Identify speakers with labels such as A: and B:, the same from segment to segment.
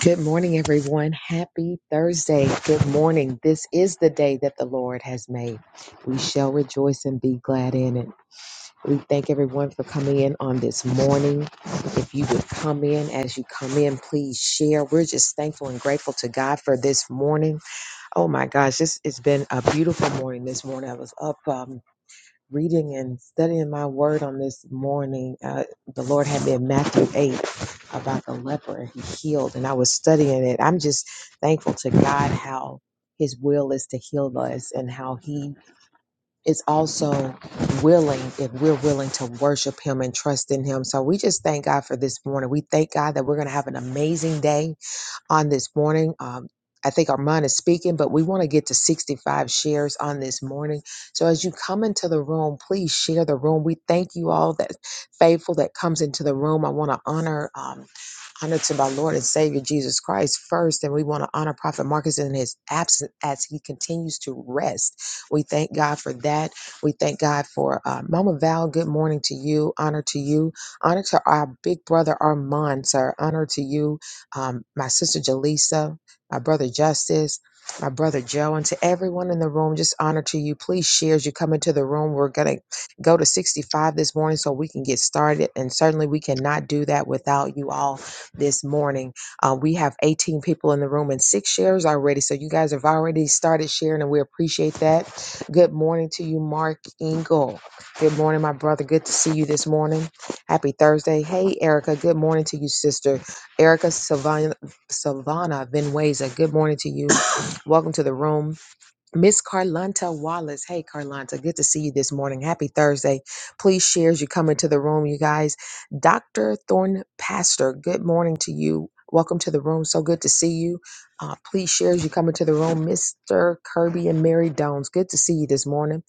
A: Good morning, everyone. Happy Thursday. Good morning. This is the day that the Lord has made. We shall rejoice and be glad in it. We thank everyone for coming in on this morning. If you would come in as you come in, please share. We're just thankful and grateful to God for this morning. Oh my gosh, this has been a beautiful morning this morning. I was up. um, reading and studying my word on this morning, uh, the Lord had me in Matthew 8 about the leper and he healed. And I was studying it. I'm just thankful to God how his will is to heal us and how he is also willing if we're willing to worship him and trust in him. So we just thank God for this morning. We thank God that we're going to have an amazing day on this morning. Um, I think Armand is speaking, but we want to get to 65 shares on this morning. So as you come into the room, please share the room. We thank you all that faithful that comes into the room. I want to honor um, honor to my Lord and Savior Jesus Christ first, and we want to honor Prophet Marcus in his absence as he continues to rest. We thank God for that. We thank God for uh, Mama Val. Good morning to you. Honor to you. Honor to our big brother Armand, sir. Honor to you um, my sister Jaleesa, my brother Justice, my brother Joe, and to everyone in the room, just honor to you. Please share as you come into the room. We're going to go to 65 this morning so we can get started. And certainly we cannot do that without you all this morning. Uh, we have 18 people in the room and six shares already. So you guys have already started sharing, and we appreciate that. Good morning to you, Mark Engel. Good morning, my brother. Good to see you this morning. Happy Thursday. Hey, Erica. Good morning to you, sister. Erica Savannah, Savannah Venueza. Good morning to you. Welcome to the room. Miss Carlanta Wallace. Hey, Carlanta, good to see you this morning. Happy Thursday. Please share as you come into the room, you guys. Dr. Thorn Pastor, good morning to you. Welcome to the room. So good to see you. Uh, please share as you come into the room. Mr. Kirby and Mary Dones, good to see you this morning.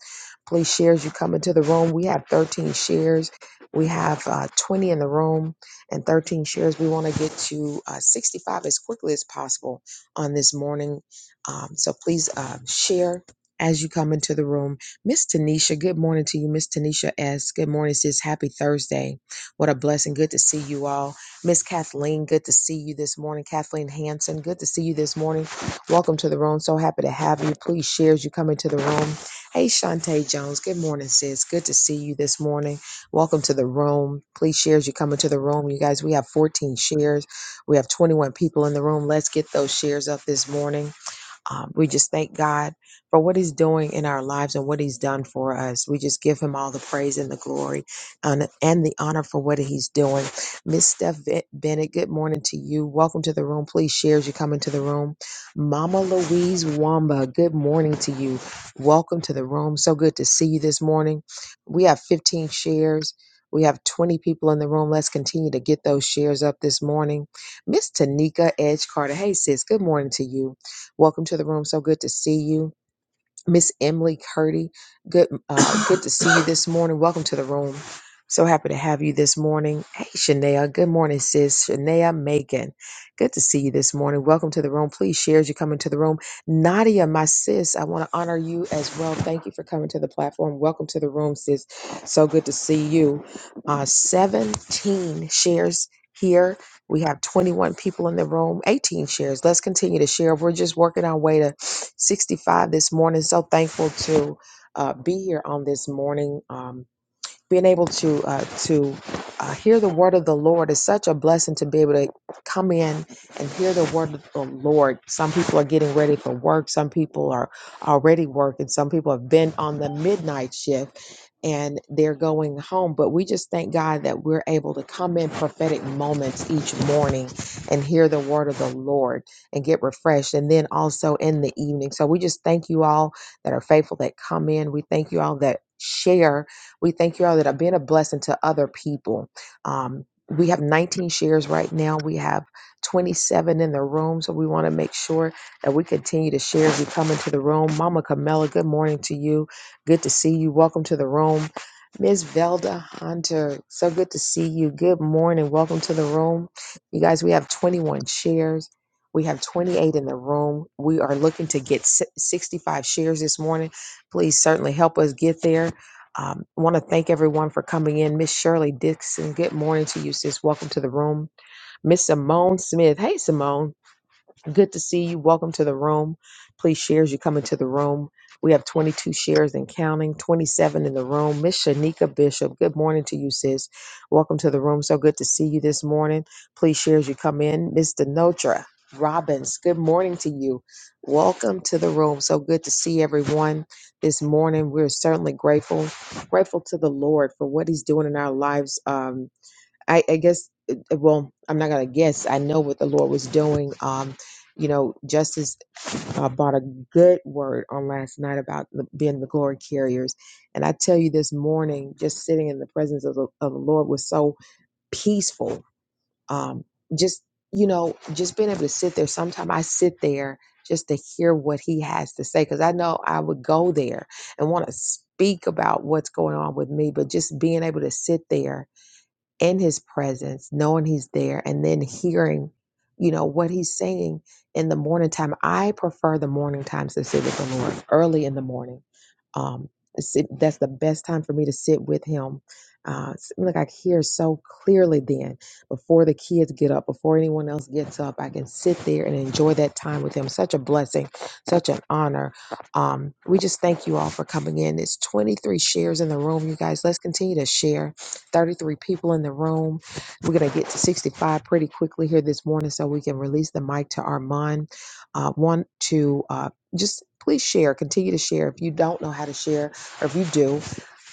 A: Please share as you come into the room. We have 13 shares. We have uh, 20 in the room and 13 shares. We want to get to uh, 65 as quickly as possible on this morning. Um, so please um, share as you come into the room. Miss Tanisha, good morning to you, Miss Tanisha S. Good morning, sis. Happy Thursday. What a blessing. Good to see you all. Miss Kathleen, good to see you this morning. Kathleen Hanson, good to see you this morning. Welcome to the room. So happy to have you. Please share as you come into the room. Hey, Shantae Jones, good morning, sis. Good to see you this morning. Welcome to the room. Please share as you come into the room. You guys, we have 14 shares. We have 21 people in the room. Let's get those shares up this morning. Um, we just thank God for what He's doing in our lives and what He's done for us. We just give Him all the praise and the glory and, and the honor for what He's doing. Miss Steph Ben- Bennett, good morning to you. Welcome to the room. Please share as you come into the room. Mama Louise Wamba, good morning to you. Welcome to the room. So good to see you this morning. We have 15 shares. We have 20 people in the room. Let's continue to get those shares up this morning. Miss Tanika Edge Carter. Hey, sis, good morning to you. Welcome to the room. So good to see you. Miss Emily Curdy, good uh, good to see you this morning. Welcome to the room. So happy to have you this morning. Hey, Shania. Good morning, sis. Shania Macon. Good to see you this morning. Welcome to the room. Please share as you come into the room. Nadia, my sis, I want to honor you as well. Thank you for coming to the platform. Welcome to the room, sis. So good to see you. Uh, 17 shares here. We have 21 people in the room, 18 shares. Let's continue to share. We're just working our way to 65 this morning. So thankful to uh, be here on this morning. Um, being able to uh, to uh, hear the word of the Lord is such a blessing to be able to come in and hear the word of the Lord. Some people are getting ready for work. Some people are already working. Some people have been on the midnight shift and they're going home. But we just thank God that we're able to come in prophetic moments each morning and hear the word of the Lord and get refreshed. And then also in the evening. So we just thank you all that are faithful that come in. We thank you all that share we thank you all that are being a blessing to other people. Um, we have 19 shares right now. We have 27 in the room, so we want to make sure that we continue to share as you come into the room. Mama Camilla, good morning to you. Good to see you. Welcome to the room. Miss Velda Hunter, so good to see you. Good morning. Welcome to the room. You guys, we have 21 shares. We have 28 in the room. We are looking to get si- 65 shares this morning. Please certainly help us get there. Um, I want to thank everyone for coming in. Miss Shirley Dixon, good morning to you, sis. Welcome to the room. Miss Simone Smith. Hey, Simone. Good to see you. Welcome to the room. Please share as you come into the room. We have 22 shares and counting, 27 in the room. Miss Shanika Bishop, good morning to you, sis. Welcome to the room. So good to see you this morning. Please share as you come in. Miss Denotra Robbins, good morning to you. Welcome to the room. So good to see everyone this morning. We're certainly grateful, grateful to the Lord for what He's doing in our lives. Um, I, I guess, uh, uh, well, I'm not going to guess. I know what the Lord was doing. Um, you know, Justice uh, brought a good word on last night about the, being the glory carriers. And I tell you, this morning, just sitting in the presence of the, of the Lord was so peaceful. Um, just, you know, just being able to sit there. Sometimes I sit there just to hear what he has to say because I know I would go there and want to speak about what's going on with me, but just being able to sit there in his presence, knowing he's there, and then hearing, you know, what he's saying in the morning time. I prefer the morning times to sit with the Lord early in the morning. Um, sit, that's the best time for me to sit with him. Uh, it's like I hear so clearly then before the kids get up, before anyone else gets up, I can sit there and enjoy that time with him. Such a blessing, such an honor. Um, we just thank you all for coming in. It's 23 shares in the room, you guys. Let's continue to share 33 people in the room. We're going to get to 65 pretty quickly here this morning so we can release the mic to Armand. Uh, want to uh, just please share, continue to share. If you don't know how to share, or if you do,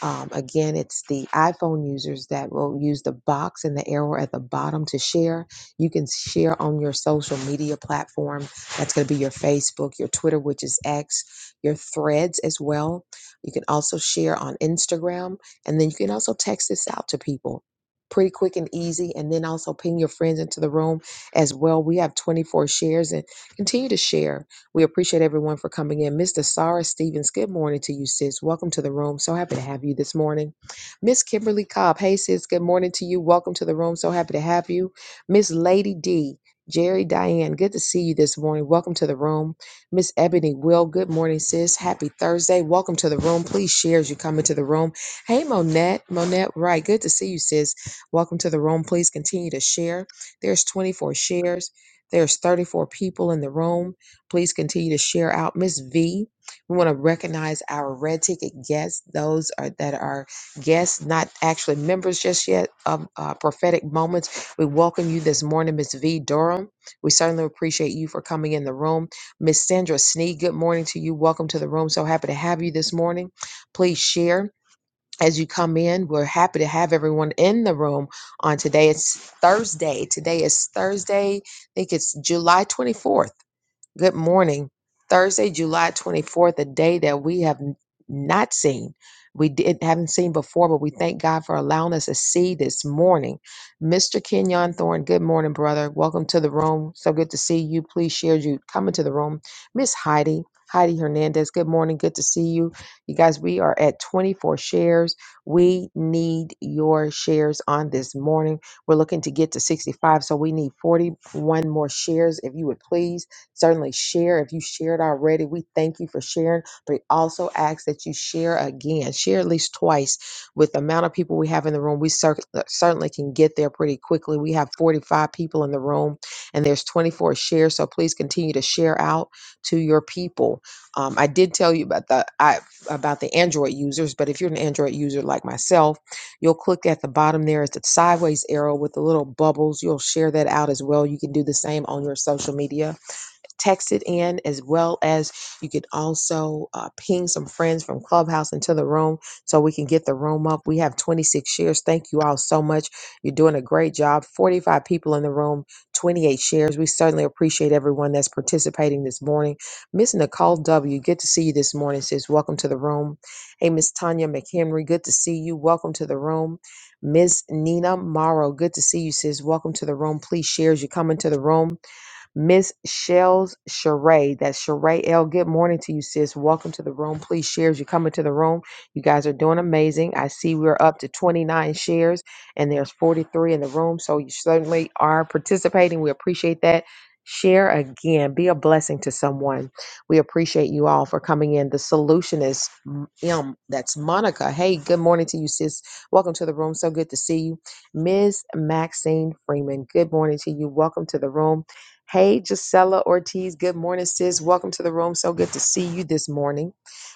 A: um, again, it's the iPhone users that will use the box and the arrow at the bottom to share. You can share on your social media platform. That's going to be your Facebook, your Twitter, which is X, your threads as well. You can also share on Instagram and then you can also text this out to people pretty quick and easy. And then also ping your friends into the room as well. We have 24 shares and continue to share. We appreciate everyone for coming in. Miss Sarah Stevens, good morning to you, sis. Welcome to the room. So happy to have you this morning. Miss Kimberly Cobb, hey, sis, good morning to you. Welcome to the room. So happy to have you. Miss Lady D. Jerry Diane, good to see you this morning. Welcome to the room. Miss Ebony Will, good morning, sis. Happy Thursday. Welcome to the room. Please share as you come into the room. Hey, Monette. Monette, right. Good to see you, sis. Welcome to the room. Please continue to share. There's 24 shares. There's 34 people in the room. Please continue to share out. Miss V, we want to recognize our red ticket guests, those are that are guests, not actually members just yet of uh, Prophetic Moments. We welcome you this morning, Miss V Durham. We certainly appreciate you for coming in the room. Miss Sandra Snee, good morning to you. Welcome to the room. So happy to have you this morning. Please share as you come in. We're happy to have everyone in the room on today. It's Thursday. Today is Thursday. I think it's July 24th. Good morning. Thursday, July 24th, a day that we have n- not seen. We did, haven't seen before, but we thank God for allowing us to see this morning. Mr. Kenyon Thorne, good morning, brother. Welcome to the room. So good to see you. Please share you come into the room. Miss Heidi, Heidi Hernandez, good morning. Good to see you. You guys, we are at 24 shares. We need your shares on this morning. We're looking to get to 65, so we need 41 more shares, if you would please. Certainly share if you shared already. We thank you for sharing, but also ask that you share again. Share at least twice with the amount of people we have in the room. We cer- uh, certainly can get there pretty quickly. We have 45 people in the room and there's 24 shares. So please continue to share out to your people. Um, I did tell you about the I, about the Android users, but if you're an Android user like myself, you'll click at the bottom there is the sideways arrow with the little bubbles. You'll share that out as well. You can do the same on your social media text it in as well as you could also uh, ping some friends from clubhouse into the room so we can get the room up we have 26 shares thank you all so much you're doing a great job 45 people in the room 28 shares we certainly appreciate everyone that's participating this morning miss nicole w good to see you this morning sis welcome to the room hey miss tanya mchenry good to see you welcome to the room Miss Nina Morrow, good to see you, sis. Welcome to the room. Please share as you come into the room. Miss Shells Sheree. That's Sheree L. Good morning to you, sis. Welcome to the room. Please share as you come into the room. You guys are doing amazing. I see we're up to 29 shares and there's 43 in the room. So you certainly are participating. We appreciate that. Share again. Be a blessing to someone. We appreciate you all for coming in. The solution is M. M. That's Monica. Hey, good morning to you, sis. Welcome to the room. So good to see you. Miss Maxine Freeman, good morning to you. Welcome to the room. Hey, Gisela Ortiz. Good morning, sis. Welcome to the room. So good to see you this morning.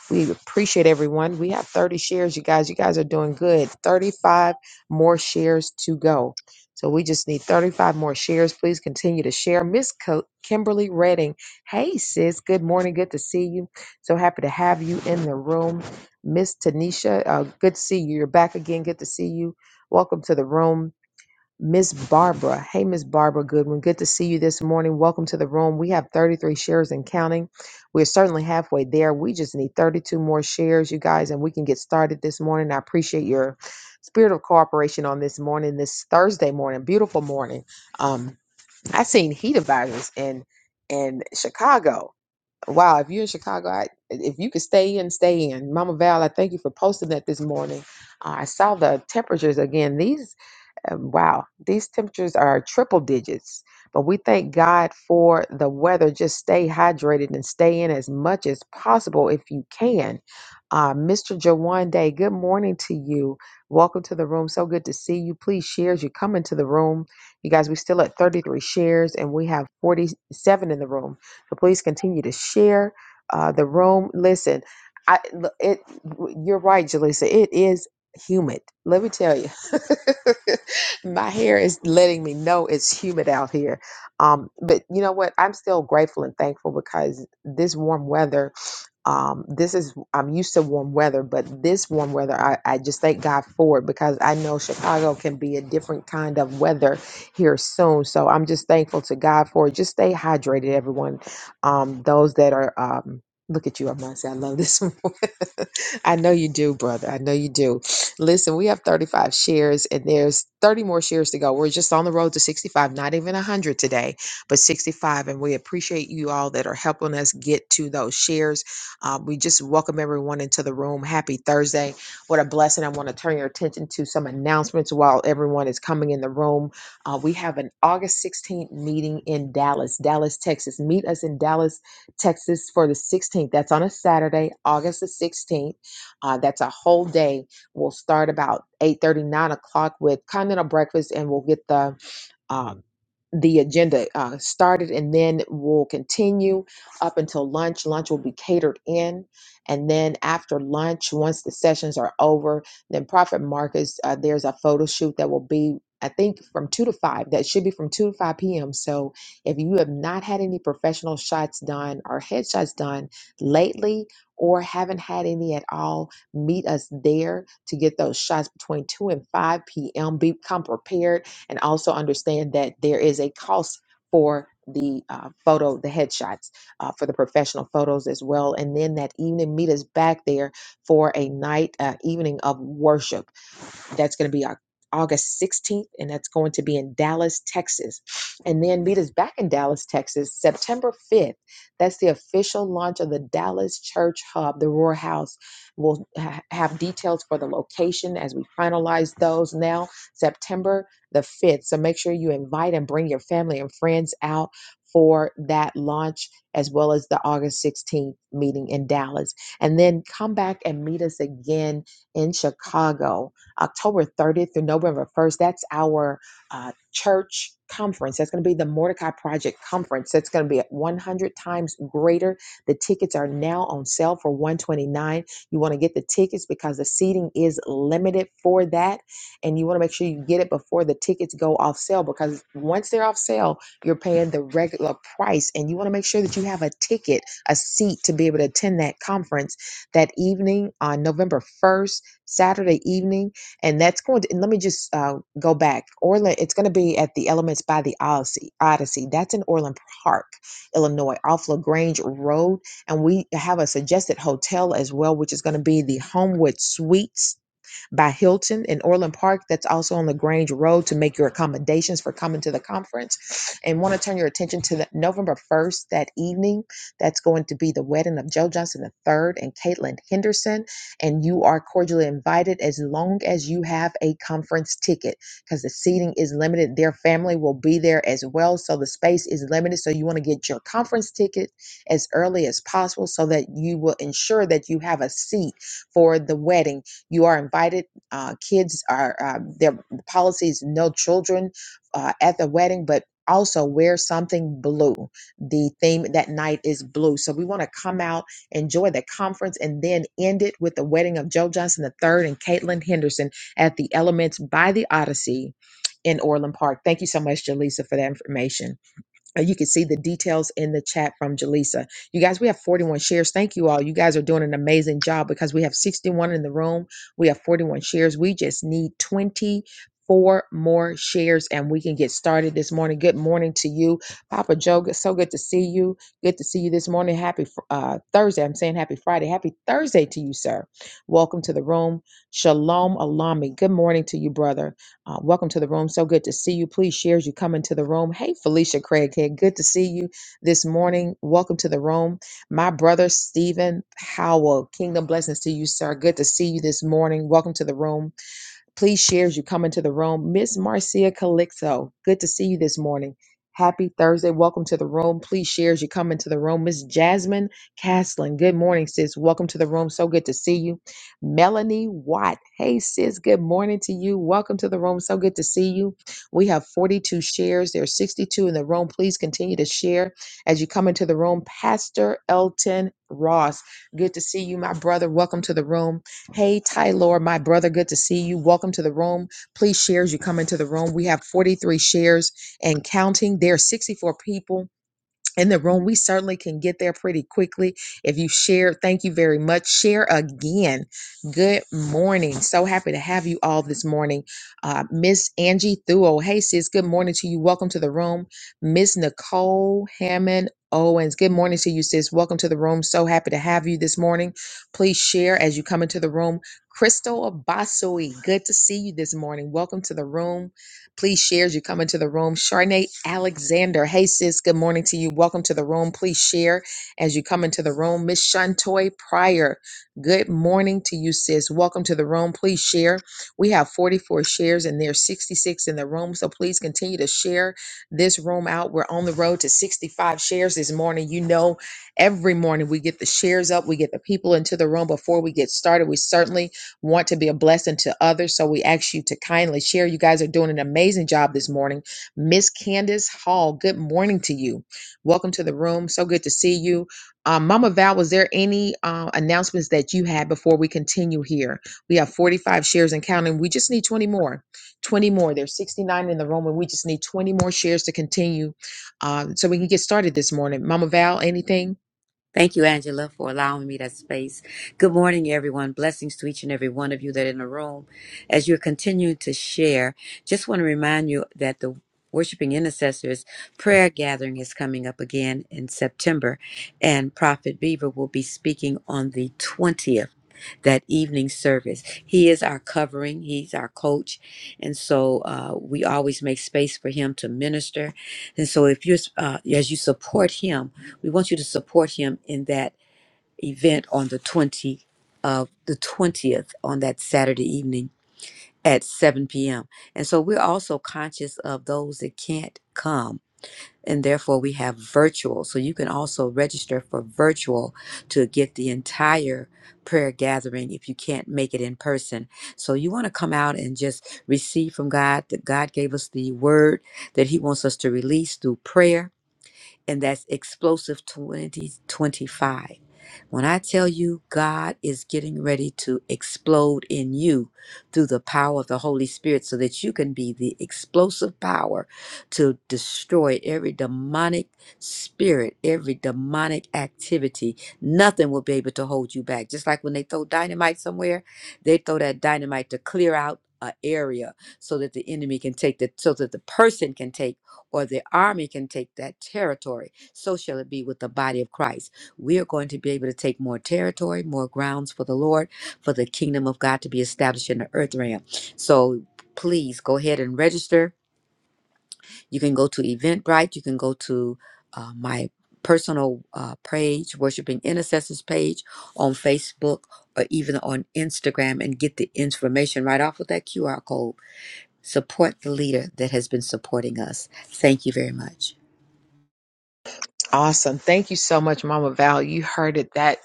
A: We appreciate everyone. We have 30 shares, you guys. You guys are doing good. 35 more shares to go. So we just need 35 more shares. Please continue to share. Miss Ki- Kimberly Redding. Hey, sis. Good morning. Good to see you. So happy to have you in the room. Miss Tanisha, uh, good to see you. You're back again. Good to see you. Welcome to the room. Miss Barbara. Hey, Miss Barbara Goodwin. Good to see you this morning. Welcome to the room. We have 33 shares and counting. We're certainly halfway there. We just need 32 more shares, you guys, and we can get started this morning. I appreciate your spirit of cooperation on this morning, this Thursday morning, beautiful morning. Um, I seen heat advisors in in Chicago. Wow, if you're in Chicago, I, if you could stay in, stay in. Mama Val, I thank you for posting that this morning. Uh, I saw the temperatures again. These um, wow, these temperatures are triple digits. But we thank God for the weather. Just stay hydrated and stay in as much as possible if you can. Uh, Mr. Jawan Day, good morning to you. Welcome to the room. So good to see you. Please share as you come into the room. You guys, we're still at 33 shares and we have 47 in the room. So please continue to share uh, the room. Listen, I, it, you're right, Jalisa. It is humid. Let me tell you. my hair is letting me know it's humid out here. Um, but you know what? I'm still grateful and thankful because this warm weather um, this is I'm used to warm weather, but this warm weather I, I just thank God for it because I know Chicago can be a different kind of weather here soon. So I'm just thankful to God for it. Just stay hydrated, everyone. Um, those that are um, look at you, I'm not saying I love this one. I know you do, brother. I know you do. Listen, we have 35 shares and there's 30 more shares to go. We're just on the road to 65, not even 100 today, but 65. And we appreciate you all that are helping us get to those shares um, we just welcome everyone into the room. Happy Thursday. What a blessing. I want to turn your attention to some announcements while everyone is coming in the room. Uh, we have an August 16th meeting in Dallas, Dallas, Texas. Meet us in Dallas, Texas for the 16th. That's on a Saturday, August the 16th. Uh, that's a whole day. We'll start about 8 thirty, 9 o'clock with continental breakfast, and we'll get the um, the agenda uh, started and then will continue up until lunch. Lunch will be catered in. And then after lunch, once the sessions are over, then Prophet Marcus, uh, there's a photo shoot that will be. I think from 2 to 5, that should be from 2 to 5 p.m. So if you have not had any professional shots done or headshots done lately or haven't had any at all, meet us there to get those shots between 2 and 5 p.m. Become prepared and also understand that there is a cost for the uh, photo, the headshots, uh, for the professional photos as well. And then that evening, meet us back there for a night, uh, evening of worship that's going to be our August 16th, and that's going to be in Dallas, Texas. And then meet us back in Dallas, Texas, September 5th. That's the official launch of the Dallas Church Hub, the Roar House. We'll ha- have details for the location as we finalize those now, September the 5th. So make sure you invite and bring your family and friends out for that launch as well as the August 16th meeting in Dallas. And then come back and meet us again in Chicago October 30th through November 1st. That's our uh, church conference. That's going to be the Mordecai Project conference. That's going to be at 100 times greater. The tickets are now on sale for 129. You want to get the tickets because the seating is limited for that, and you want to make sure you get it before the tickets go off sale because once they're off sale, you're paying the regular price, and you want to make sure that you have a ticket, a seat to be able to attend that conference that evening on November 1st, Saturday evening and that's going to and let me just uh, go back orland it's going to be at the elements by the odyssey odyssey that's in orland park illinois off lagrange road and we have a suggested hotel as well which is going to be the homewood suites by Hilton in Orland Park, that's also on LaGrange Road, to make your accommodations for coming to the conference. And want to turn your attention to the November 1st, that evening. That's going to be the wedding of Joe Johnson III and Caitlin Henderson. And you are cordially invited as long as you have a conference ticket because the seating is limited. Their family will be there as well. So the space is limited. So you want to get your conference ticket as early as possible so that you will ensure that you have a seat for the wedding you are invited. Uh, kids are, uh, their policies no children uh, at the wedding, but also wear something blue. The theme that night is blue. So we want to come out, enjoy the conference, and then end it with the wedding of Joe Johnson III and Caitlin Henderson at the Elements by the Odyssey in Orland Park. Thank you so much, Jaleesa, for that information. Uh, You can see the details in the chat from Jaleesa. You guys, we have 41 shares. Thank you all. You guys are doing an amazing job because we have 61 in the room. We have 41 shares. We just need 24 more shares and we can get started this morning. Good morning to you, Papa Joe. good- So good to see you. Good to see you this morning. Happy fr- uh, Thursday. I'm saying happy Friday. Happy Thursday to you, sir. Welcome to the room. Shalom, Alami. Good morning to you, brother. Uh, welcome to the room. So good to see you. Please share as you come into the room. Hey, Felicia Craig. Craighead, good to see you this morning. Welcome to the room. My brother, Stephen Howell, kingdom blessings to you, sir. Good to see you this morning. Welcome to the room. Please share as you come into the room. Miss Marcia Calixto, good to see you this morning. Happy Thursday. Welcome to the room. Please share as you come into the room. Miss Jasmine Castlin, good morning, sis. Welcome to the room. So good to see you. Melanie Watt, hey, sis, good morning to you. Welcome to the room. So good to see you. We have 42 shares. There are 62 in the room. Please continue to share as you come into the room. Pastor Elton Ross, good to see you, my brother. Welcome to the room. Hey, Tyler, my brother, good to see you. Welcome to the room. Please share as you come into the room. We have 43 shares and counting. There are 64 people in the room. We certainly can get there pretty quickly. If you share, thank you very much. Share again. Good morning. So happy to have you all this morning. Uh, Miss Angie Thuo. Hey, sis. Good morning to you. Welcome to the room. Miss Nicole Hammond. Owens, good morning to you, sis. Welcome to the room. So happy to have you this morning. Please share as you come into the room. Crystal Abasui, good to see you this morning. Welcome to the room. Please share as you come into the room. Sharnay Alexander. Hey, sis. Good morning to you. Welcome to the room. Please share as you come into the room. Miss Shantoy Pryor. Good morning to you, sis. Welcome to the room. Please share. We have 44 shares and there's 66 in the room. So please continue to share this room out. We're on the road to 65 shares this morning. You know, every morning we get the shares up, we get the people into the room before we get started. We certainly want to be a blessing to others. So we ask you to kindly share. You guys are doing an amazing job this morning. Miss Candace Hall, good morning to you. Welcome to the room. So good to see you. Um, Mama Val, was there any uh, announcements that you had before we continue here? We have 45 shares and counting. We just need 20 more. 20 more. There's 69 in the room, and we just need 20 more shares to continue um, so we can get started this morning. Mama Val, anything?
B: Thank you, Angela, for allowing me that space. Good morning, everyone. Blessings to each and every one of you that are in the room. As you're continuing to share, just want to remind you that the Worshiping Intercessors prayer gathering is coming up again in September, and Prophet Beaver will be speaking on the 20th. That evening service. He is our covering. He's our coach. And so uh, we always make space for him to minister. And so if you're, uh, as you support him, we want you to support him in that event on the 20 of the 20th on that Saturday evening at 7 p.m. And so we're also conscious of those that can't come and therefore we have virtual. So you can also register for virtual to get the entire prayer gathering if you can't make it in person. So you want to come out and just receive from God that God gave us the word that he wants us to release through prayer and that's Explosive 2025. When I tell you God is getting ready to explode in you through the power of the Holy Spirit so that you can be the explosive power to destroy every demonic spirit, every demonic activity, nothing will be able to hold you back. Just like when they throw dynamite somewhere, they throw that dynamite to clear out an area so that the enemy can take the so that the person can take or the army can take that territory. So shall it be with the body of Christ. We are going to be able to take more territory, more grounds for the Lord, for the kingdom of God to be established in the earth realm. So please go ahead and register. You can go to Eventbrite. You can go to uh, my personal uh, page, Worshiping Intercessors page on Facebook or even on Instagram and get the information right off with that QR code. Support the leader that has been supporting us. Thank you very much.
A: Awesome. Thank you so much, Mama Val. You heard it. That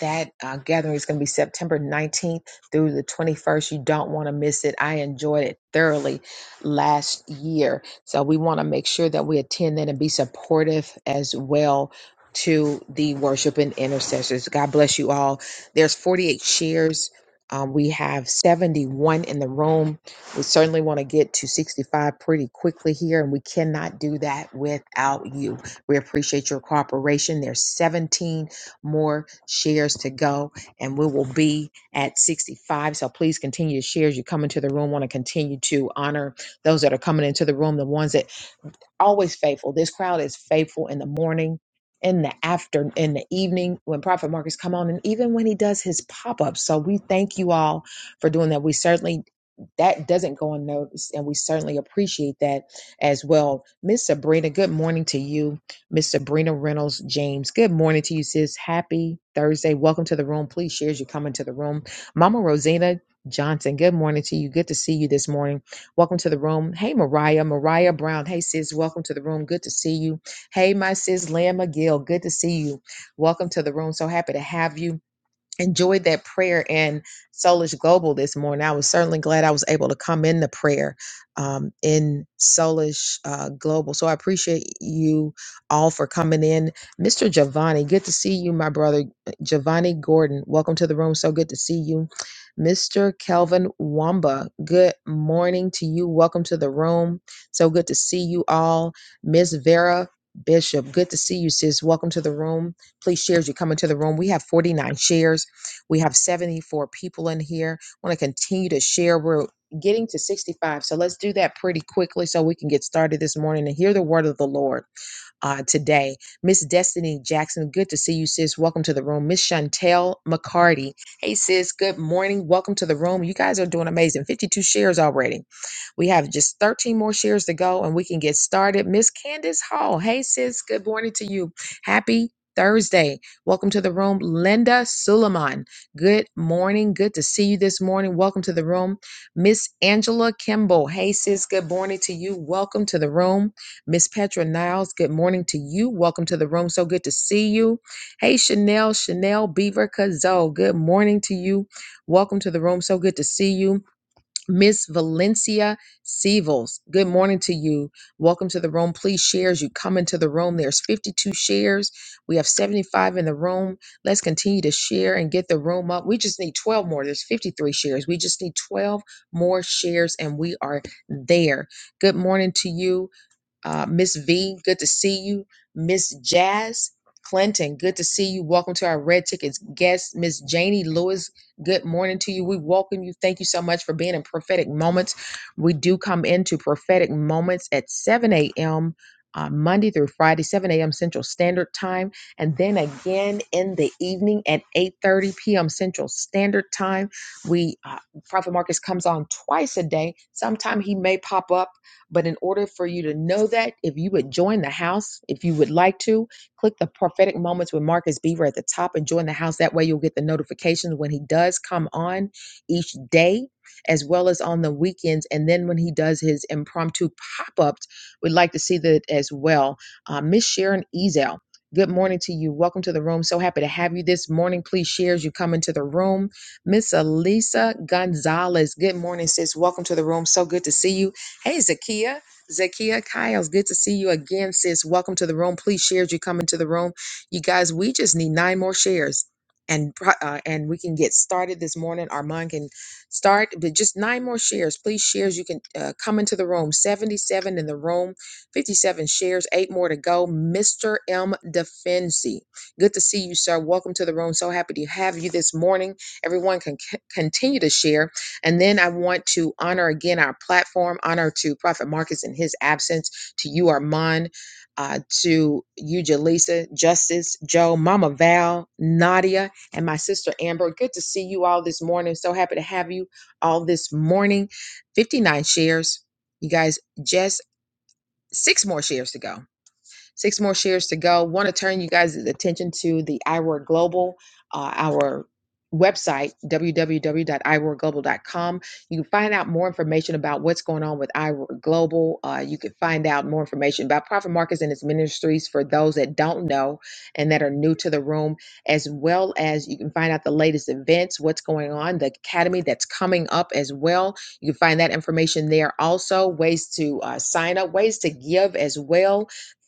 A: that uh, gathering is going to be September 19th through the 21st. You don't want to miss it. I enjoyed it thoroughly last year. So we want to make sure that we attend that and be supportive as well to the worship and intercessors. God bless you all. There's 48 shares. Um, we have 71 in the room. We certainly want to get to 65 pretty quickly here, and we cannot do that without you. We appreciate your cooperation. There's 17 more shares to go, and we will be at 65. So please continue to share as you come into the room. Want to continue to honor those that are coming into the room, the ones that always faithful. This crowd is faithful in the morning, in the after, in the evening when Prophet Marcus come on, and even when he does his pop ups. So we thank you all for doing that. We certainly that doesn't go unnoticed, and we certainly appreciate that as well. Miss Sabrina, good morning to you. Miss Sabrina Reynolds James, good morning to you, sis. Happy Thursday. Welcome to the room. Please share as you come into the room. Mama Rosina Johnson, good morning to you. Good to see you this morning. Welcome to the room. Hey, Mariah. Mariah Brown. Hey, sis. Welcome to the room. Good to see you. Hey, my sis, Leah McGill. Good to see you. Welcome to the room. So happy to have you enjoyed that prayer and Soulish Global this morning. I was certainly glad I was able to come in the prayer um, in Soulish uh, Global. So I appreciate you all for coming in. Mr. Giovanni, good to see you, my brother. uh, Giovanni Gordon, welcome to the room. So good to see you. Mr. Kelvin Wamba, good morning to you. Welcome to the room. So good to see you all. Ms. Vera Bishop, good to see you, sis. Welcome to the room please shares you come into the room we have 49 shares we have 74 people in here. want to continue to share. We're getting to 65. So let's do that pretty quickly so we can get started this morning and hear the word of the Lord uh, today. Miss Destiny Jackson, good to see you, sis. Welcome to the room. Miss Chantel McCarty. Hey, sis, good morning. Welcome to the room. You guys are doing amazing. 52 shares already. We have just 13 more shares to go and we can get started. Miss Candace Hall. Hey, sis, good morning to you. Happy Thursday. Welcome to the room. Linda Suleiman. Good morning. Good to see you this morning. Welcome to the room. Miss Angela Kimball. Hey, sis, good morning to you. Welcome to the room. Miss Petra Niles, good morning to you. Welcome to the room. So good to see you. Hey, Chanel, Chanel Beaver Cazot, good morning to you. Welcome to the room. So good to see you. Miss Valencia Sevels, good morning to you. Welcome to the room. Please share as you come into the room. There's 52 shares. We have 75 in the room. Let's continue to share and get the room up. We just need 12 more. There's 53 shares. We just need 12 more shares and we are there. Good morning to you. Uh, Miss V, good to see you. Miss Jazz Clinton, good to see you. Welcome to our Red Tickets guest, Miss Janie Lewis. Good morning to you. We welcome you. Thank you so much for being in Prophetic Moments. We do come into Prophetic Moments at 7 a.m. Uh, Monday through Friday, 7 a.m. Central Standard Time, and then again in the evening at 8:30 p.m. Central Standard Time. We uh, Prophet Marcus comes on twice a day. Sometime he may pop up but in order for you to know that, if you would join the house, if you would like to, click the prophetic moments with Marcus Beaver at the top and join the house. That way you'll get the notifications when he does come on each day, as well as on the weekends. And then when he does his impromptu pop-ups, we'd like to see that as well. Uh, Miss Sharon Ezel. Good morning to you. Welcome to the room. So happy to have you this morning. Please share as you come into the room. Miss Elisa Gonzalez. Good morning, sis. Welcome to the room. So good to see you. Hey, Zakia. Zakia Kyles, good to see you again, sis. Welcome to the room. Please share as you come into the room. You guys, we just need nine more shares. And pro- uh, and we can get started this morning. Armand can start, but just nine more shares. Please shares. You can uh, come into the room. Seventy-seven in the room, fifty-seven shares, eight more to go. Mister M. Defensi, good to see you, sir. Welcome to the room. So happy to have you this morning. Everyone can c- continue to share. And then I want to honor again our platform, honor to Prophet Marcus in his absence, to you, Armand, uh, to you, Jaleesa, Justice, Joe, Mama Val, Nadia, and my sister Amber. Good to see you all this morning. So happy to have you all this morning. 59 shares. You guys, just six more shares to go Six more shares to go. Want to turn you guys' attention to the iWord Global, uh, our website, w w w dot i word global dot com. You can find out more information about what's going on with iWord Global. Uh, you can find out more information about Prophet Marcus and his ministries for those that don't know and that are new to the room, as well as you can find out the latest events, what's going on, the academy that's coming up as well. You can find that information there also, ways to uh, sign up, ways to give as well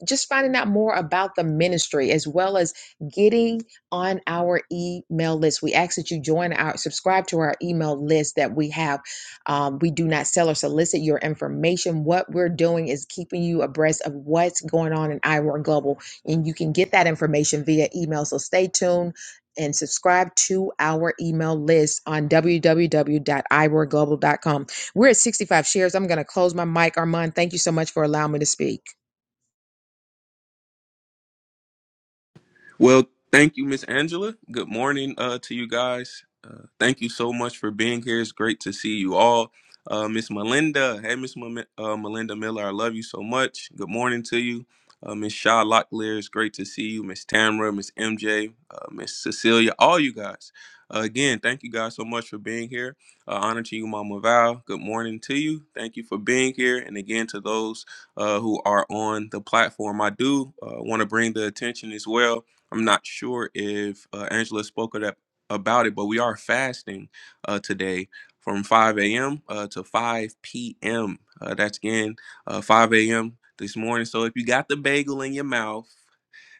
A: just finding out more about the ministry as well as getting on our email list. We ask that you join our subscribe to our email list that we have. Um, we do not sell or solicit your information. What we're doing is keeping you abreast of what's going on in Iowa Global, and you can get that information via email. So stay tuned. And subscribe to our email list on w w w dot i work global dot com. We're at 65 shares. I'm going to close my mic, Armand. Thank you so much for allowing me to speak.
C: Well, thank you, Miss Angela. Good morning uh, to you guys. Uh, thank you so much for being here. It's great to see you all. Uh, Miss Melinda, hey, Miss Mem- uh, Melinda Miller, I love you so much. Good morning to you. Uh, Miss Shaw Locklear, it's great to see you. Miss Tamra, Miss MJ, uh, Miss Cecilia, all you guys. Uh, again, thank you guys so much for being here. Uh, honor to you, Mama Val. Good morning to you. Thank you for being here. And again, to those uh, who are on the platform. I do uh, want to bring the attention as well I'm not sure if uh, Angela spoke of that, about it, but we are fasting uh, today from 5 a.m. Uh, to 5 p.m. Uh, that's again uh, 5 a.m. this morning. So if you got the bagel in your mouth,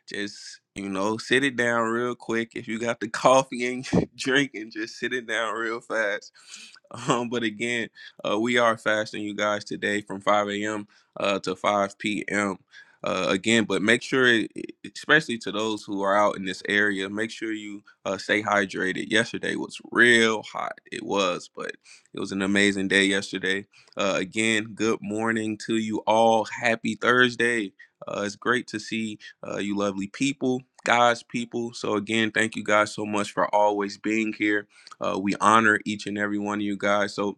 C: just you know, sit it down real quick. If you got the coffee and drink, and just sit it down real fast. Um, but again, uh, we are fasting, you guys, today from 5 a.m. Uh, to 5 p.m. Uh, again, but make sure, it- especially to those who are out in this area, make sure you uh, stay hydrated. Yesterday was real hot. It was, but it was an amazing day yesterday. Uh, again, good morning to you all. Happy Thursday. Uh, it's great to see uh, you lovely people, God's people. So, again, thank you guys so much for always being here. Uh, we honor each and every one of you guys. So,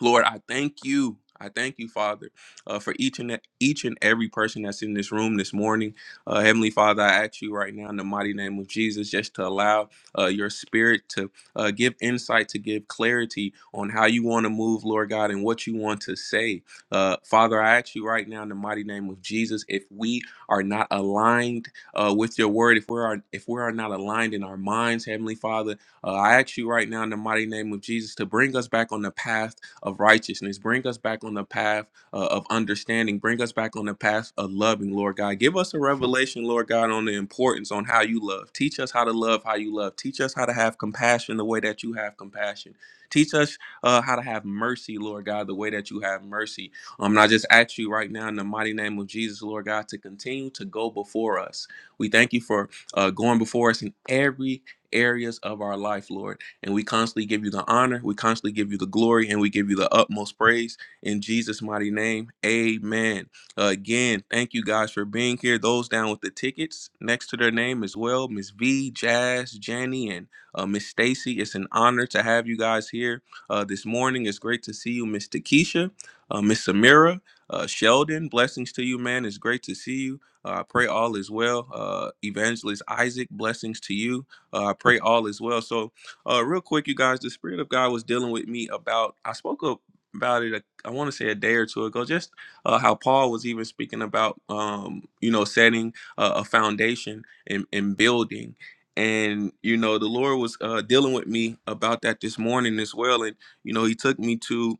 C: Lord, I thank you. I thank you, Father, uh, for each and e, each and every person that's in this room this morning. Uh, Heavenly Father, I ask you right now in the mighty name of Jesus, just to allow uh, your Spirit to uh, give insight, to give clarity on how you want to move, Lord God, and what you want to say. Uh, Father, I ask you right now in the mighty name of Jesus, if we are not aligned uh, with your Word, if we are if we are not aligned in our minds, Heavenly Father, uh, I ask you right now in the mighty name of Jesus to bring us back on the path of righteousness. Bring us back on the path uh, of understanding. Bring us back on the path of loving, Lord God. Give us a revelation, Lord God, on the importance on how you love. Teach us how to love how you love. Teach us how to have compassion the way that you have compassion. Teach us uh, how to have mercy, Lord God, the way that you have mercy. Um, and I just ask you right now in the mighty name of Jesus, Lord God, to continue to go before us. We thank you for uh, going before us in every areas of our life, Lord. And we constantly give you the honor, we constantly give you the glory, and we give you the utmost praise in Jesus' mighty name. Amen. Again, thank you guys for being here. Those down with the tickets next to their name as well, Miss V, Jazz, Jenny, and uh, Miss Stacy. It's an honor to have you guys here uh, this morning. It's great to see you, Miss Takesha, uh, Miss Samira, uh, Sheldon. Blessings to you, man. It's great to see you. Uh, I pray all is well. Uh, Evangelist Isaac, blessings to you. Uh, I pray all is well. So uh, real quick, you guys, the Spirit of God was dealing with me about, I spoke up about it, I want to say a day or two ago, just uh, how Paul was even speaking about, um, you know, setting uh, a foundation and, and building. And, you know, the Lord was uh, dealing with me about that this morning as well. And, you know, he took me to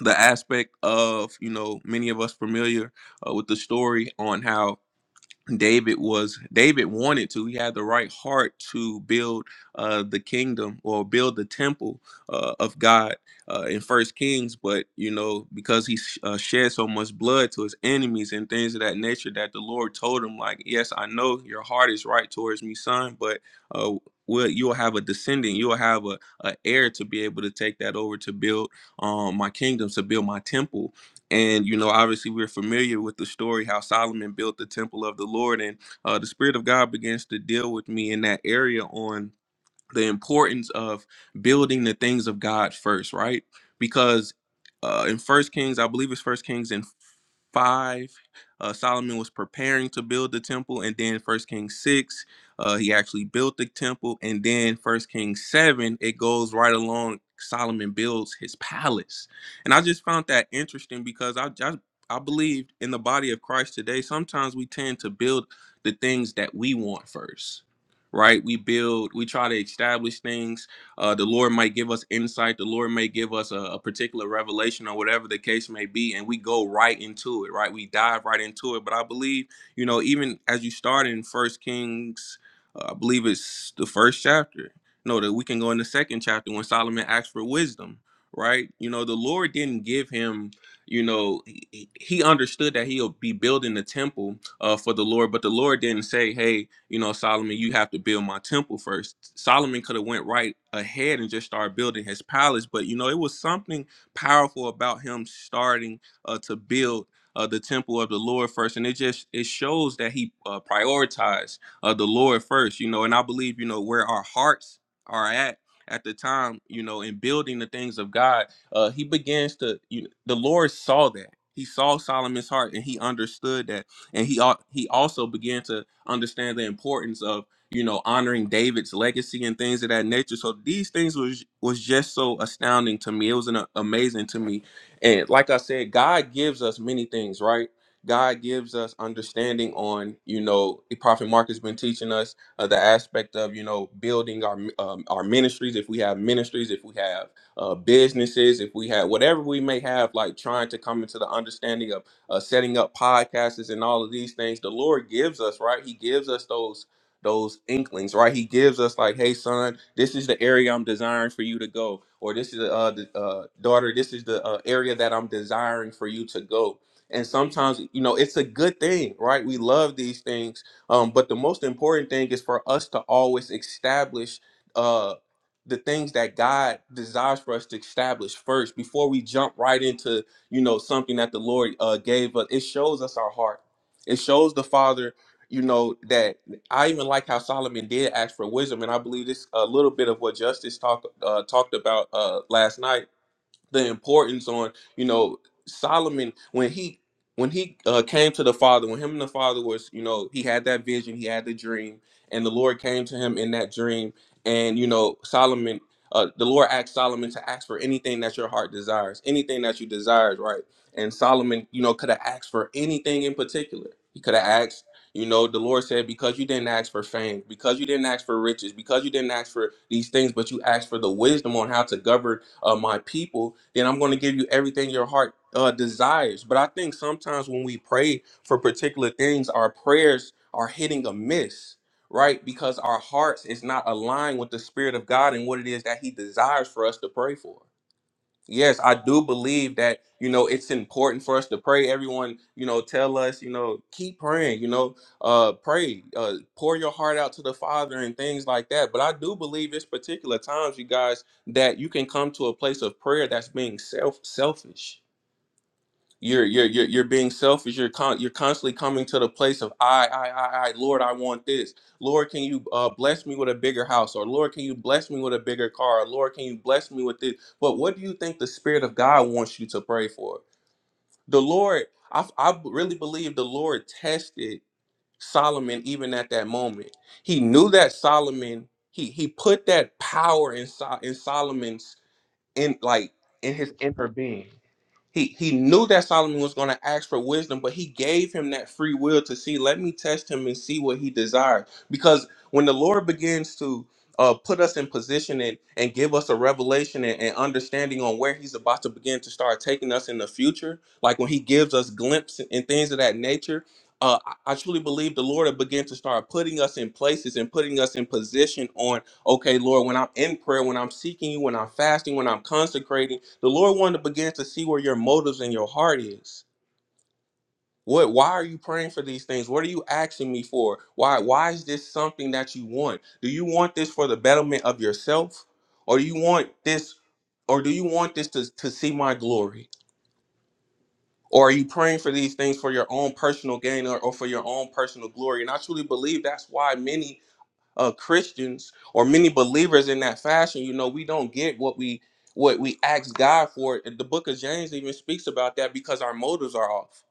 C: the aspect of, you know, many of us familiar uh, with the story on how David was David wanted to. He had the right heart to build uh, the kingdom or build the temple uh, of God uh, in First Kings, but you know because he sh- uh, shed so much blood to his enemies and things of that nature, that the Lord told him, like, yes, I know your heart is right towards me, son, but uh, well, you'll have a descendant, you'll have a, a heir to be able to take that over to build um, my kingdom, to build my temple and you know, obviously, we're familiar with the story how Solomon built the temple of the Lord, and uh, the Spirit of God begins to deal with me in that area on the importance of building the things of God first, right? Because uh, in First Kings, I believe it's First Kings in five, uh, Solomon was preparing to build the temple, and then First Kings six, uh, he actually built the temple, and then First Kings seven, it goes right along. Solomon builds his palace, and I just found that interesting because I just I believe in the body of Christ today. Sometimes we tend to build the things that we want first, right? We build, we try to establish things uh, the Lord might give us insight. The Lord may give us a, a particular revelation or whatever the case may be, and we go right into it, right? We dive right into it. But I believe, you know, even as you start in First Kings, uh, I believe it's the first chapter. No, that we can go in the second chapter when Solomon asked for wisdom, right? You know, the Lord didn't give him you know he, he understood that he'll be building the temple uh, for the lord but the lord didn't say hey you know solomon you have to build my temple first." solomon could have went right ahead and just started building his palace but you know it was something powerful about him starting uh, to build uh, the temple of the lord first and it just it shows that he uh, prioritized uh, the lord first you know and i believe you know where our hearts are at at the time you know in building the things of god uh, he begins to you, know, the lord saw that he saw solomon's heart and he understood that and he al- he also began to understand the importance of you know honoring david's legacy and things of that nature so these things was was just so astounding to me it was an, uh, amazing to me and like i said god gives us many things right god gives us understanding on you know the prophet mark has been teaching us uh, the aspect of you know building our um, our ministries if we have ministries if we have uh, businesses, if we have whatever we may have, like trying to come into the understanding of uh, setting up podcasts and all of these things, the Lord gives us, right? He gives us those those inklings, right? He gives us like, hey, son, this is the area I'm desiring for you to go, or this is uh, the uh, daughter, this is the uh, area that I'm desiring for you to go. And sometimes, you know, it's a good thing, right? We love these things, um, but the most important thing is for us to always establish. Uh, the things that God desires for us to establish first before we jump right into, you know, something that the Lord uh, gave us. It shows us our heart. It shows the Father, you know, that I even like how Solomon did ask for wisdom, and I believe this a little bit of what Justice talked uh, talked about uh, last night the importance on you know Solomon when he when he uh, came to the father when him and the father was you know he had that vision he had the dream and the Lord came to him in that dream and you know Solomon uh, the Lord asked Solomon to ask for anything that your heart desires anything that you desires right and Solomon you know could have asked for anything in particular he could have asked you know the Lord said because you didn't ask for fame because you didn't ask for riches because you didn't ask for these things but you asked for the wisdom on how to govern uh, my people, then I'm going to give you everything your heart uh, desires. But I think sometimes when we pray for particular things, our prayers are hitting a miss, right? Because our hearts is not aligned with the Spirit of God and what it is that He desires for us to pray for yes i do believe that you know it's important for us to pray everyone you know tell us you know keep praying you know uh pray uh pour your heart out to the father and things like that but i do believe it's particular times you guys that you can come to a place of prayer that's being self selfish you're you're you're, you're being selfish you're con- you're constantly coming to the place of I, I i i lord i want this lord can you uh, bless me with a bigger house or lord can you bless me with a bigger car or lord can you bless me with this but what do you think the spirit of god wants you to pray for the lord i, I really believe the lord tested solomon even at that moment he knew that solomon he he put that power in, Sol- in solomon's in like in his inner being he he knew that Solomon was going to ask for wisdom, but he gave him that free will to see. Let me test him and see what he desires. Because when the Lord begins to uh, put us in position and, and give us a revelation and, and understanding on where he's about to begin to start taking us in the future, like when he gives us glimpses and things of that nature, uh, I I truly believe the Lord will begin to start putting us in places and putting us in position on, okay, Lord, when I'm in prayer, when I'm seeking you, when I'm fasting, when I'm consecrating the Lord wanted to begin to see where your motives and your heart is. What why are you praying for these things? What are you asking me for? Why why is this something that you want? Do you want this for the betterment of yourself? Or do you want this or do you want this to, to see my glory? Or are you praying for these things for your own personal gain or, or for your own personal glory? And I truly believe that's why many uh, Christians or many believers in that fashion, you know, we don't get what we what we ask God for. The book of James even speaks about that because our motives are off.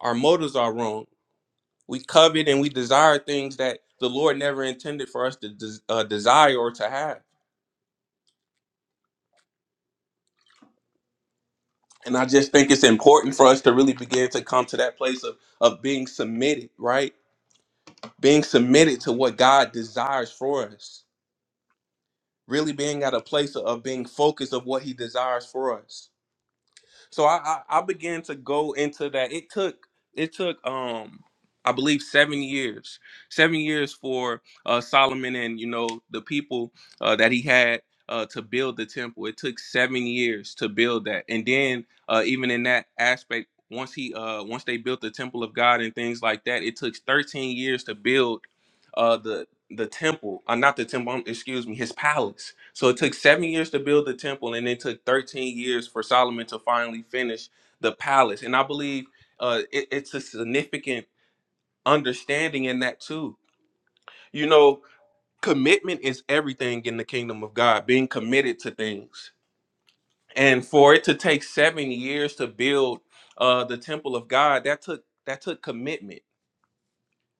C: Our motives are wrong. We covet and we desire things that the Lord never intended for us to des- uh, desire or to have. And I just think it's important for us to really begin to come to that place of of being submitted, right? Being submitted to what God desires for us. Really being at a place of of being focused of what he desires for us So I, I I began to go into that. It took it took um I believe seven years, seven years for uh, Solomon and you know the people uh, that he had uh, to build the temple. It took seven years to build that, and then uh, even in that aspect, once he uh, once they built the temple of God and things like that, it took thirteen years to build. Uh, the the temple, uh, not the temple, um, excuse me, his palace. So it took seven years to build the temple, and it took 13 years for Solomon to finally finish the palace. And I believe uh, it- it's a significant understanding in that too. You know, commitment is everything in the kingdom of God, being committed to things. And for it to take seven years to build uh, the temple of God, that took that took commitment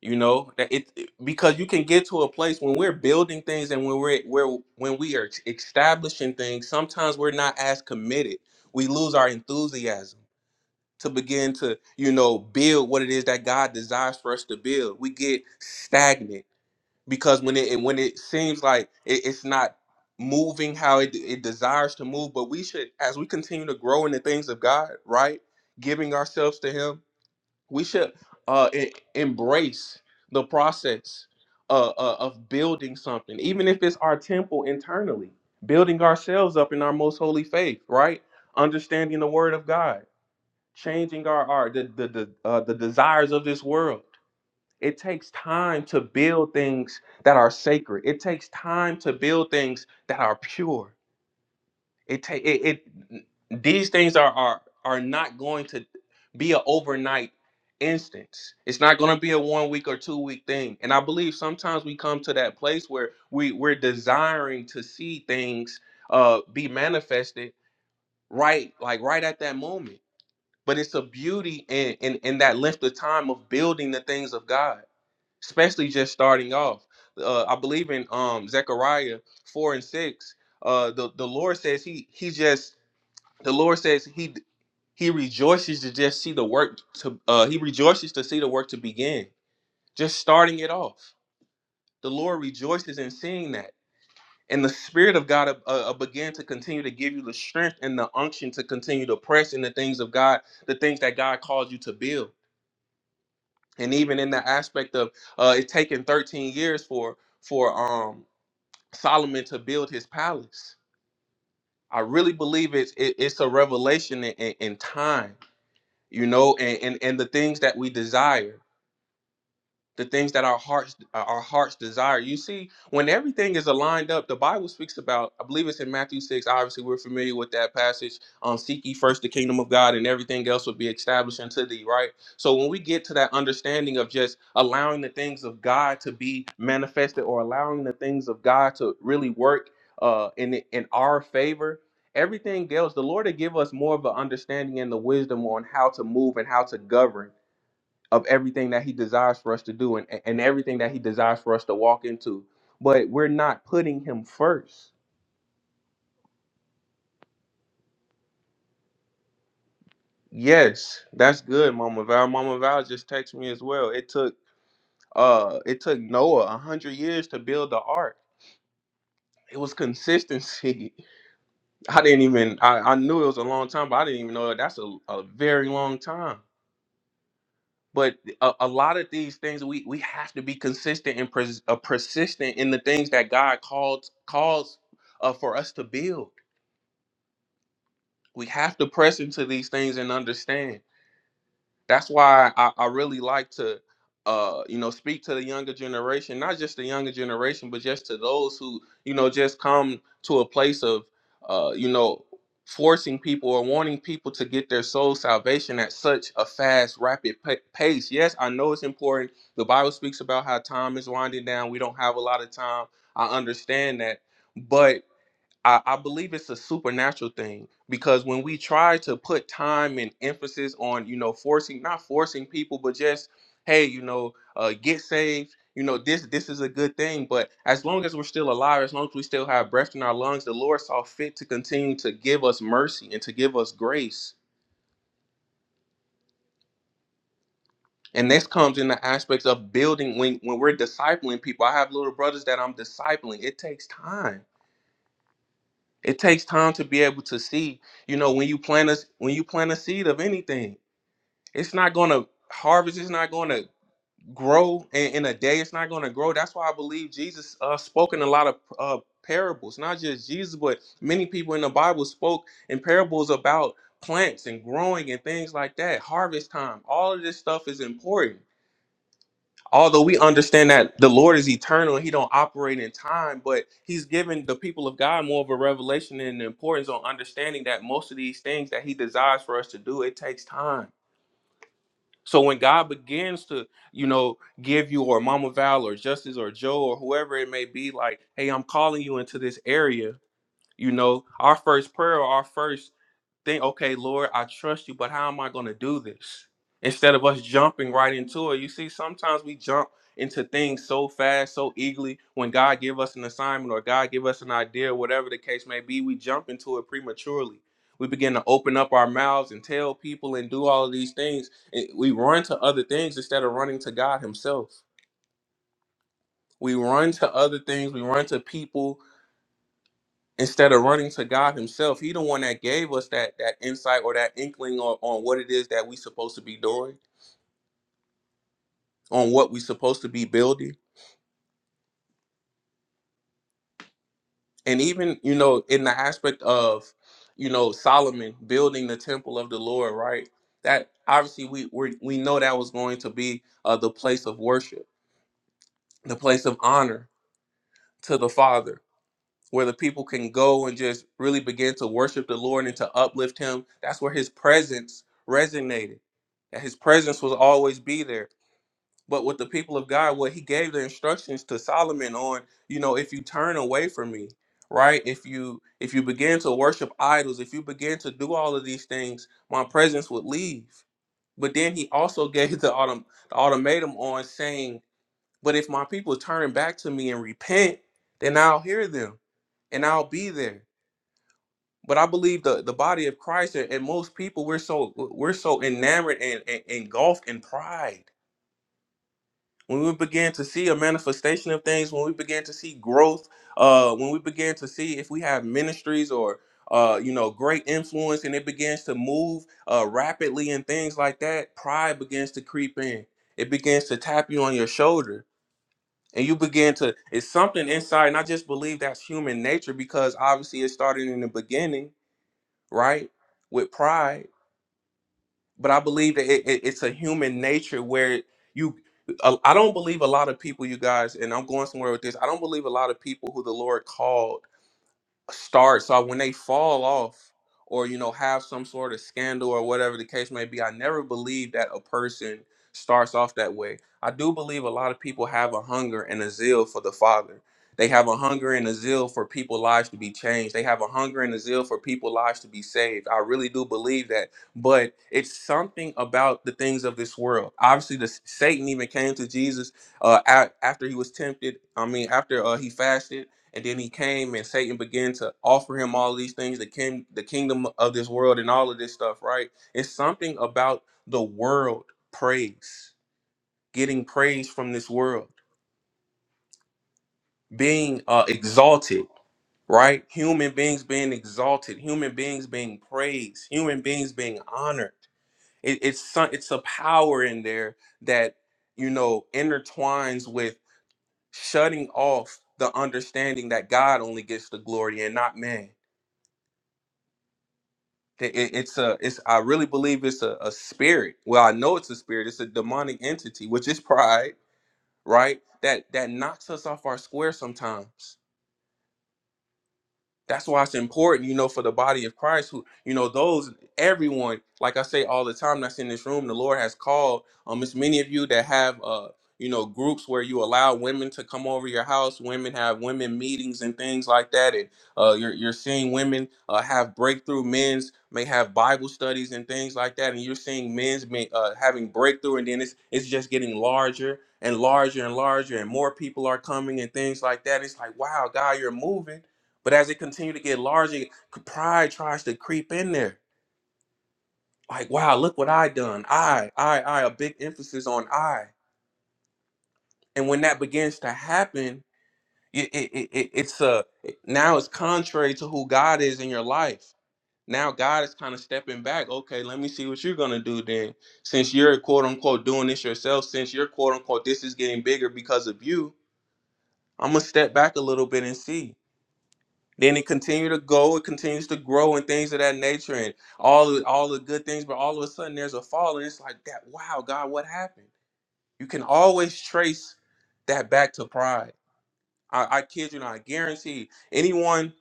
C: you know that it it- because you can get to a place when we're building things and when we're where when we are establishing things sometimes we're not as committed we lose our enthusiasm to begin to you know build what it is that god desires for us to build we get stagnant because when it when it seems like it, it's not moving how it, it desires to move but we should as we continue to grow in the things of god right giving ourselves to him we should uh, e- embrace the process uh, uh, of building something, even if it's our temple internally, building ourselves up in our most holy faith, right? Understanding the Word of God, changing our our the the the, uh, the desires of this world. It takes time to build things that are sacred. It takes time to build things that are pure it take it, it. These things are are are not going to be an overnight instance. It's not going to be a one week or two week thing. And I believe sometimes we come to that place where we we're desiring to see things uh be manifested right like right at that moment. But it's a beauty in in, in that length of time of building the things of God, especially just starting off. Uh, I believe in um Zechariah four and six. Uh, the the Lord says he he just the Lord says he he rejoices to just see the work to uh he rejoices to see the work to begin. Just starting it off. The Lord rejoices in seeing that. And the Spirit of God uh, uh, began to continue to give you the strength and the unction to continue to press in the things of God, the things that God calls you to build. And even in the aspect of uh, it taking 13 years for for um, Solomon to build his palace, I really believe it's it, it's a revelation in, in in time you know and, and and the things that we desire the things that our hearts uh, our hearts desire. You see, when everything is aligned up, the Bible speaks about. I believe it's in Matthew six. Obviously, we're familiar with that passage. Um, seek ye first the kingdom of God, and everything else will be established unto thee. Right. So when we get to that understanding of just allowing the things of God to be manifested, or allowing the things of God to really work uh, in in our favor. Everything else, the Lord to give us more of an understanding and the wisdom on how to move and how to govern of everything that he desires for us to do and, and everything that he desires for us to walk into. But we're not putting him first. Yes, that's good, Mama Val. Mama Val just texted me as well. It took uh it took Noah a hundred years to build the ark. It was consistency. I didn't even I, I knew it was a long time, but I didn't even know that that's a, a very long time. But a, a lot of these things we we have to be consistent and pres, uh, persistent in the things that God calls calls uh, for us to build we have to press into these things and understand. That's why I, I really like to, uh, you know, speak to the younger generation, not just the younger generation, but just to those who, you know, just come to a place of, uh, you know, forcing people or wanting people to get their soul salvation at such a fast, rapid pa- pace. Yes, I know it's important. The Bible speaks about how time is winding down. We don't have a lot of time. I understand that, but. I, I believe it's a supernatural thing because when we try to put time and emphasis on, you know, forcing, not forcing people, but just, hey, you know, uh, get saved, you know, this this is a good thing. But as long as we're still alive, as long as we still have breath in our lungs, the Lord saw fit to continue to give us mercy and to give us grace. And this comes in the aspects of building when when we're discipling people. I have little brothers that I'm discipling. It takes time It takes time to be able to see, you know, when you plant a when you plant a seed of anything, it's not gonna harvest, it's not gonna grow in, in a day, it's not gonna grow. That's why I believe Jesus uh spoke in a lot of uh parables, not just Jesus, but many people in the Bible spoke in parables about plants and growing and things like that, harvest time. All of this stuff is important although we understand that the Lord is eternal and he don't operate in time, but he's given the people of God more of a revelation and importance on understanding that most of these things that he desires for us to do, it takes time. So when God begins to, you know, give you or Mama Val or Justice or Joe or whoever it may be, like, hey, I'm calling you into this area, you know, our first prayer, our first think, okay, Lord, I trust you, but how am I going to do this? Instead of us jumping right into it, you see, sometimes we jump into things so fast, so eagerly. When God give us an assignment or God give us an idea, whatever the case may be, we jump into it prematurely. We begin to open up our mouths and tell people and do all of these things. And We run to other things instead of running to God Himself. We run to other things. We run to people instead of running to God Himself, He the one that gave us that that insight or that inkling on, on what it is that we supposed to be doing, on what we supposed to be building. And even, you know, in the aspect of, you know, Solomon building the temple of the Lord, right? That obviously we we we know that was going to be uh, the place of worship, the place of honor to the Father where the people can go and just really begin to worship the Lord and to uplift him. That's where his presence resonated. And his presence will always be there. But with the people of God, what he gave the instructions to Solomon on, you know, if you turn away from me, right? If you if you begin to worship idols, if you begin to do all of these things, my presence would leave. But then he also gave the autumn the ultimatum on saying but if my people turn back to me and repent, then I'll hear them and I'll be there. But I believe the, the body of Christ and and most people we're so we're so enamored and, and engulfed in pride. When we begin to see a manifestation of things, when we begin to see growth, uh, when we begin to see if we have ministries or uh, you know great influence and it begins to move uh, rapidly and things like that, pride begins to creep in. It begins to tap you on your shoulder and you begin to it's something inside and i just believe that's human nature because obviously it started in the beginning right with pride but i believe that it, it- it's a human nature where you i I don't believe a lot of people you guys and i'm going somewhere with this i don't believe a lot of people who the lord called start so when they fall off or you know have some sort of scandal or whatever the case may be i never believe that a person starts off that way i do believe a lot of people have a hunger and a zeal for the father they have a hunger and a zeal for people's lives to be changed they have a hunger and a zeal for people's lives to be saved i really do believe that but it's something about the things of this world obviously the satan even came to jesus uh a- after he was tempted i mean after uh, he fasted and then he came and Satan began to offer him all these things, the king, the kingdom of this world, and all of this stuff. Right? It's something about the world praise, getting praise from this world, being uh, exalted. Right? Human beings being exalted, human beings being praised, human beings being honored. It, it's some, it's a power in there that you know intertwines with shutting off the understanding that God only gets the glory and not man It- it- it's a it's i really believe it's a, a spirit well i know it's a spirit it's a demonic entity which is pride right that that knocks us off our square sometimes that's why it's important, you know, for the body of Christ, who, you know, those, everyone, like I say all the time that's in this room, the Lord has called. Um, it's many of you that have, uh, you know, groups where you allow women to come over your house. Women have women meetings and things like that. And uh, you're, you're seeing women uh, have breakthrough. Men's may have Bible studies and things like that. And you're seeing men's may, uh, having breakthrough. And then it's, it's just getting larger and larger and larger. And more people are coming and things like that. It's like, wow, God, you're moving but as it continued to get larger, pride tries to creep in there. Like, wow, look what I done. I, I, I, a big emphasis on I. And when that begins to happen, it, it, it, it- it's a now it's contrary to who God is in your life. Now God is kind of stepping back. Okay, let me see what you're gonna do then. Since you're quote unquote doing this yourself, since you're quote unquote this is getting bigger because of you, I'm gonna step back a little bit and see. Then it continued to go, it continues to grow and things of that nature and all the, all the good things, but all of a sudden there's a fall and it's like that, wow, God, what happened? You can always trace that back to pride. I, I kid you not, I guarantee anyone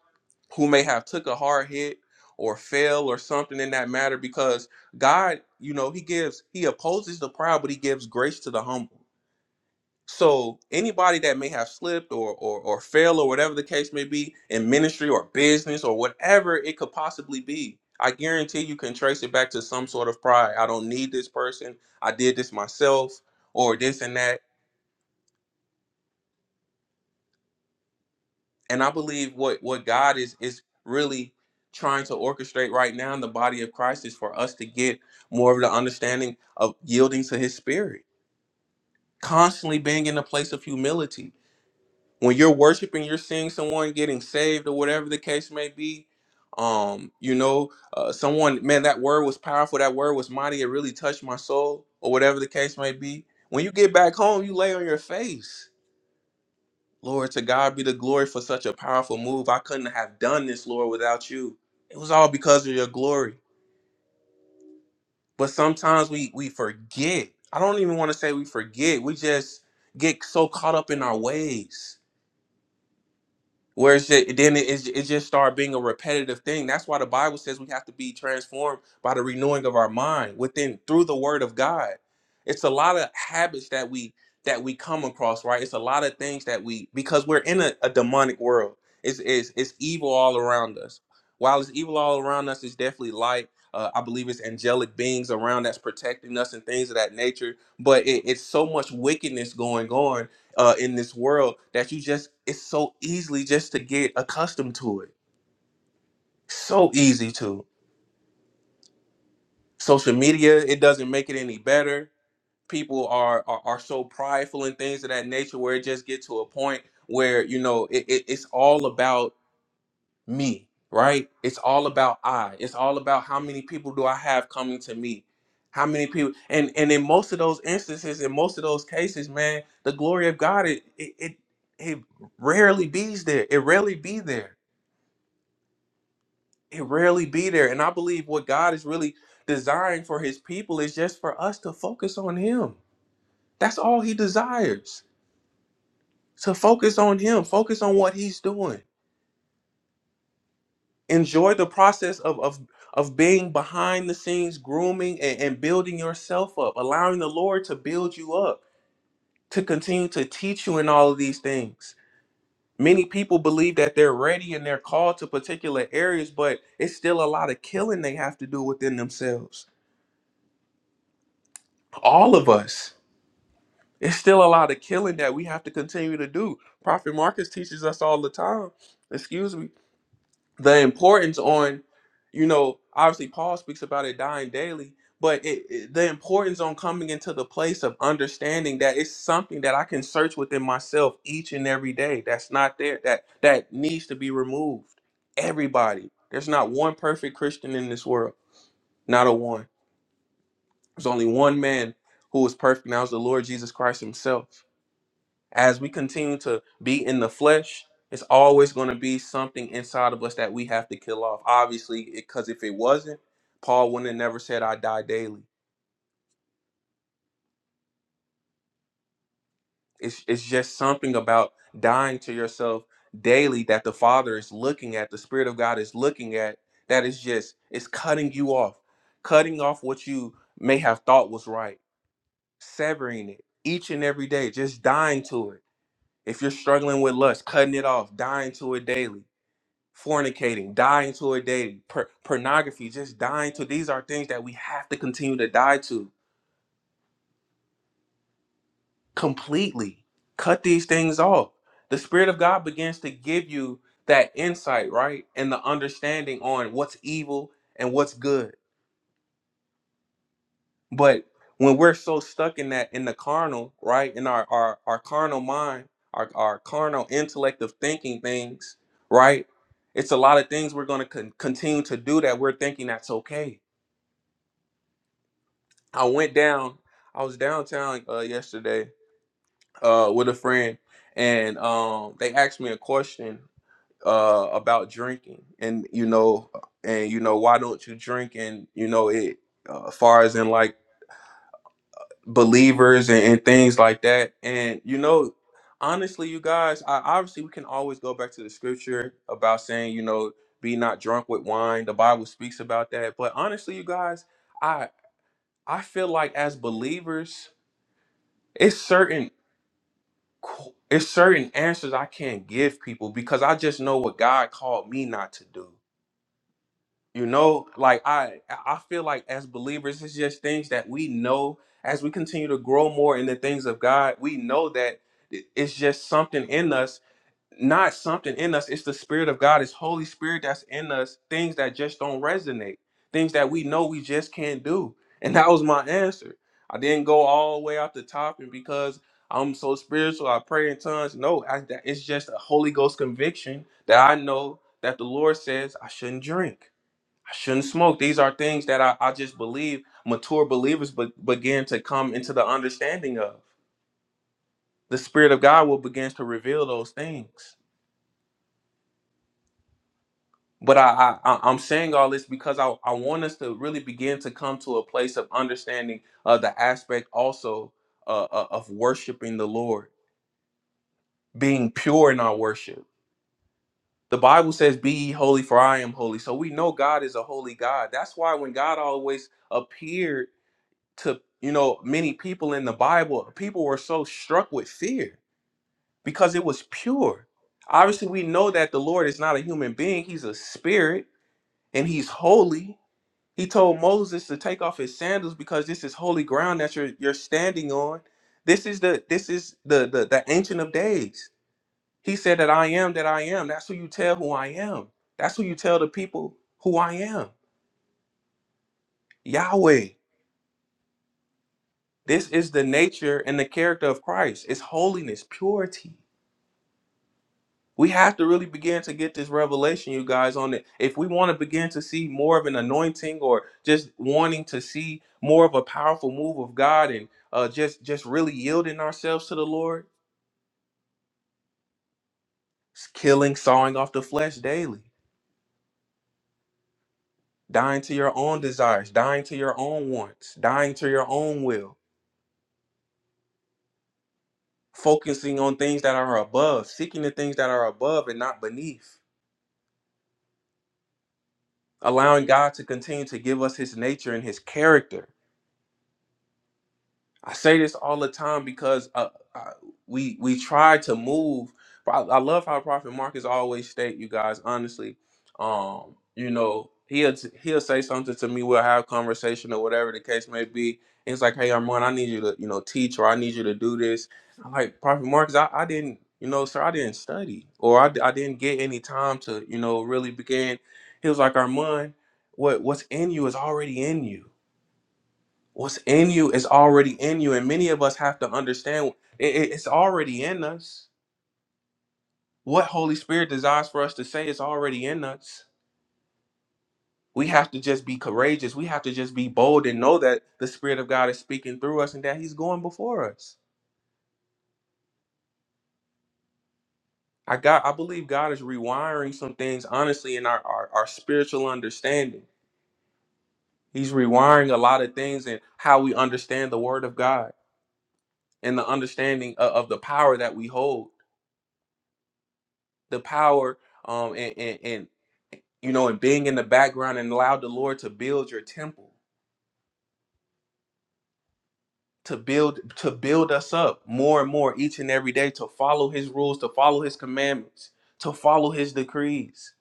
C: who may have took a hard hit or fail or something in that matter because God, you know, he gives, he opposes the proud, but he gives grace to the humble. So anybody that may have slipped or or or failed or whatever the case may be in ministry or business or whatever it could possibly be, I guarantee you can trace it back to some sort of pride. I don't need this person. I did this myself or this and that. And I believe what what God is is really trying to orchestrate right now in the body of Christ is for us to get more of the understanding of yielding to his spirit, constantly being in a place of humility when you're worshiping, you're seeing someone getting saved or whatever the case may be. Um, you know, uh, someone, man, that word was powerful. That word was mighty. It really touched my soul or whatever the case may be. When you get back home, you lay on your face. Lord, to God be the glory for such a powerful move. I couldn't have done this, Lord, without you. It was all because of your glory. But sometimes we we forget. I don't even want to say we forget. We just get so caught up in our ways Where it's just, then it, it, it just started being a repetitive thing. That's why the Bible says we have to be transformed by the renewing of our mind within through the Word of God. It's a lot of habits that we that we come across, right? It's a lot of things that we because we're in a, a demonic world. It's, it's it's evil all around us. While it's evil all around us, it's definitely light. Uh, I believe it's angelic beings around that's protecting us and things of that nature. But it, it's so much wickedness going on uh, in this world that you just it's so easily just to get accustomed to it. So easy to social media. It doesn't make it any better. People are are, are so prideful and things of that nature where it just get to a point where you know it, it, it's all about me, right? It's all about I. It's all about how many people do I have coming to me? How many people? And and in most of those instances, in most of those cases, man, the glory of God it it it, it rarely be's there. It rarely be there. It rarely be there. And I believe what God is really desiring for His people is just for us to focus on Him. That's all He desires. To focus on Him. Focus on what He's doing enjoy the process of of of being behind the scenes grooming and, and building yourself up allowing the lord to build you up to continue to teach you in all of these things many people believe that they're ready and they're called to particular areas but it's still a lot of killing they have to do within themselves all of us it's still a lot of killing that we have to continue to do prophet marcus teaches us all the time excuse me the importance on you know obviously paul speaks about it dying daily but it, it- the importance on coming into the place of understanding that it's something that i can search within myself each and every day that's not there that that needs to be removed everybody there's not one perfect christian in this world not a one there's only one man who was perfect and that was the lord jesus christ himself as we continue to be in the flesh, it's always going to be something inside of us that we have to kill off. Obviously, because if it wasn't, Paul wouldn't have never said, I die daily. It's, it's just something about dying to yourself daily that the Father is looking at, the Spirit of God is looking at, that is just, it's cutting you off, cutting off what you may have thought was right, severing it each and every day, just dying to it. If you're struggling with lust, cutting it off, dying to it daily fornicating, dying to a day, per- pornography, just dying to. These are things that we have to continue to die to completely. Cut these things off. The Spirit of God begins to give you that insight, right? And the understanding on what's evil and what's good. But when we're so stuck in that, in the carnal, right? In our our, our carnal mind, our, our carnal intellect of thinking things, right? It's a lot of things we're going to con- continue to do that we're thinking that's okay I went down. I was downtown uh, yesterday uh, with a friend, and um, they asked me a question uh, about drinking, and you know, and you know, why don't you drink? And you know, it uh, far as in like believers and, and things like that. And you know, honestly, you guys, I, obviously, we can always go back to the scripture about saying, you know, be not drunk with wine. The Bible speaks about that. But honestly, you guys, I I feel like as believers it's certain qu- it's certain answers I can't give people because I just know what God called me not to do. You know, like I I feel like as believers, it's just things that we know as we continue to grow more in the things of God. We know that it- it's just something in us not something in us. It's the Spirit of God. It's Holy Spirit that's in us. Things that just don't resonate. Things that we know we just can't do. And that was my answer. I didn't go all the way out the top, and because I'm so spiritual, I pray in tongues. No, I, that, it's just a Holy Ghost conviction that I know that the Lord says I shouldn't drink, I shouldn't smoke. These are things that I, I just believe mature believers be, begin to come into the understanding of. The Spirit of God will begin to reveal those things. but I, I I- I'm saying all this because I I want us to really begin to come to a place of understanding uh, the aspect also uh, uh, of worshiping the Lord, being pure in our worship. The Bible says, "Be ye holy, for I am holy." So we know God is a holy God. That's why when God always appeared to you know many people in the Bible, people were so struck with fear because it was pure. Obviously, we know that the Lord is not a human being; He's a spirit, and He's holy He told Moses to take off his sandals because this is holy ground that you're you're standing on. This is the this is the the, the ancient of days. He said that I am that I am. That's who you tell who I am. That's who you tell the people who I am. Yahweh. This is the nature and the character of Christ. It's holiness, purity. We have to really begin to get this revelation, you guys, on it. If we want to begin to see more of an anointing or just wanting to see more of a powerful move of God and uh, just just really yielding ourselves to the Lord, it's killing, sawing off the flesh daily, dying to your own desires, dying to your own wants, dying to your own will, focusing on things that are above, seeking the things that are above and not beneath, allowing God to continue to give us his nature and his character I say this all the time because uh, I, we we try to move. I, I love how Prophet Marcus always state, you guys. Honestly, um, you know, he'll he'll say something to me. We'll have conversation or whatever the case may be. And it's like, hey, Armand, I need you to you know teach or I need you to do this. I'm like Prophet Marcus, I, I didn't you know, sir, I didn't study or I, I didn't get any time to you know really begin. He was like, Armand, what what's in you is already in you What's in you is already in you, and many of us have to understand it, it- it's already in us. What Holy Spirit desires for us to say is already in us. We have to just be courageous. We have to just be bold and know that the Spirit of God is speaking through us and that He's going before us. I got I believe God is rewiring some things honestly in our, our, our spiritual understanding. He's rewiring a lot of things in how we understand the word of God and the understanding of, of the power that we hold. the power um and and, and you know and being in the background and allow the lord to build your temple to build to build us up more and more each and every day to follow his rules to follow his commandments to follow his decrees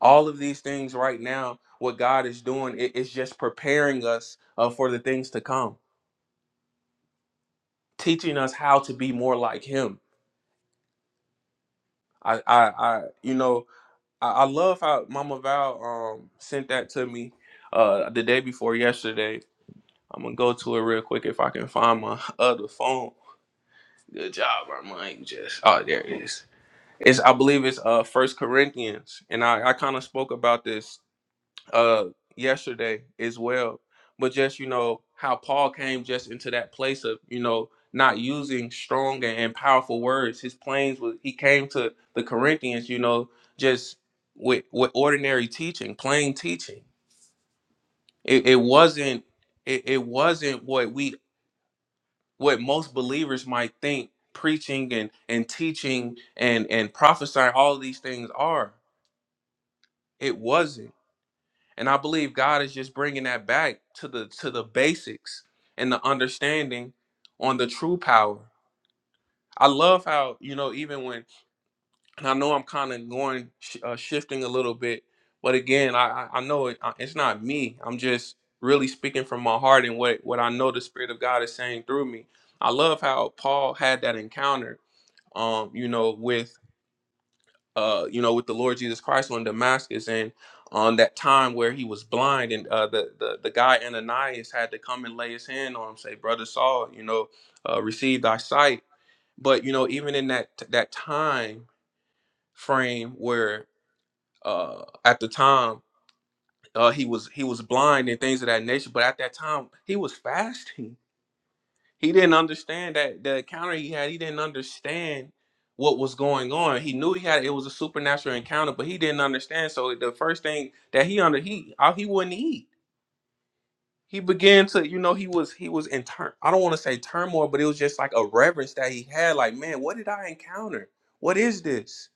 C: all of these things right now what god is doing it is just preparing us uh, for the things to come teaching us how to be more like him i i, I you know I, I love how mama val um sent that to me uh the day before yesterday I'm gonna go to it real quick if I can find my other phone. Good job, Armand. You just oh, there it is. It's I believe it's uh First Corinthians, and I I kind of spoke about this uh yesterday as well. But just you know how Paul came just into that place of you know not using strong and, and powerful words. His planes was he came to the Corinthians, you know, just with with ordinary teaching, plain teaching. It, it wasn't it, it wasn't what we what most believers might think preaching and, and teaching and, and prophesying, all of these things are. It wasn't. And I believe God is just bringing that back to the to the basics and the understanding on the true power. I love how you know even when and I know I'm kind of going sh- uh, shifting a little bit, but again I I I know it, I- it's not me. I'm just really speaking from my heart and what what I know the Spirit of God is saying through me. I love how Paul had that encounter um, you know, with uh, you know, with the Lord Jesus Christ on Damascus and on that time where he was blind and uh the, the the guy Ananias had to come and lay his hand on him, say, Brother Saul, you know, uh receive thy sight. But you know, even in that that time frame where uh at the time uh he was he was blind and things of that nature, but at that time he was fasting He didn't understand that the encounter he had. He didn't understand what was going on. He knew he had it was a supernatural encounter, but he didn't understand. So the first thing that he under he uh, he wouldn't eat. He began to you know he was he was in tur- I don't want to say turmoil, but it was just like a reverence that he had. Like man, what did I encounter? What is this?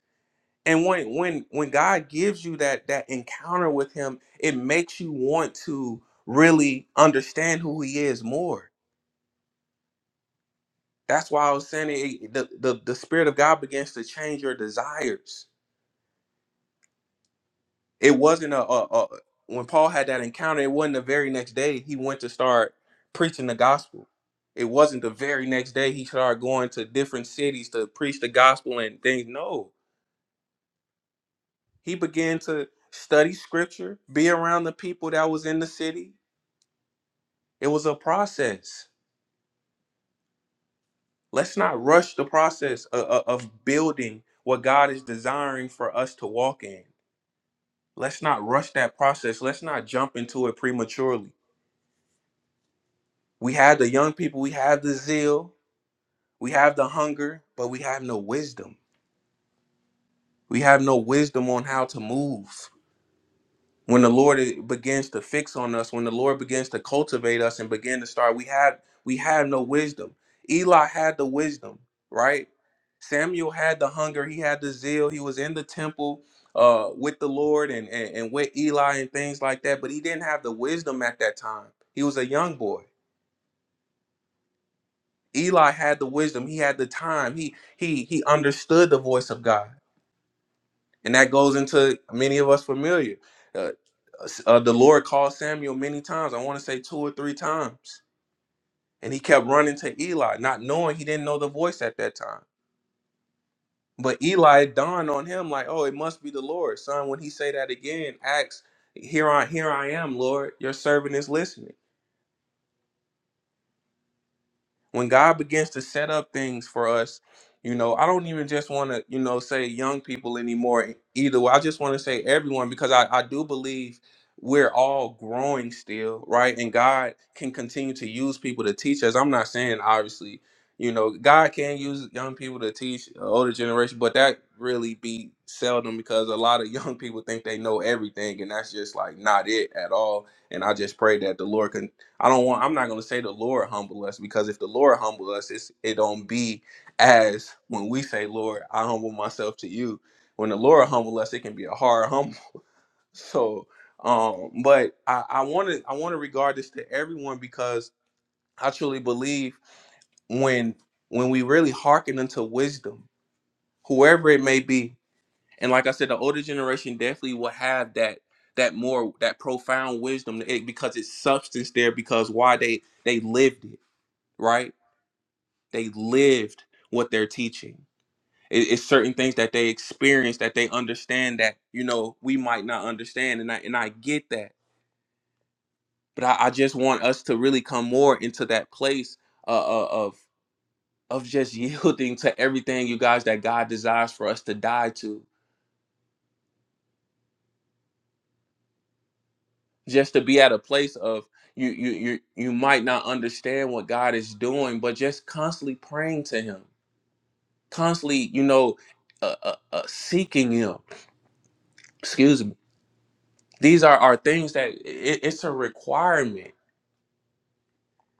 C: And when when when God gives you that that encounter with Him, it makes you want to really understand who He is more That's why I was saying it, the, the the spirit of God begins to change your desires. It wasn't a, a, a when Paul had that encounter. It wasn't the very next day he went to start preaching the gospel. It wasn't the very next day he started going to different cities to preach the gospel and things. No, he began to study scripture, be around the people that was in the city. It was a process. Let's not rush the process of, of building what God is desiring for us to walk in let's not rush that process. Let's not jump into it prematurely. We have the young people, we have the zeal, we have the hunger, but we have no wisdom. We have no wisdom on how to move. when the lord i- begins to fix on us when the lord begins to cultivate us and begin to start we have we have no wisdom eli had the wisdom right samuel had the hunger he had the zeal he was in the temple uh with the lord and and, and with eli and things like that but he didn't have the wisdom at that time he was a young boy eli had the wisdom he had the time he he he understood the voice of god and that goes into many of us familiar. Uh, uh, the Lord called Samuel many times. I want to say two or three times, and he kept running to Eli, not knowing he didn't know the voice at that time. But Eli dawned on him like, "Oh, it must be the Lord, son." When he say that again, acts, "Here I, here I am, Lord. Your servant is listening." When God begins to set up things for us, you know, I don't even just want to, you know, say young people anymore either. I just want to say everyone because I, I do believe we're all growing still, right? And God can continue to use people to teach us. I'm not saying obviously, you know, God can use young people to teach the older generation, but that really be seldom because a lot of young people think they know everything and that's just like not it at all. And I just pray that the Lord I don't want. I'm not going to say the Lord humble us because if the Lord humble us, it's, it don't be as when we say, "Lord, I humble myself to you." When the Lord humble us, it can be a hard humble. So, um, but I I want to I want to regard this to everyone because I truly believe when when we really hearken unto wisdom, whoever it may be, and like I said, the older generation definitely will have that that more that profound wisdom it, because it's substance there because why they they lived it right? They lived what they're teaching. It- it's certain things that they experience that they understand that you know we might not understand, and I and I get that, but I, I just want us to really come more into that place uh, uh, of of just yielding to everything you guys that God desires for us to die to, just to be at a place of you you you you might not understand what God is doing, but just constantly praying to Him, constantly you know uh, uh, uh, seeking Him. Excuse me these are, are things that it, it's a requirement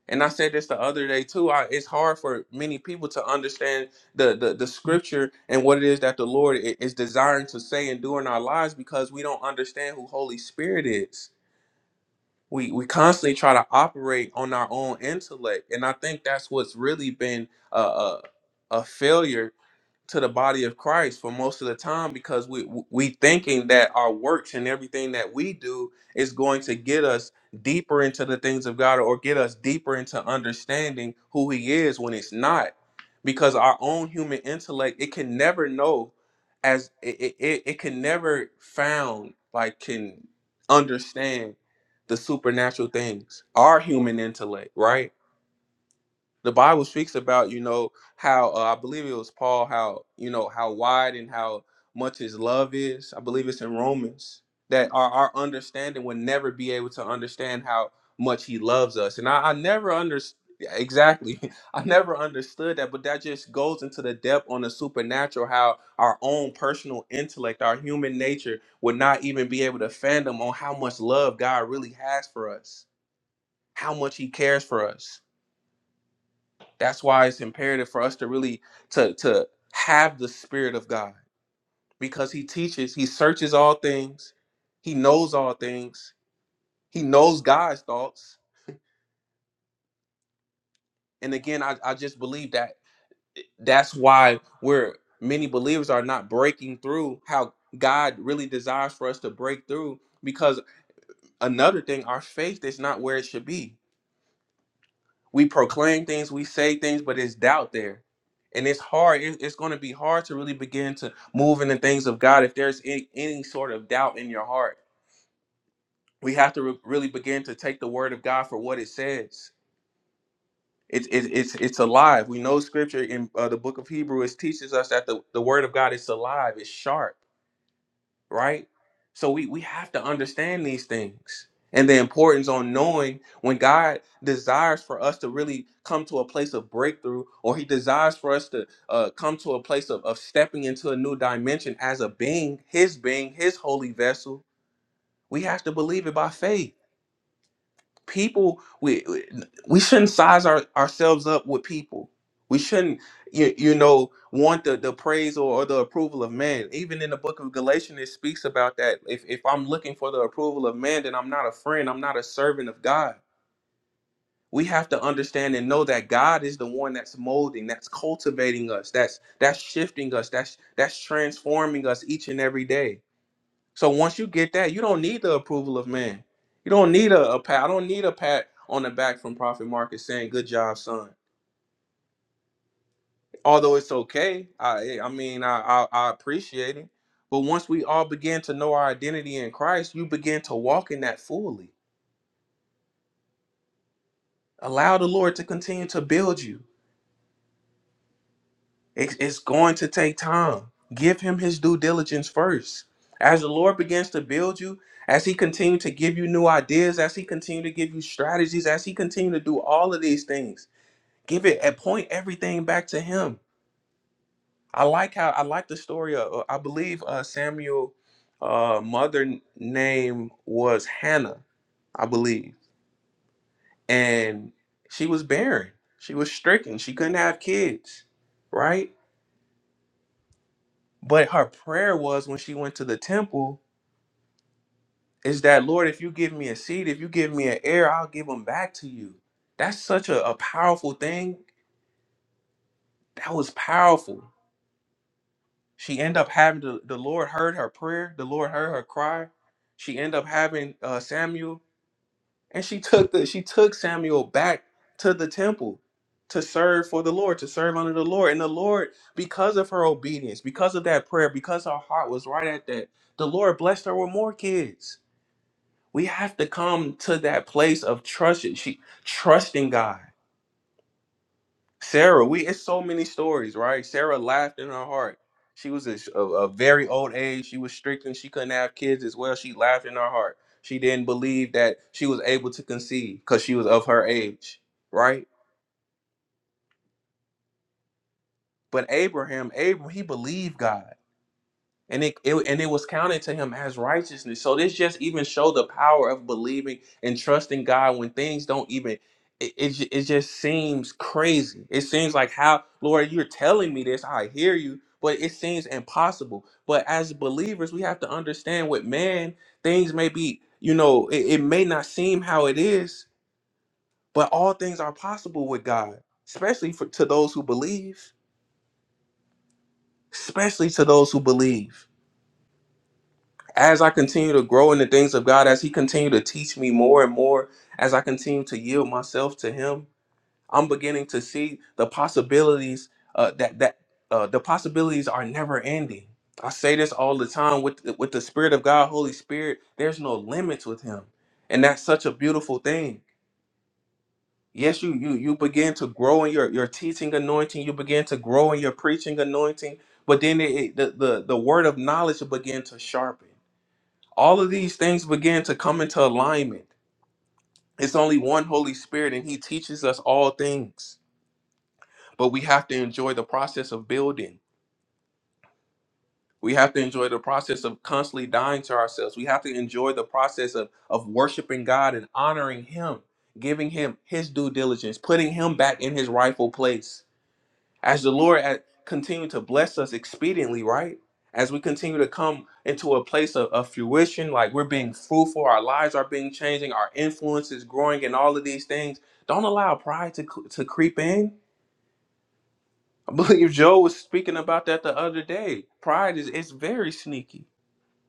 C: and i said this the other day too I, it's hard for many people to understand the, the the scripture and what it is that the lord i- is desiring to say and do in our lives because we don't understand who holy spirit is we we constantly try to operate on our own intellect and i think that's what's really been a, a, a failure to the body of Christ for most of the time because we we thinking that our works and everything that we do is going to get us deeper into the things of God or get us deeper into understanding who he is when it's not because our own human intellect it can never know as it it, it it can never found like can understand the supernatural things our human intellect right the Bible speaks about, you know, how uh, I believe it was Paul, how you know how wide and how much his love is. I believe it's in Romans that our, our understanding would never be able to understand how much he loves us. And I, I never understood exactly. I never understood that, but that just goes into the depth on the supernatural, how our own personal intellect, our human nature would not even be able to fathom on how much love God really has for us, how much he cares for us. That's why it's imperative for us to really to to have the spirit of God because he teaches, he searches all things, he knows all things, he knows God's thoughts. And again, I, I just believe that that's why we're many believers are not breaking through how God really desires for us to break through because another thing, our faith is not where it should be we proclaim things, we say things, but it's doubt there. And it's hard. it- It's going to be hard to really begin to move in the things of God if there's any, any sort of doubt in your heart. We have to re- really begin to take the word of God for what it says. It's it's it's it's alive. We know scripture in uh, the book of Hebrews teaches us that the, the word of God is alive, it's sharp right? So we we have to understand these things and the importance on knowing when God desires for us to really come to a place of breakthrough, or He desires for us to uh, come to a place of, of stepping into a new dimension as a being, His being, His holy vessel. We have to believe it by faith people we we we shouldn't size our, ourselves up with people we shouldn't you, you know want the, the praise or, or the approval of man even in the book of galatians it speaks about that if, if i'm looking for the approval of man then i'm not a friend i'm not a servant of god we have to understand and know that god is the one that's molding that's cultivating us that's that's shifting us that's that's transforming us each and every day so once you get that, you don't need the approval of man. You don't need a, a pat. I don't need a pat on the back from Prophet Marcus saying, "Good job, son." Although it's okay, I I mean I, I I appreciate it. But once we all begin to know our identity in Christ, you begin to walk in that fully. Allow the Lord to continue to build you. It's, it's going to take time. Give him his due diligence first. As the Lord begins to build you, as he continue to give you new ideas, as he continue to give you strategies, as he continue to do all of these things, give it and point everything back to him. I like how I like the story of uh, I believe uh, Samuel uh, mother name was Hannah, I believe. And she was barren. She was stricken. She couldn't have kids, right? But her prayer was when she went to the temple is that, Lord, if you give me a seed, if you give me an heir, I'll give them back to you. That's such a, a powerful thing. That was powerful. She ended up having the, the Lord heard her prayer. The Lord heard her cry. She ended up having uh, Samuel, and she took the she took Samuel back to the temple to serve for the Lord, to serve under the Lord. And the Lord, because of her obedience, because of that prayer, because her heart was right at that, the Lord blessed her with more kids We have to come to that place of trusting. She trusting God. Sarah, we it's so many stories, right? Sarah laughed in her heart. She was a, a, a very old age. She was strict and she couldn't have kids as well. She laughed in her heart. She didn't believe that she was able to conceive because she was of her age, right? But Abraham, Abraham, he believed God. and it, it and it was counted to him as righteousness. So this just even show the power of believing and trusting God when things don't even it, it, ju- it just seems crazy. It seems like how Lord, you're telling me this, I hear you, but it seems impossible. But as believers, we have to understand with man, things may be, you know, it, it may not seem how it is, but all things are possible with God, especially for to those who believe, especially to those who believe. as I continue to grow in the things of God, as He continue to teach me more and more, as I continue to yield myself to Him, I'm beginning to see the possibilities uh, that that uh, the possibilities are never ending. I say this all the time with with the Spirit of God, Holy Spirit. There's no limits with Him, and that's such a beautiful thing. Yes, you you you begin to grow in your your teaching anointing. You begin to grow in your preaching anointing, but then it, it- the, the the word of knowledge will begin to sharpen all of these things begin to come into alignment. It's only one Holy Spirit, and He teaches us all things. But we have to enjoy the process of building. We have to enjoy the process of constantly dying to ourselves. We have to enjoy the process of, of worshiping God and honoring Him, giving Him His due diligence, putting Him back in His rightful place as the Lord at, continue to bless us expediently, right? As we continue to come into a place of, of fruition, like we're being fruitful, our lives are being changing, our influence is growing, and all of these things. Don't allow pride to cl- to creep in. I believe Joe was speaking about that the other day. Pride is it's very sneaky.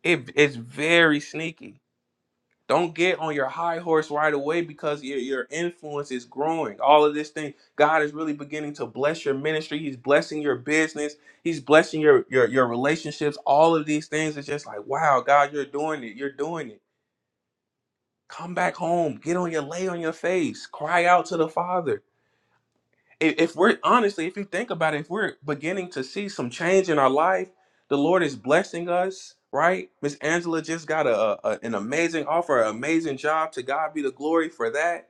C: It, it's very sneaky don't get on your high horse right away because your, your influence is growing. All of this thing, God is really beginning to bless your ministry. He's blessing your business. He's blessing your your your relationships. All of these things is just like, wow, God, you're doing it. You're doing it. Come back home. Get on your lay on your face. Cry out to the Father if if we're honestly, if you think about it, if we're beginning to see some change in our life, the Lord is blessing us, right? Miss Angela just got a, a- an amazing offer, an amazing job. To God be the glory for that.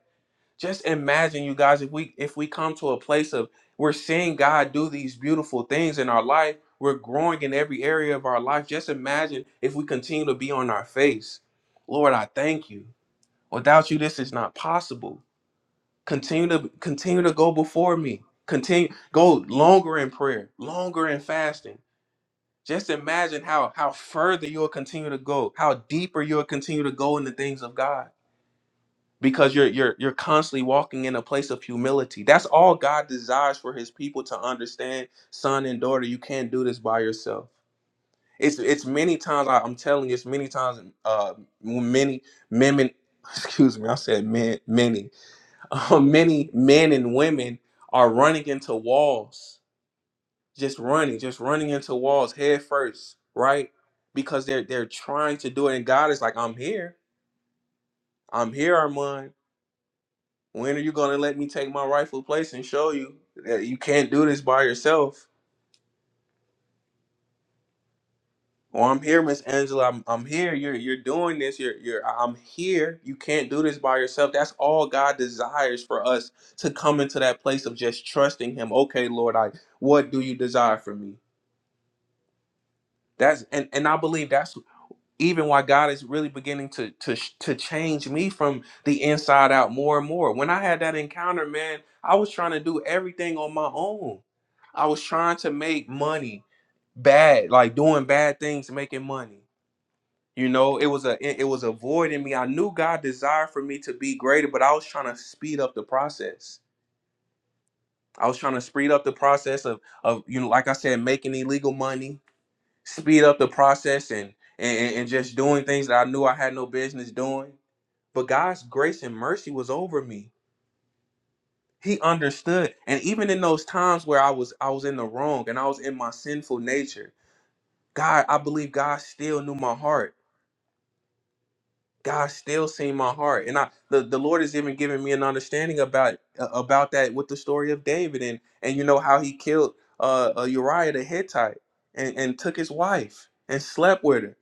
C: Just imagine, you guys, if we if we come to a place of we're seeing God do these beautiful things in our life, we're growing in every area of our life. Just imagine if we continue to be on our face, Lord, I thank you. Without you, this is not possible continue to continue to go before me continue go longer in prayer longer in fasting just imagine how how further you'll continue to go how deeper you'll continue to go in the things of god because you're you're you're constantly walking in a place of humility that's all god desires for his people to understand son and daughter you can't do this by yourself it's it's many times I, i'm telling you it's many times uh many men excuse me i said men many Uh, many men and women are running into walls, just running, just running into walls head first, right? Because they're they're trying to do it, and God is like, "I'm here, I'm here, Armand. When are you gonna let me take my rightful place and show you that you can't do this by yourself?" Or I'm here, Miss Angela. I'm, I'm here. You're you're doing this. You're you're. I'm here. You can't do this by yourself. That's all God desires for us to come into that place of just trusting Him. Okay, Lord, I what do you desire from me? That's and and I believe that's even why God is really beginning to to to change me from the inside out more and more. When I had that encounter, man, I was trying to do everything on my own. I was trying to make money bad, like doing bad things, making money. You know, it was a it it was a void in me. I knew God desired for me to be greater, but I was trying to speed up the process. I was trying to speed up the process of of you know, like I said, making illegal money speed up the process and, and and just doing things that I knew I had no business doing. But God's grace and mercy was over me. He understood. And even in those times where I was I was in the wrong and I was in my sinful nature, God, I believe God still knew my heart. God still seen my heart. And I the, the Lord has even given me an understanding about uh, about that with the story of David and and you know how he killed uh, uh Uriah the Hittite and, and took his wife and slept with her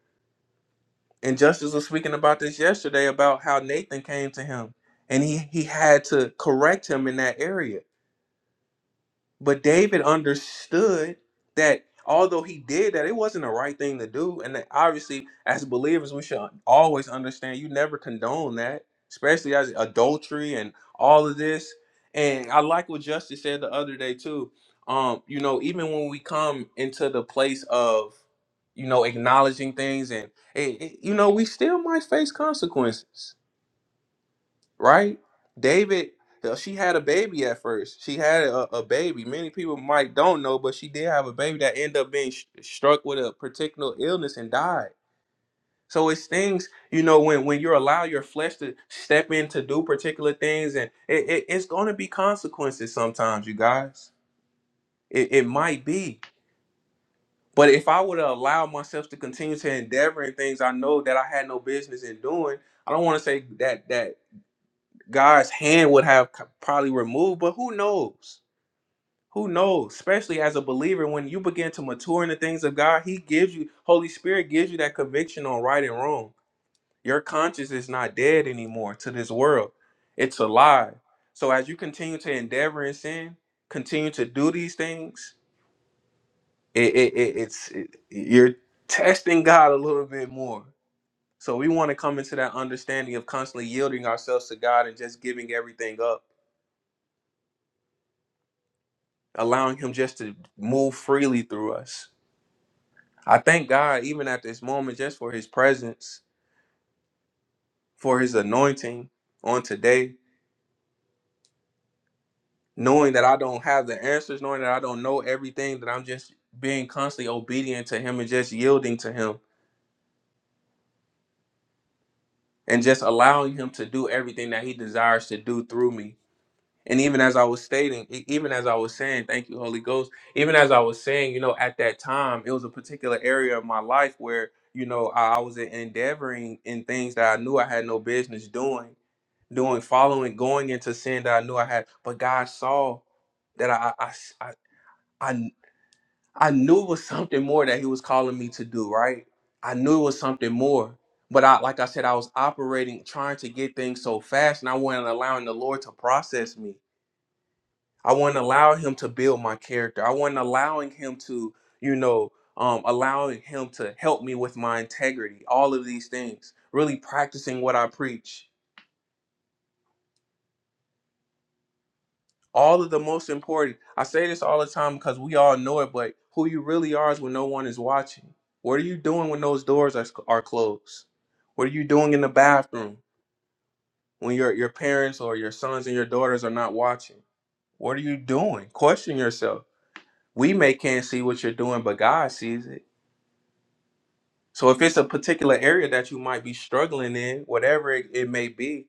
C: And Justice was speaking about this yesterday about how Nathan came to him and he, he had to correct him in that area. But David understood that although he did that, it wasn't the right thing to do. And that obviously, as believers, we should always understand you never condone that, especially as adultery and all of this. And I like what Justice said the other day too. Um, you know, even when we come into the place of, you know, acknowledging things and, eh, eh, you know, we still might face consequences right? David, uh, she had a baby at first. She had a, a baby. Many people might don't know, but she did have a baby that ended up being sh- struck with a particular illness and died. So it's things, you know, when when you allow your flesh to step in to do particular things, and it, it, it's going to be consequences sometimes, you guys. It, it might be. But if I would allow myself to continue to endeavor in things I know that I had no business in doing, I don't want to say that that God's hand would have c- probably removed, but who knows? Who knows? Especially as a believer, when you begin to mature in the things of God, He gives you, Holy Spirit gives you that conviction on right and wrong. Your conscience is not dead anymore to this world, it's alive. So as you continue to endeavor in sin, continue to do these things, it, it, it, it's it, you're testing God a little bit more. So we want to come into that understanding of constantly yielding ourselves to God and just giving everything up allowing him just to move freely through us. I thank God even at this moment just for his presence, for his anointing on today, knowing that I don't have the answers, knowing that I don't know everything, that I'm just being constantly obedient to him and just yielding to him and just allowing him to do everything that he desires to do through me And even as I was stating, e- even as I was saying, thank you, Holy Ghost, even as I was saying, you know, at that time, it was a particular area of my life where, you know, I, I was e, endeavoring in things that I knew I had no business doing, doing, following, going into sin that I knew I had. But God saw that I, I, I, I, I knew it was something more that He was calling me to do, right? I knew it was something more. But I, like I said, I was operating, trying to get things so fast, and I wasn't allowing the Lord to process me. I wasn't allowing him to build my character. I wasn't allowing him to, you know, um, allowing him to help me with my integrity. All of these things, really practicing what I preach. All of the most important. I say this all the time because we all know it, but who you really are is when no one is watching. What are you doing when those doors are, are closed? What are you doing in the bathroom when your, your parents or your sons and your daughters are not watching? What are you doing? Question yourself. We may can't see what you're doing, but God sees it. So if it's a particular area that you might be struggling in, whatever it, it may be,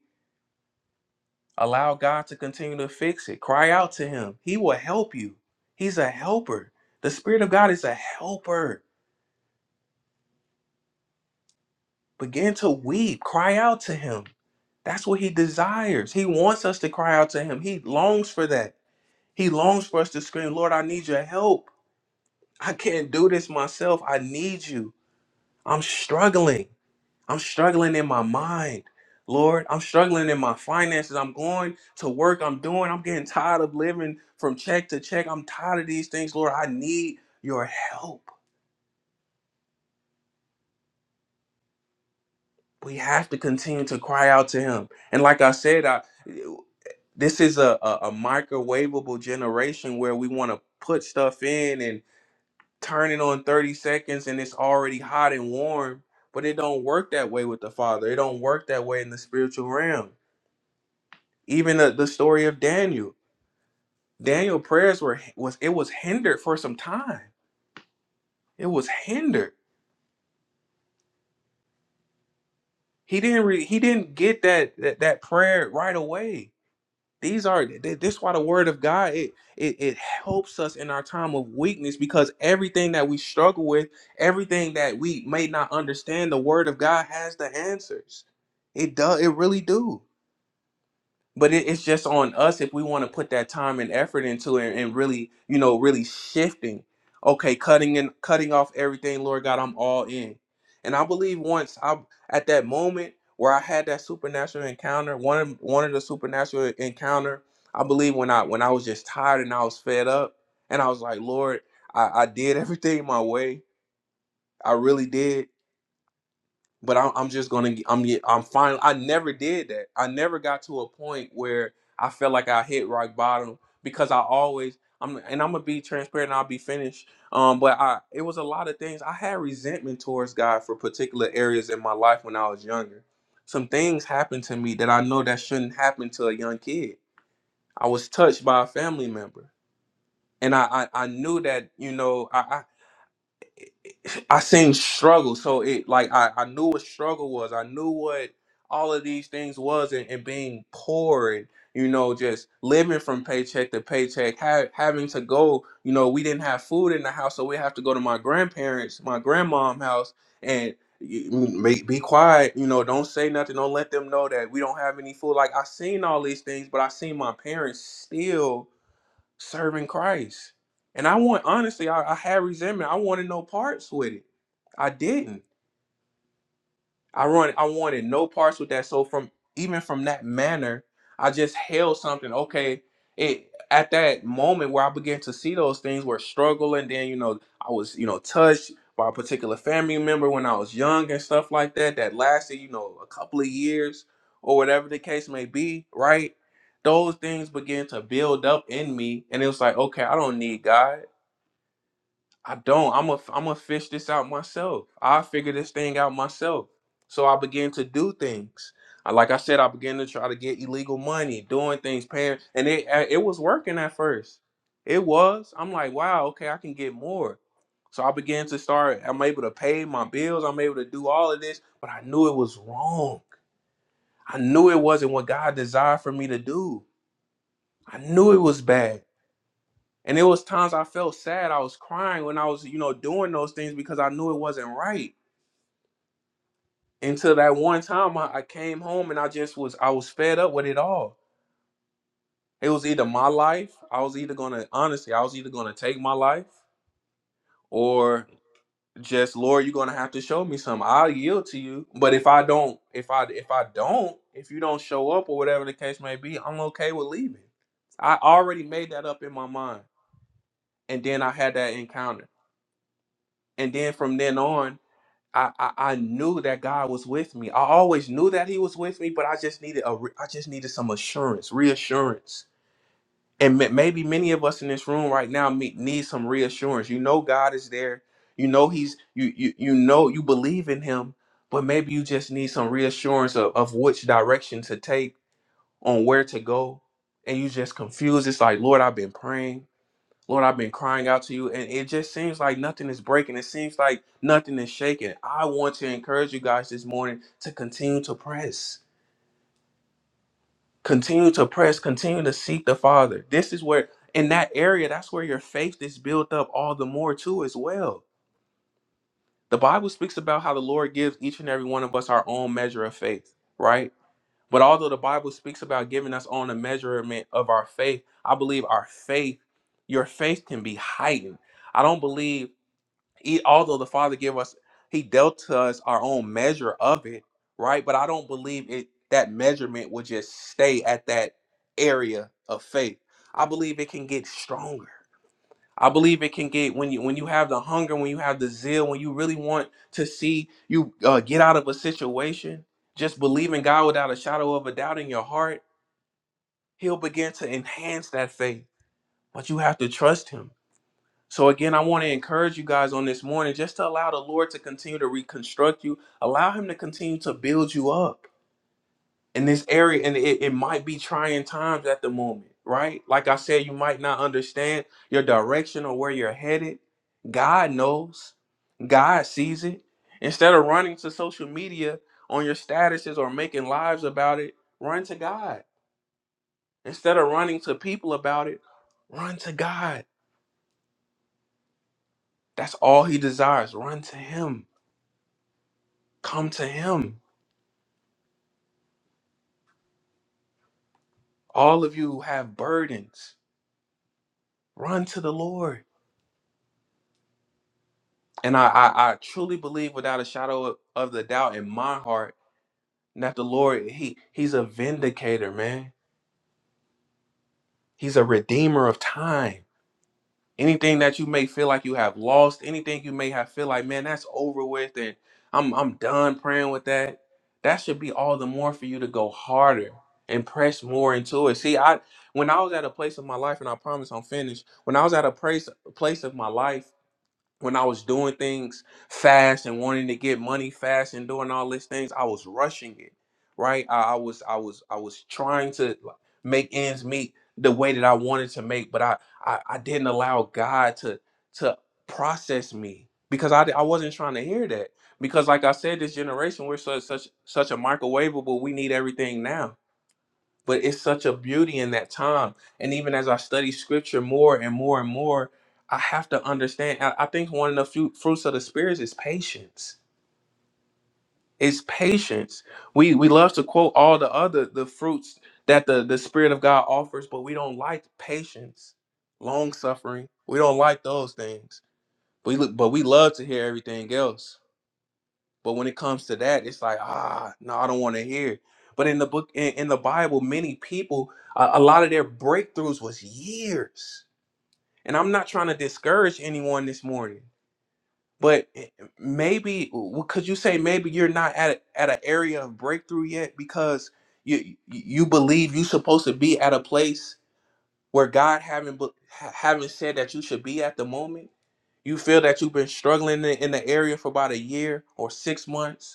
C: allow God to continue to fix it. Cry out to him. He will help you. He's a helper. The spirit of God is a helper. Begin to weep, cry out to him. That's what he desires. He wants us to cry out to him. He longs for that. He longs for us to scream, "Lord, I need your help. I can't do this myself. I need you. I'm struggling." I'm struggling in my mind, Lord. I'm struggling in my finances. I'm going to work. I'm doing. I'm getting tired of living from check to check. I'm tired of these things, Lord. I need your help. We have to continue to cry out to Him. And like I said, I this is a a, a microwavable generation where we want to put stuff in and turn it on 30 seconds, and it's already hot and warm. But it don't work that way with the Father. It don't work that way in the spiritual realm. Even the, the story of Daniel. Daniel prayers were was it was hindered for some time. It was hindered. He didn't re, he didn't get that, that that prayer right away. These are th- this is why the word of God it, it it helps us in our time of weakness because everything that we struggle with, everything that we may not understand, the word of God has the answers. It does it really do. but it, it's just on us if we want to put that time and effort into it and really you know really shifting okay cutting and cutting off everything lord god i'm all in and i believe once i at that moment where i had that supernatural encounter one of one of the supernatural encounter i believe when i when i was just tired and i was fed up and i was like lord i, I did everything my way i really did but I'm, I'm just gonna I'm yeah, I'm fine. I never did that. I never got to a point where I felt like I hit rock bottom because I always I'm and I'm gonna be transparent. and I'll be finished. Um, but I it was a lot of things. I had resentment towards God for particular areas in my life when I was younger. Some things happened to me that I know that shouldn't happen to a young kid. I was touched by a family member, and I I, I knew that you know I, I I seen struggle. So it like I, I knew what struggle was. I knew what all of these things was and, and being poor and you know just living from paycheck to paycheck ha- having to go you know we didn't have food in the house so we have to go to my grandparents my grandmom house and y- m- be, be quiet you know don't say nothing don't let them know that we don't have any food like i seen all these things but i seen my parents still serving Christ. And I want honestly, I, I had resentment. I wanted no parts with it. I didn't. I run I wanted no parts with that. So from even from that manner, I just held something. Okay, it at that moment where I began to see those things were struggle and then you know, I was, you know, touched by a particular family member when I was young and stuff like that that lasted, you know, a couple of years or whatever the case may be, right? Those things began to build up in me and it was like, okay, I don't need God. I don't. I'm a I'm gonna fish this out myself. I figure this thing out myself. So I began to do things. I- Like I said, I began to try to get illegal money, doing things, paying, and it uh, it was working at first. It was. I'm like, wow, okay, I can get more. So I began to start. I'm able to pay my bills. I'm able to do all of this, but I knew it was wrong. I knew it wasn't what God desired for me to do. I knew it was bad. And it was times I felt sad. I was crying when I was, you know, doing those things because I knew it wasn't right. Until that one time I, I came home and I just was I was fed up with it all. It was either my life, I was either gonna honestly, I was either gonna take my life or just Lord, you're gonna have to show me something. I'll yield to you. But if I don't, if I if I don't, if you don't show up or whatever the case may be, I'm okay with leaving. I already made that up in my mind. And then I had that encounter. And then from then on, I, I I knew that God was with me. I always knew that He was with me, but I just needed a re- I just needed some assurance, reassurance. And ma- maybe many of us in this room right now me- need some reassurance. You know God is there. You know He's you you you know you believe in Him, but maybe you just need some reassurance of, of which direction to take, on where to go, and you just confused. It's like Lord, I've been praying. Lord, I've been crying out to you, and it just seems like nothing is breaking. It seems like nothing is shaking. I want to encourage you guys this morning to continue to press, continue to press, continue to seek the Father. This is where, in that area, that's where your faith is built up all the more, too, as well. The Bible speaks about how the Lord gives each and every one of us our own measure of faith, right? But although the Bible speaks about giving us on a measurement of our faith, I believe our faith, your faith can be heightened. I don't believe he, although the Father gave us, He dealt to us our own measure of it, right? But I don't believe it that measurement would just stay at that area of faith. I believe it can get stronger. I believe it can get when you when you have the hunger, when you have the zeal, when you really want to see you uh, get out of a situation. Just believe in God without a shadow of a doubt in your heart. He'll begin to enhance that faith, but you have to trust Him. So again, I want to encourage you guys on this morning just to allow the Lord to continue to reconstruct you. Allow him to continue to build you up in this area. And it, it might be trying times at the moment, right? Like I said, you might not understand your direction or where you're headed. God knows. God sees it. Instead of running to social media on your statuses or making lives about it, run to God. Instead of running to people about it, run to God. That's all he desires. Run to him. Come to him. All of you who have burdens, run to the Lord. And I, I, I truly believe without a shadow of, of the doubt in my heart that the Lord, he, he's a vindicator, man. He's a redeemer of time. anything that you may feel like you have lost, anything you may have feel like, man, that's over with and I'm I'm done praying with that. That should be all the more for you to go harder and press more into it. See, I when I was at a place of my life, and I promise I'm finished, when I was at a place place of my life when I was doing things fast and wanting to get money fast and doing all these things, I was rushing it, right? I, I was I was I was trying to like, make ends meet the way that I wanted to make, but I I, I didn't allow God to to process me because I di- I wasn't trying to hear that because like I said, this generation we're such such such a microwavable. We need everything now but it's such a beauty in that time. And even as I study scripture more and more and more, I have to understand. I, I think one of the few fruits of the spirits is patience. It's patience. We we love to quote all the other the fruits that the the spirit of God offers, but we don't like patience, long suffering. We don't like those things. We look, but we love to hear everything else but when it comes to that, it's like, ah, no, I don't want to hear. But in the book, in, in the Bible, many people, a, a lot of their breakthroughs was years. And I'm not trying to discourage anyone this morning, but eh, maybe could you say maybe you're not at a, at an area of breakthrough yet because you you believe you're supposed to be at a place where God haven't bu- ha- haven't said that you should be at the moment. You feel that you've been struggling in in the area for about a year or six months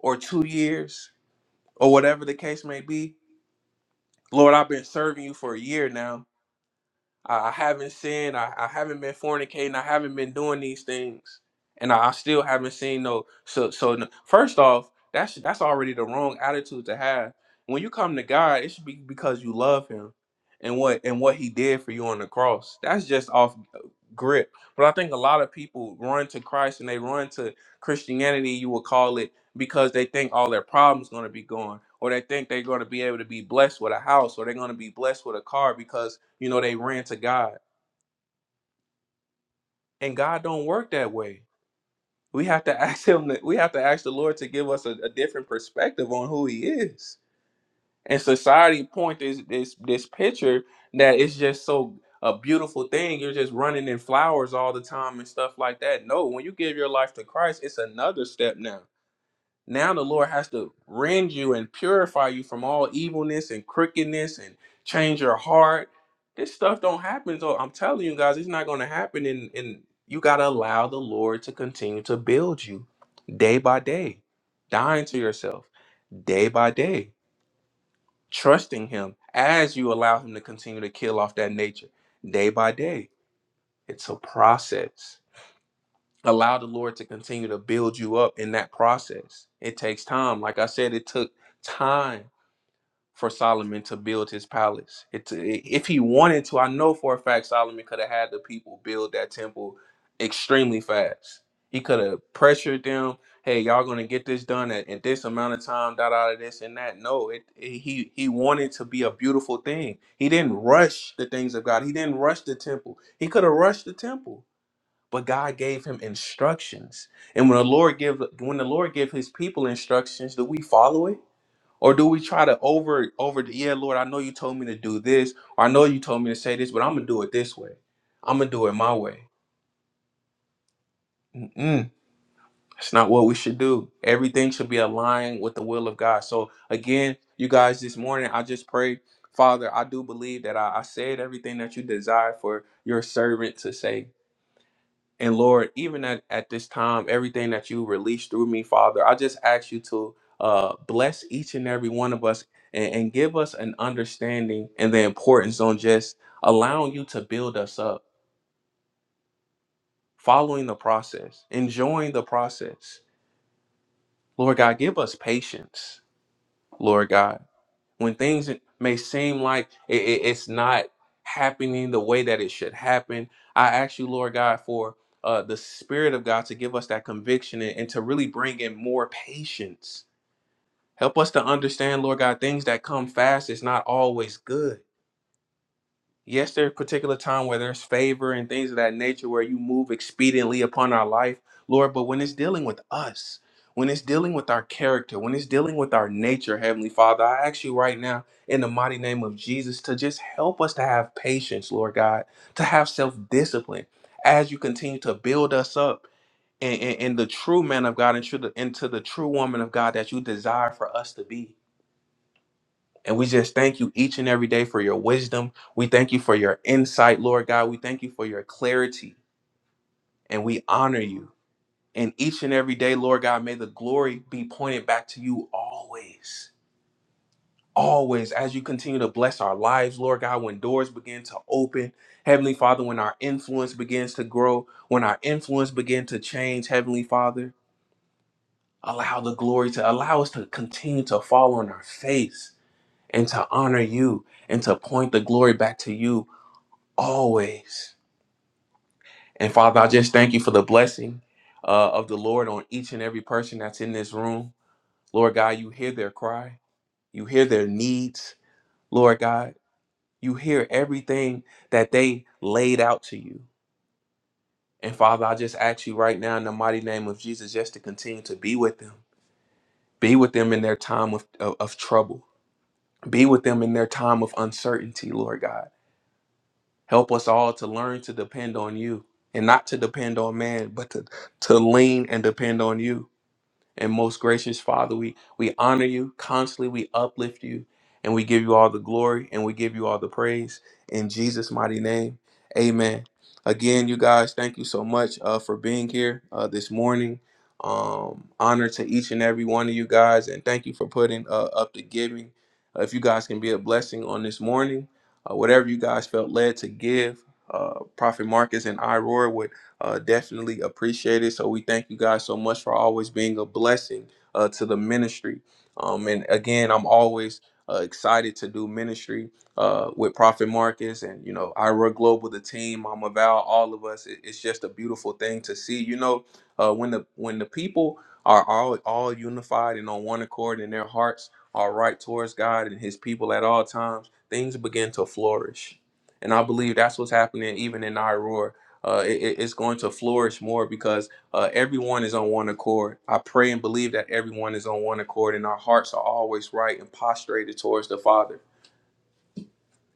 C: or two years or whatever the case may be. Lord, I've been serving you for a year now. I I haven't sinned. I, I haven't been fornicating. I haven't been doing these things. And I I still haven't seen no so so n- first off, that's that's already the wrong attitude to have. When you come to God, it should be because you love him and what and what he did for you on the cross. That's just off uh, grip. But I think a lot of people run to Christ and they run to Christianity, you will call it because they think all their problems going to be gone or they think they're going to be able to be blessed with a house or they're going to be blessed with a car because you know they ran to god and god don't work that way we have to ask him to, we have to ask the lord to give us a, a different perspective on who he is and society point is this this picture that it's just so a beautiful thing you're just running in flowers all the time and stuff like that no when you give your life to christ it's another step now Now the Lord has to rend you and purify you from all evilness and crookedness and change your heart. This stuff don't happen. So I'm telling you guys, it's not going to happen. And, and you got to allow the Lord to continue to build you day by day, dying to yourself day by day, trusting Him as you allow Him to continue to kill off that nature day by day. It's a process allow the Lord to continue to build you up in that process. It takes time. Like I said, it took time for Solomon to build his palace. It, if he wanted to, I know for a fact Solomon could have had the people build that temple extremely fast. He could have pressured them, "Hey, y'all going to get this done at, at this amount of time, da da da, this and that." No, it, it- he he wanted to be a beautiful thing. He didn't rush the things of God. He didn't rush the temple. He could have rushed the temple but God gave him instructions. And when the Lord give when the Lord give his people instructions, do we follow it? Or do we try to over over the yeah, Lord, I know you told me to do this, or I know you told me to say this, but I'm gonna do it this way. I'm gonna do it my way. Mm-mm. That's not what we should do. Everything should be aligned with the will of God. So again, you guys, this morning I just pray, Father, I do believe that I, I said everything that you desire for your servant to say. And Lord, even at, at this time, everything that you release through me, Father, I just ask you to uh, bless each and every one of us and, and give us an understanding and the importance on just allowing you to build us up, following the process, enjoying the process. Lord God, give us patience, Lord God. when things may seem like it, it- it's not happening the way that it should happen i ask you lord god for uh, the spirit of god to give us that conviction and, and to really bring in more patience help us to understand lord god things that come fast is not always good Yes, there's particular time where there's favor and things of that nature where you move expediently upon our life, Lord. But when it's dealing with us, when it's dealing with our character, when it's dealing with our nature, Heavenly Father, I ask you right now in the mighty name of Jesus to just help us to have patience, Lord God, to have self discipline as you continue to build us up in, in, in the true man of God and true, into the true woman of God that you desire for us to be. And we just thank you each and every day for your wisdom. We thank you for your insight, Lord God. We thank you for your clarity. And we honor you. And each and every day, Lord God, may the glory be pointed back to you always. Always, as you continue to bless our lives, Lord God, when doors begin to open, Heavenly Father, when our influence begins to grow, when our influence begins to change, Heavenly Father, allow the glory to allow us to continue to fall on our face and to honor you and to point the glory back to you always. And Father, I just thank you for the blessing uh, of the Lord on each and every person that's in this room. Lord God, you hear their cry, you hear their needs. Lord God, you hear everything that they laid out to you. And Father, I just ask you right now in the mighty name of Jesus just to continue to be with them. Be with them in their time of, of, of trouble. Be with them in their time of uncertainty, Lord God. Help us all to learn to depend on you and not to depend on man, but to, to lean and depend on you. And most gracious Father, we, we honor you constantly, we uplift you, and we give you all the glory and we give you all the praise in Jesus' mighty name. Amen. Again, you guys, thank you so much uh, for being here uh, this morning. Um, honor to each and every one of you guys, and thank you for putting uh, up the giving. Uh, if you guys can be a blessing on this morning, uh, whatever you guys felt led to give, uh, Prophet Marcus and I, Roar, uh, definitely appreciate it. So we thank you guys so much for always being a blessing uh, to the ministry. Um, and again, I'm always uh, excited to do ministry uh, with Prophet Marcus and you know Ira Global, the team, Mama Val, all of us. It- it's just a beautiful thing to see. You know, uh, when the when the people are all all unified and on one accord, and their hearts are right towards God and His people at all times, things begin to flourish. And I believe that's what's happening even in Iroar uh, it, it- it's going to flourish more because uh, everyone is on one accord. I pray and believe that everyone is on one accord, and our hearts are always right and posturated towards the Father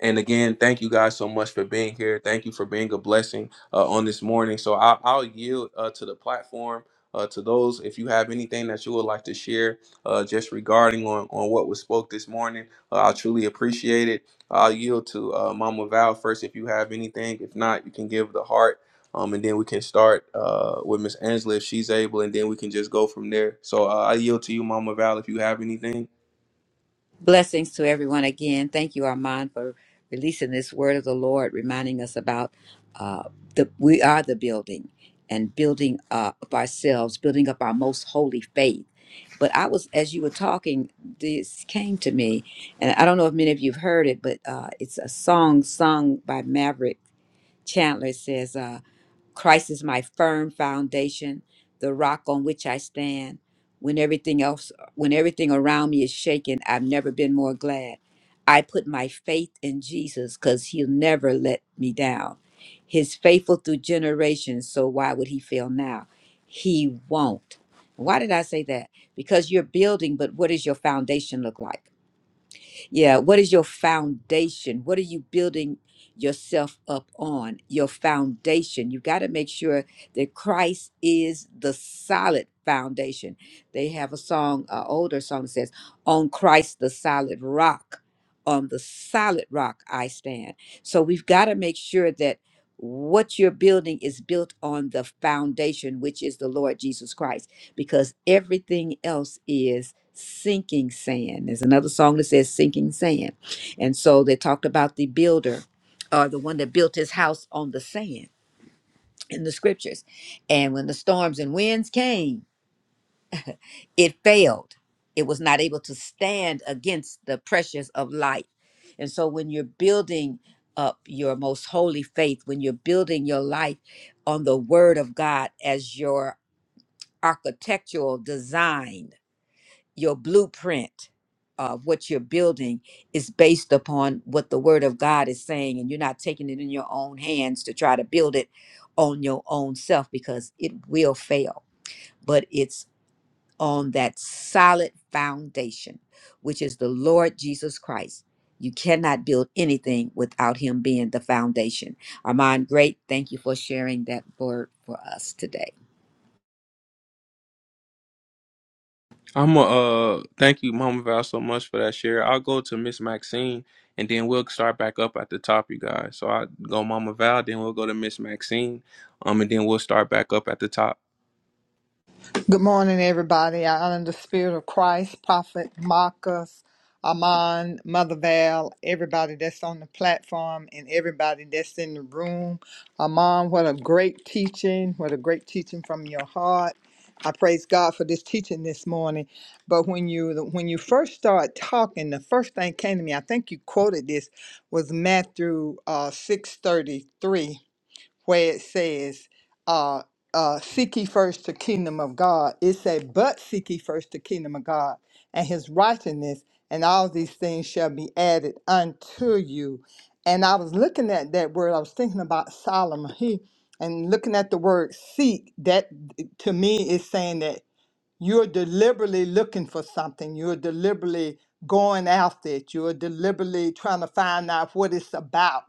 C: and again, thank you guys so much for being here. Thank you for being a blessing uh, on this morning. So I, I'll yield uh, to the platform. Uh, to those, if you have anything that you would like to share, uh, just regarding on, on what was spoke this morning, uh, I truly appreciate it. I'll yield to uh, Mama Val first. If you have anything, if not, you can give the heart, um, and then we can start uh, with Miss Angela if she's able, and then we can just go from there. So uh, I yield to you, Mama Val, if you have anything.
B: Blessings to everyone again. Thank you, Armand, for releasing this word of the Lord, reminding us about uh, the we are the building and building uh, up ourselves, building up our most holy faith. But I was, as you were talking, this came to me, and I don't know if many of you've heard it, but uh, it's a song sung by Maverick Chandler. It says. uh, Christ is my firm foundation, the rock on which I stand. When everything else, when everything around me is shaken, I've never been more glad. I put my faith in Jesus because he'll never let me down. He's faithful through generations, so why would he fail now? He won't. Why did I say that? Because you're building, but what does your foundation look like? Yeah. What is your foundation? What are you building yourself up on? Your foundation. You got to make sure that Christ is the solid foundation. They have a song, an older song that says, On Christ the solid rock, on the solid rock I stand. So we've got to make sure that what you're building is built on the foundation, which is the Lord Jesus Christ because everything else is sinking sand. There's another song that says sinking sand. And so they talked about the builder or the one that built his house on the sand in the scriptures. And when the storms and winds came, it failed. It was not able to stand against the pressures of life. And so when you're building up your most holy faith, when you're building your life on the word of God as your architectural design, your blueprint of what you're building is based upon what the word of God is saying, and you're not taking it in your own hands to try to build it on your own self because it will fail. But it's on that solid foundation, which is the Lord Jesus Christ. You cannot build anything without Him being the foundation. Armand, great. Thank you for sharing that word for us today.
C: I'm uh thank you, Mama Val, so much for that share. I'll go to Miss Maxine and then we'll start back up at the top, you guys. So I go Mama Val, then we'll go to Miss Maxine, um, and then we'll start back up at the top.
D: Good morning, everybody. I honor the spirit of Christ, Prophet Marcus, Amon, Mother Val, everybody that's on the platform, and everybody that's in the room. Amon, what a great teaching! What a great teaching from your heart. I praise God for this teaching this morning. But when you when you first start talking, the first thing came to me. I think you quoted this was Matthew uh, six thirty three where it says, uh, uh, seek ye first the kingdom of God. It said, but seek ye first the kingdom of God and his righteousness, and all these things shall be added unto you. And I was looking at that word, I was thinking about Solomon. He and looking at the word seek, that to me is saying that you're deliberately looking for something. You're deliberately going after it. You're deliberately trying to find out what it's about.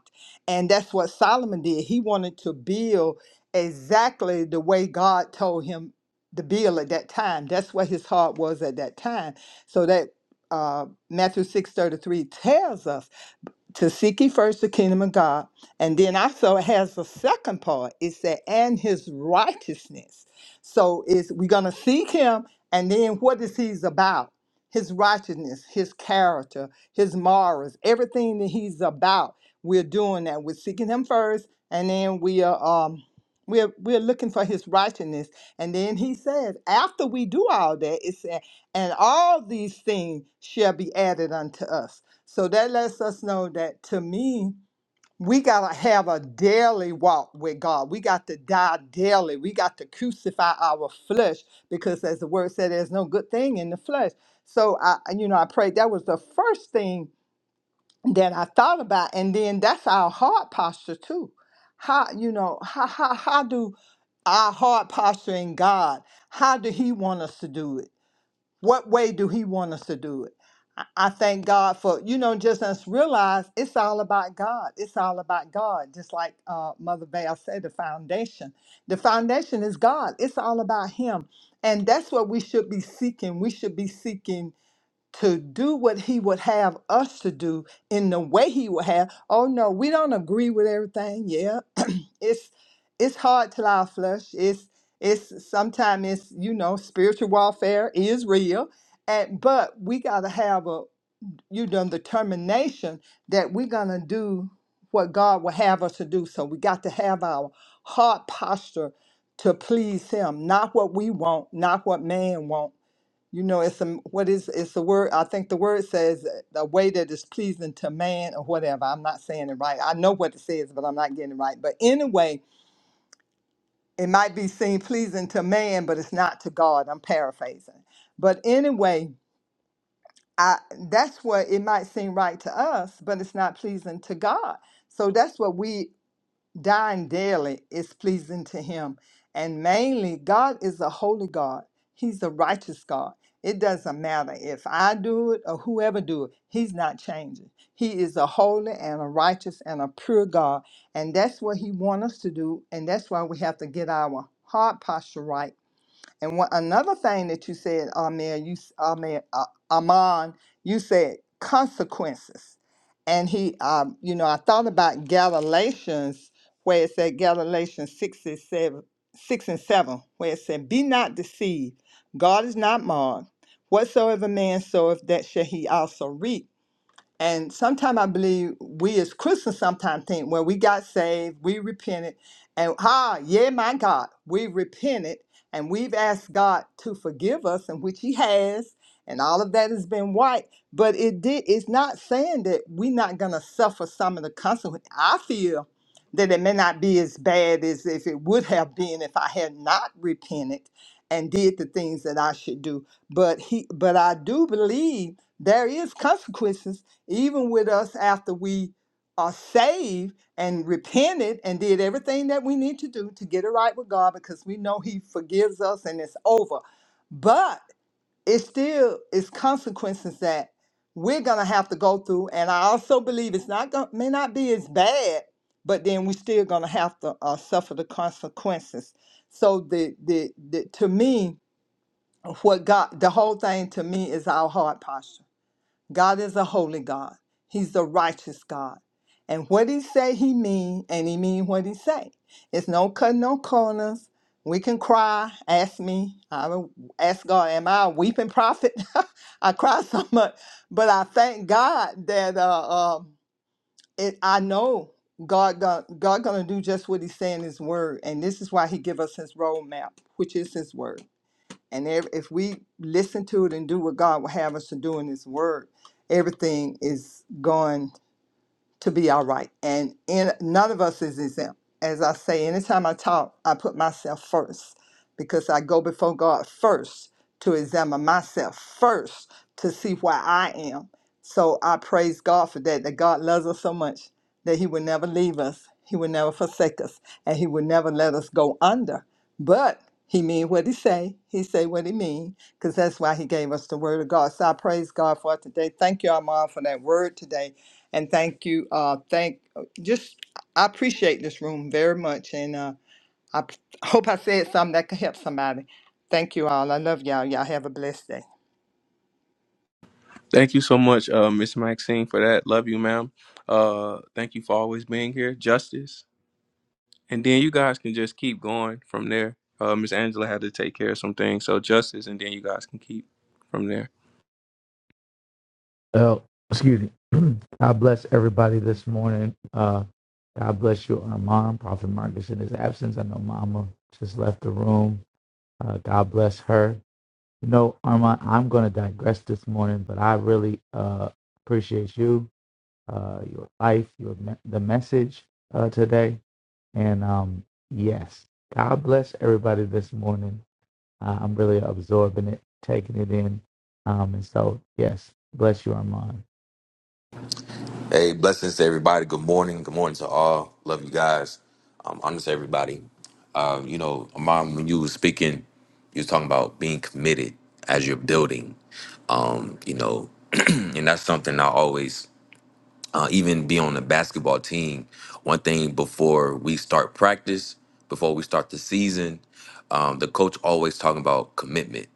D: And that's what Solomon did. He wanted to build exactly the way God told him to build at that time. That's what his heart was at that time. So that uh, Matthew 6:33 tells us to seek ye first the kingdom of God. And then also it has a second part. It said, and his righteousness. So is we're gonna seek him, and then what is he's about? His righteousness, his character, his morals, everything that he's about. We're doing that. We're seeking him first, and then we are um we're we're looking for his righteousness. And then he says, after we do all that, it said and all these things shall be added unto us. So that lets us know that to me, we got to have a daily walk with God. We got to die daily. We got to crucify our flesh because, as the word said, there's no good thing in the flesh. So, I, you know, I prayed that was the first thing that I thought about. And then that's our heart posture, too. How, you know, how, how, how do our heart posture in God, how do He want us to do it? What way do He want us to do it? I I thank God for, you know, just us realize it's all about God. It's all about God. Just like uh, Mother Val said, the foundation. The foundation is God. It's all about Him. And that's what we should be seeking. We should be seeking to do what He would have us to do in the way He would have. Oh, no, we don't agree with everything. Yeah, it's it's hard to our flesh. It's it's sometimes it's you know spiritual warfare is real, and but we gotta have a you know determination that we're gonna do what God will have us to do. So we got to have our heart posture to please Him, not what we want, not what man want. You know, it's a what is it's the word. I think the word says the way that is pleasing to man or whatever. I'm not saying it right. I know what it says, but I'm not getting it right. But anyway, it might be seen pleasing to man, but it's not to God. I'm paraphrasing. But anyway, I that's what it might seem right to us, but it's not pleasing to God. So that's what we dying daily is pleasing to him. And mainly, God is a holy God. He's a righteous God. It doesn't matter if I do it or whoever do it. He's not changing. He is a holy and a righteous and a pure God. And that's what he wants us to do. And that's why we have to get our heart posture right and one, another thing that you said, Amen, you, s- Amen, uh, Aman, you said consequences. And he, um, you know, I thought about Galatians, where it said Galatians 6 and 7, 6 and 7, where it said, Be not deceived. God is not mocked. Whatsoever man soweth, that shall he also reap. And sometimes I believe we as Christians sometimes think, well, we got saved, we repented, and ah, yeah, my God, we repented and we've asked God to forgive us, and which He has, and all of that has been white. But it did it's not saying that we're not gonna suffer some of the consequences. I feel that it may not be as bad as if it would have been if I had not repented and did the things that I should do. But he but I do believe there is consequences even with us after we are saved and repented and did everything that we need to do to get it right with God because we know he forgives us and it's over. But it still is consequences that we're gonna have to go through. And I also believe it's not going may not be as bad, but then we're still gonna have to uh, suffer the consequences. So the, the the to me what God the whole thing to me is our heart posture God is a holy God. He's the righteous God. And what he say he mean, and he mean what he say. It's no cutting no corners. We can cry. Ask me. I will ask God, am I a weeping prophet? I cry so much. But I thank God that uh, um it, I know God, God God gonna do just what he say in his word. And this is why he give us his roadmap, which is his word. And ev- if we listen to it and do what God will have us to do in His Word, everything is going to be all right. And in, none of us is exempt. As I say, anytime I talk, I put myself first because I go before God first to examine myself first to see where I am. So I praise God for that, that God loves us so much that He will never leave us, He will never forsake us, and He will never let us go under. But He mean what He say, He say what He mean because that's why he gave us the word of God. So I praise God for it today. Thank you, Armand, for that word today. And thank you, uh, thank uh, just I appreciate this room very much. And uh I p- hope I said something that could help somebody. Thank you all. I love y'all. Y'all have a blessed day.
C: Thank you so much, uh, Miss Maxine, for that. Love you, ma'am. Uh, thank you for always being here, Justice. And then you guys can just keep going from there. Uh, Miss Angela had to take care of some things, so Justice, and then you guys can keep from there.
E: Oh, excuse me. God bless everybody this morning. Uh, God bless you, Armand, Prophet Marcus in his absence. I know Mama just left the room. Uh, God bless her. You know, Armand, I'm going to digress this morning, but I really uh, appreciate you, uh, your life, your me- the message uh, today. And um, yes, God bless everybody this morning. Uh, I'm really absorbing it, taking it in. Um, and so, yes, bless you, Armand.
F: Hey, blessings to everybody. Good morning. Good morning to all. Love you guys. Um, honor to everybody. Um, you know, mom, when you was speaking, you was talking about being committed as you're building. Um, you know, and that's something I always, uh, even be on the basketball team. One thing before we start practice, before we start the season, um, the coach always talking about commitment.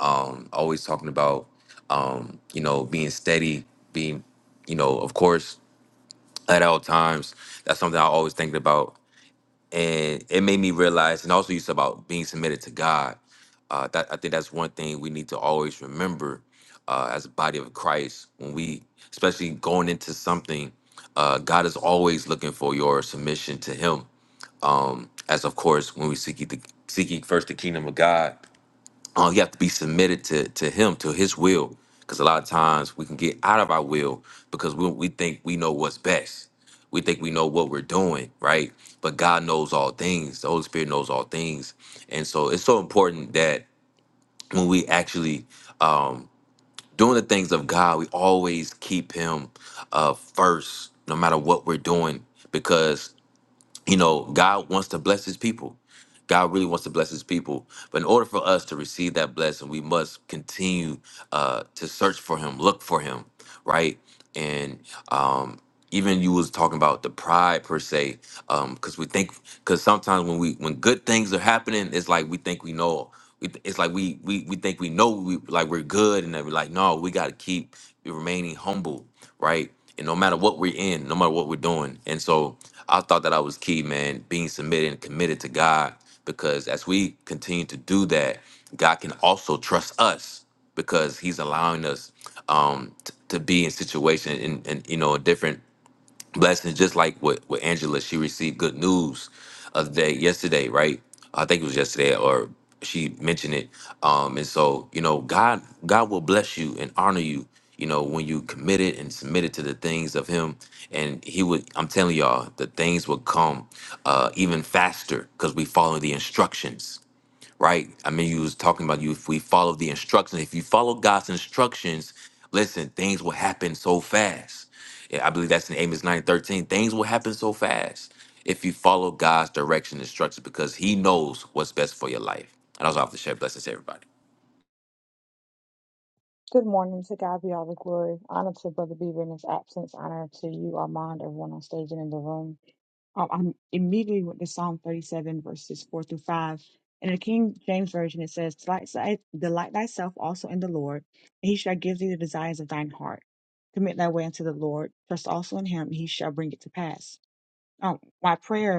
F: Um, always talking about, um, you know, being steady, being, you know, of course at all times. That's something I always think about, and it made me realize, and also used about being submitted to God. Uh, that I think that's one thing we need to always remember uh, as a body of Christ when we, especially going into something, uh, God is always looking for your submission to Him. Um, as of course, when we seek ye the seek ye first the kingdom of God, uh, you have to be submitted to to him to his will because a lot of times we can get out of our will because we, we think we know what's best we think we know what we're doing right but god knows all things the holy spirit knows all things and so it's so important that when we actually um doing the things of god we always keep him uh first no matter what we're doing because you know, God wants to bless his people. God really wants to bless his people. But in order for us to receive that blessing, we must continue uh, to search for him, look for him, right? And um, even you was talking about the pride per se um because we think because sometimes when we when good things are happening it's like we think we know we th- it's like we we, we think we know we like we're good and then we're like no we got to keep remaining humble right and no matter what we're in no matter what we're doing and so i thought that i was key man being submitted and committed to god because as we continue to do that god can also trust us because he's allowing us um t- to be in situation in, in you know different blessings, just like what with Angela, she received good news of the day yesterday, right? I think it was yesterday, or she mentioned it. Um, and so you know, God, God will bless you and honor you. You know, when you committed and submitted to the things of Him, and He would, I'm telling y'all, the things will come uh, even faster because we follow the instructions right? I mean, you was talking about you. If we follow the instructions, if you follow God's instructions, listen, things will happen so fast. Yeah, I believe that's in Amos nine thirteen. Things will happen so fast if you follow God's direction and instructions because He knows what's best for your life. And I was off the share. Blessings, to everybody.
G: Good morning. To God be all the glory. Honor to Brother Beaver in his absence. Honor to you, Armand, everyone on stage and in the room. Um, I'm immediately with the Psalm 37, verses 4 through 5. In the King James Version, it says, Delight thy- delight thyself also in the Lord, and he shall give thee the desires of thine heart. Commit thy way unto the Lord. Trust also in him, and he shall bring it to pass. Um, my prayer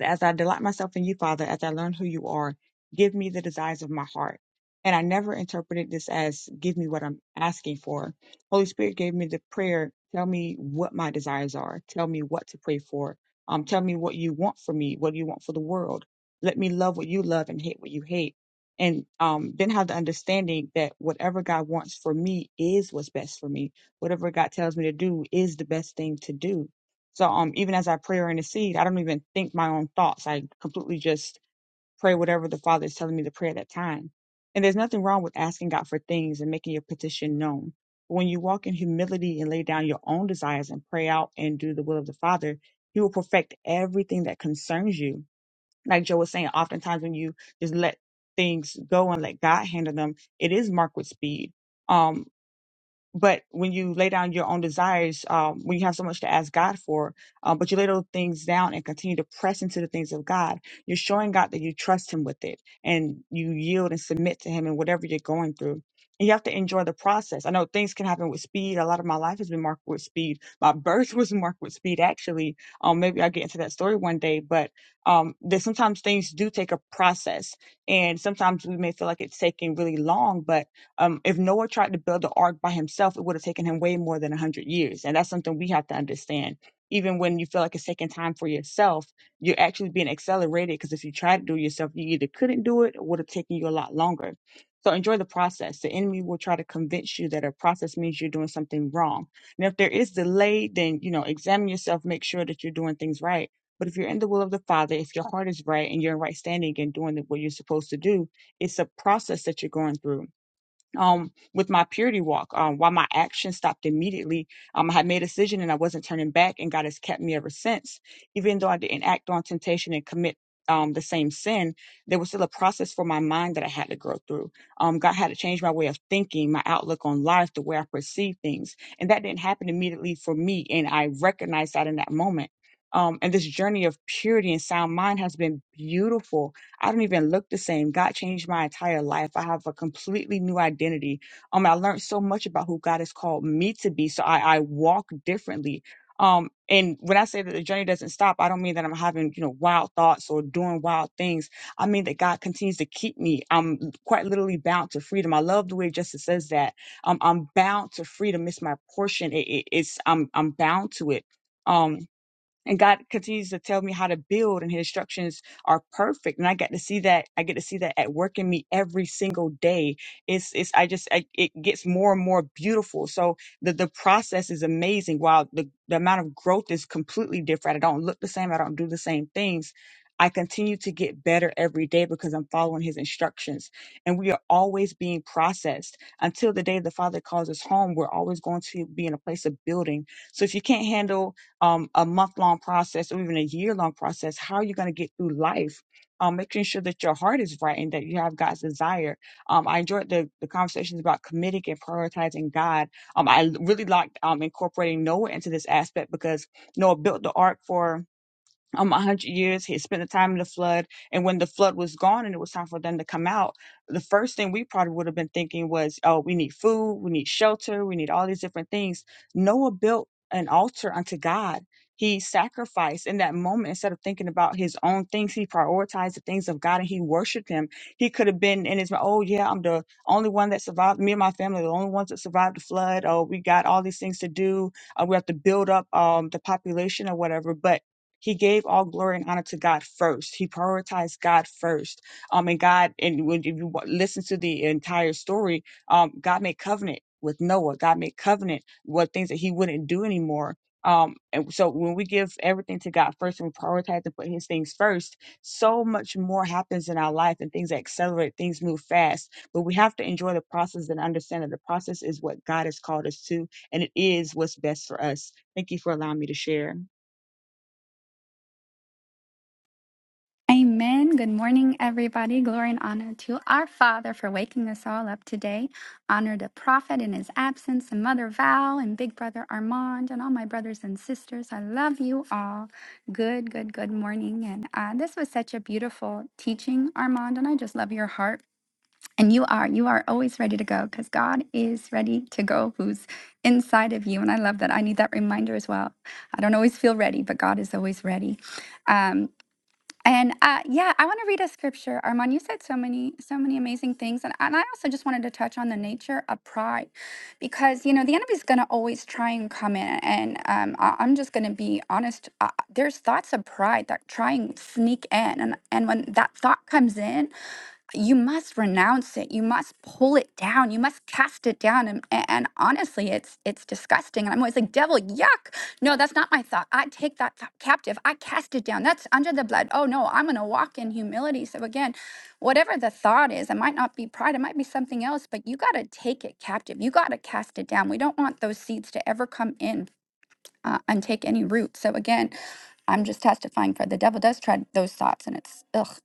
G: as I delight myself in you, Father, as I learn who you are, give me the desires of my heart. And I never interpreted this as give me what I'm asking for. Holy Spirit gave me the prayer, tell me what my desires are, tell me what to pray for, um, tell me what you want for me, what do you want for the world. Let me love what you love and hate what you hate. And um, then have the understanding that whatever God wants for me is what's best for me. Whatever God tells me to do is the best thing to do so um, even as I pray or intercede, I don't even think my own thoughts. I completely just pray whatever the Father is telling me to pray at that time. And there's nothing wrong with asking God for things and making your petition known. But when you walk in humility and lay down your own desires and pray out and do the will of the Father, He will perfect everything that concerns you. Like Joe was saying, oftentimes when you just let things go and let God handle them, it is marked with speed. Um, but when you lay down your own desires, um, when you have so much to ask God for, um, but you lay those things down and continue to press into the things of God, you're showing God that you trust Him with it and you yield and submit to Him in whatever you're going through. And you have to enjoy the process. I know things can happen with speed. A lot of my life has been marked with speed. My birth was marked with speed, actually. Um, maybe I'll get into that story one day, but um, there's sometimes things do take a process. And sometimes we may feel like it's taking really long, but um, if Noah tried to build the ark by himself, it would have taken him way more than 100 years. And that's something we have to understand. Even when you feel like it's taking time for yourself, you're actually being accelerated because if you try to do it yourself, you either couldn't do it or would have taken you a lot longer. So enjoy the process. The enemy will try to convince you that a process means you're doing something wrong. And if there is delay, then you know, examine yourself, make sure that you're doing things right. But if you're in the will of the Father, if your heart is right and you're in right standing and doing what you're supposed to do, it's a process that you're going through um with my purity walk um why my action stopped immediately um i had made a decision and i wasn't turning back and god has kept me ever since even though i didn't act on temptation and commit um the same sin there was still a process for my mind that i had to grow through um god had to change my way of thinking my outlook on life the way i perceive things and that didn't happen immediately for me and i recognized that in that moment um, and this journey of purity and sound mind has been beautiful I don't even look the same. God changed my entire life. I have a completely new identity. Um, I learned so much about who God has called me to be. So I, I walk differently. Um, and when I say that the journey doesn't stop, I don't mean that I'm having, you know, wild thoughts or doing wild things. I mean that God continues to keep me. I'm quite literally bound to freedom. I love the way Justice says that. Um, I'm bound to freedom. It's my portion. It, it, it's I'm I'm bound to it. Um and God continues to tell me how to build and his instructions are perfect and I get to see that I get to see that at work in me every single day it's it's I just I, it gets more and more beautiful so the the process is amazing while the the amount of growth is completely different I don't look the same I don't do the same things I continue to get better every day because I'm following his instructions. And we are always being processed until the day the Father calls us home. We're always going to be in a place of building. So if you can't handle um, a month long process or even a year long process, how are you going to get through life? Um, making sure that your heart is right and that you have God's desire. Um, I enjoyed the, the conversations about committing and prioritizing God. Um, I really liked um, incorporating Noah into this aspect because Noah built the ark for um, a 100 years. He had spent the time in the flood. And when the flood was gone and it was time for them to come out, the first thing we probably would have been thinking was, oh, we need food, we need shelter, we need all these different things. Noah built an altar unto God. He sacrificed in that moment instead of thinking about his own things. He prioritized the things of God and he worshiped him. He could have been in his, mind, oh, yeah, I'm the only one that survived. Me and my family are the only ones that survived the flood. Oh, we got all these things to do. Uh, we have to build up um, the population or whatever. But he gave all glory and honor to God first. He prioritized God first. Um, and God, and when if you wa- listen to the entire story, um, God made covenant with Noah. God made covenant with things that He wouldn't do anymore. Um, and so when we give everything to God first and we prioritize and put His things first, so much more happens in our life and things accelerate, things move fast. But we have to enjoy the process and understand that the process is what God has called us to, and it is what's best for us. Thank you for allowing me to share.
H: Amen. Good morning, everybody. Glory and honor to our Father for waking us all up today. Honor the Prophet in his absence, and Mother Val, and Big Brother Armand, and all my brothers and sisters. I love you all. Good, good, good morning. And uh, this was such a beautiful teaching, Armand, and I just love your heart. And you are, you are always ready to go because God is ready to go, who's inside of you. And I love that. I need that reminder as well. I don't always feel ready, but God is always ready. Um, and uh, yeah, I want to read a scripture. Armand, you said so many, so many amazing things, and, and I also just wanted to touch on the nature of pride, because you know the enemy's going to always try and come in, and um, I, I'm just going to be honest. Uh, there's thoughts of pride that try and sneak in, and and when that thought comes in, you must renounce it you must pull it down you must cast it down and, and honestly it's it's disgusting and i'm always like devil yuck no that's not my thought i take that thought captive i cast it down that's under the blood oh no i'm going to walk in humility so again whatever the thought is it might not be pride it might be something else but you got to take it captive you got to cast it down we don't want those seeds to ever come in uh, and take any root so again I'm just testifying for the devil does try those thoughts, and it's ugh.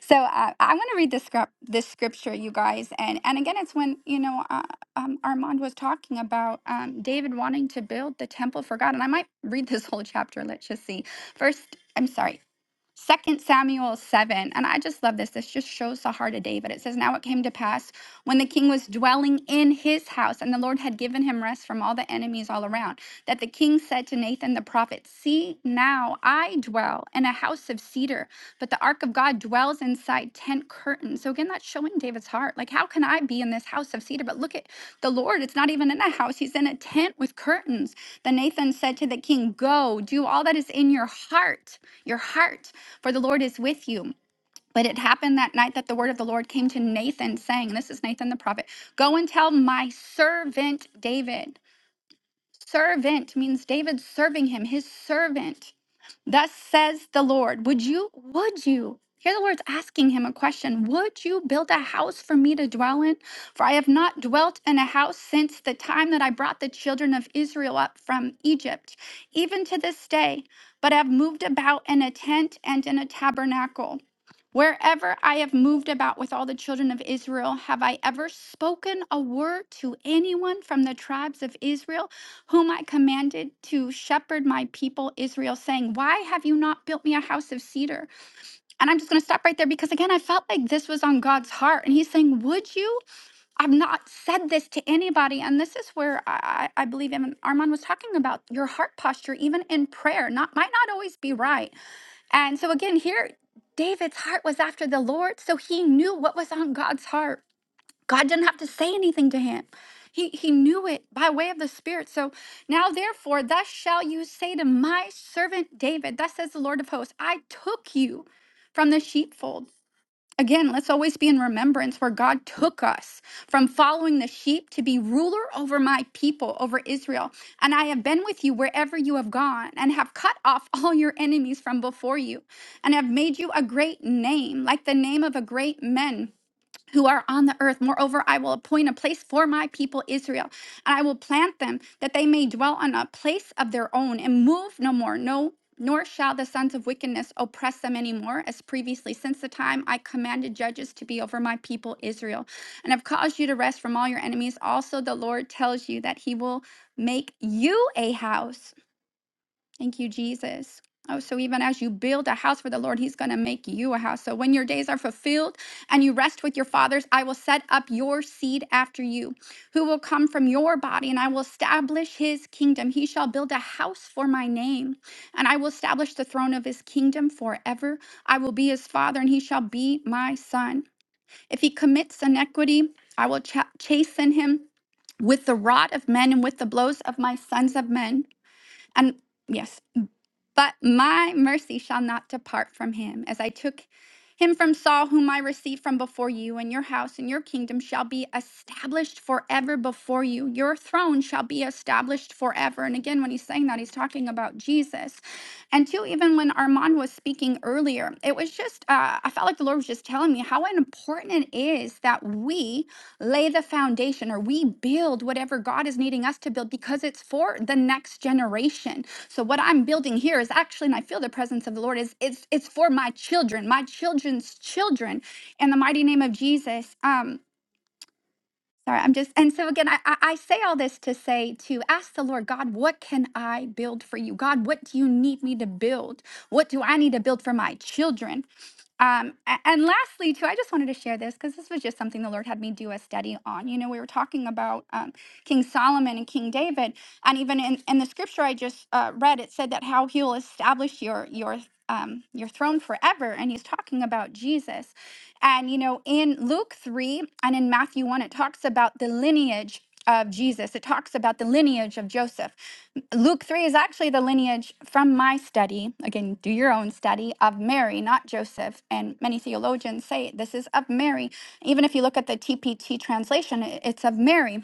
H: So uh, I'm going to read this script, this scripture, you guys, and and again, it's when you know uh, um, Armand was talking about um, David wanting to build the temple for God, and I might read this whole chapter. Let's just see. First, I'm sorry. Second Samuel 7, and I just love this. This just shows the heart of David. It says, Now it came to pass when the king was dwelling in his house, and the Lord had given him rest from all the enemies all around, that the king said to Nathan the prophet, 'See now I dwell in a house of cedar, but the ark of God dwells inside tent curtains. So again, that's showing David's heart. Like, how can I be in this house of cedar? But look at the Lord. It's not even in a house, he's in a tent with curtains. Then Nathan said to the king, Go, do all that is in your heart, your heart for the Lord is with you. But it happened that night that the word of the Lord came to Nathan, saying, This is Nathan the prophet, go and tell my servant David. Servant means David serving him, his servant. Thus says the Lord, Would you, would you? Here the Lord's asking him a question Would you build a house for me to dwell in? For I have not dwelt in a house since the time that I brought the children of Israel up from Egypt, even to this day, but have moved about in a tent and in a tabernacle. Wherever I have moved about with all the children of Israel, have I ever spoken a word to anyone from the tribes of Israel, whom I commanded to shepherd my people Israel, saying, Why have you not built me a house of cedar? And I'm just going to stop right there because, again, I felt like this was on God's heart. And He's saying, Would you? I've not said this to anybody. And this is where I, I I believe Armand was talking about your heart posture, even in prayer, not, might not always be right. And so again, here, David's heart was after the Lord, so he knew what was on God's heart. God didn't have to say anything to him. He, he knew it by way of the Spirit. So now, therefore, thus shall you say to my servant David, Thus says the Lord of hosts, I took you from the sheepfold Again, let's always be in remembrance where God took us from following the sheep to be ruler over my people, over Israel. And I have been with you wherever you have gone, and have cut off all your enemies from before you, and have made you a great name, like the name of a great men who are on the earth. Moreover, I will appoint a place for my people Israel, and I will plant them that they may dwell on a place of their own and move no more. No, nor shall the sons of wickedness oppress them anymore, as previously, since the time I commanded judges to be over my people Israel, and have caused you to rest from all your enemies. Also, the Lord tells you that He will make you a house. Thank you, Jesus. Oh, so even as you build a house for the Lord, He's going to make you a house. So when your days are fulfilled and you rest with your fathers, I will set up your seed after you, who will come from your body, and I will establish His kingdom. He shall build a house for my name, and I will establish the throne of His kingdom forever. I will be His father, and He shall be my son. If He commits iniquity, I will cha- chasten Him with the rod of men and with the blows of my sons of men. And yes. But my mercy shall not depart from him, as I took him from Saul, whom I received from before you, and your house and your kingdom shall be established forever before you. Your throne shall be established forever. And again, when he's saying that, he's talking about Jesus. And two, even when Armand was speaking earlier, it was just, uh, I felt like the Lord was just telling me how important it is that we lay the foundation or we build whatever God is needing us to build because it's for the next generation so what I'm building here is actually, and I feel the presence of the Lord is it's it's for my children, my children's children, in the mighty name of Jesus. Um, sorry, I'm just and so again, I I I say all this to say to ask the Lord God, what can I build for you, God? What do you need me to build? What do I need to build for my children? Um, a- and lastly, too, I just wanted to share this because this was just something the Lord had me do a study on. You know, we were talking about um, King Solomon and King David, and even in, in the scripture I just uh, read, it said that how He'll establish your your um, your throne forever, and He's talking about Jesus. And you know, in Luke three and in Matthew one, it talks about the lineage of Jesus. It talks about the lineage of Joseph. Luke 3 is actually the lineage from my study. Again, do your own study of Mary, not Joseph. And many theologians say this is of Mary. Even if you look at the TPT translation, i- it's of Mary.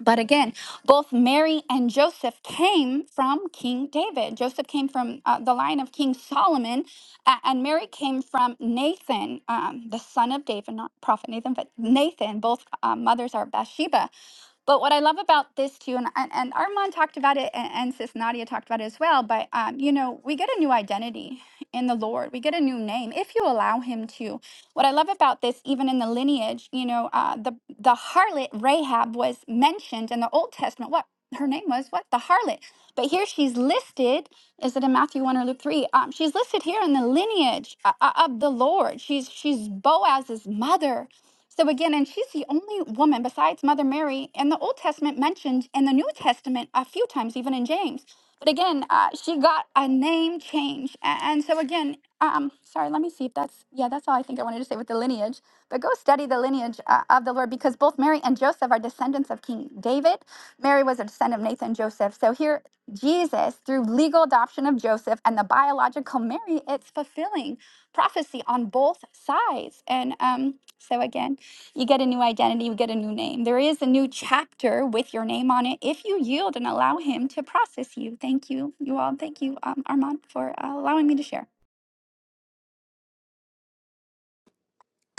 H: But again, both Mary and Joseph came from King David. Joseph came from uh, the line of King Solomon, a- and Mary came from Nathan, um, the son of David, not Prophet Nathan, but Nathan. Both uh, mothers are Bathsheba. But what I love about this too, and and, and Armand talked about it, and, and Sis Nadia talked about it as well. But um, you know, we get a new identity in the Lord. We get a new name if you allow Him to. What I love about this, even in the lineage, you know, uh, the the harlot Rahab was mentioned in the Old Testament. What her name was? What the harlot? But here she's listed. Is it in Matthew one or Luke three? Um, she's listed here in the lineage uh, uh, of the Lord. She's she's Boaz's mother so again, and she's the only woman besides Mother Mary in the Old Testament mentioned in the New Testament a few times, even in James. But again, uh, she got a name change. A- And so again, um, sorry, let me see if that's, yeah, that's all I think I wanted to say with the lineage. But go study the lineage uh, of the Lord because both Mary and Joseph are descendants of King David. Mary was a descendant of Nathan and Joseph. So here, Jesus, through legal adoption of Joseph and the biological Mary, it's fulfilling prophecy on both sides. And um, so again, you get a new identity, you get a new name. There is a new chapter with your name on it if you yield and allow Him to process you. Thank you, you all. Thank you, um, Armand, for uh, allowing me to share.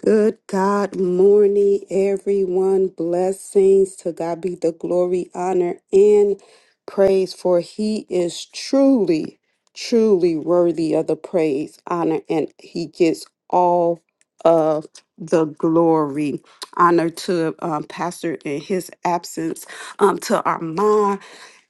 I: Good God morning, everyone. Blessings to God be the glory, honor, and praise, for He is truly, truly worthy of the praise, honor, and He gets all of the glory. Honor to um, Pastor in his absence, um, to Armand,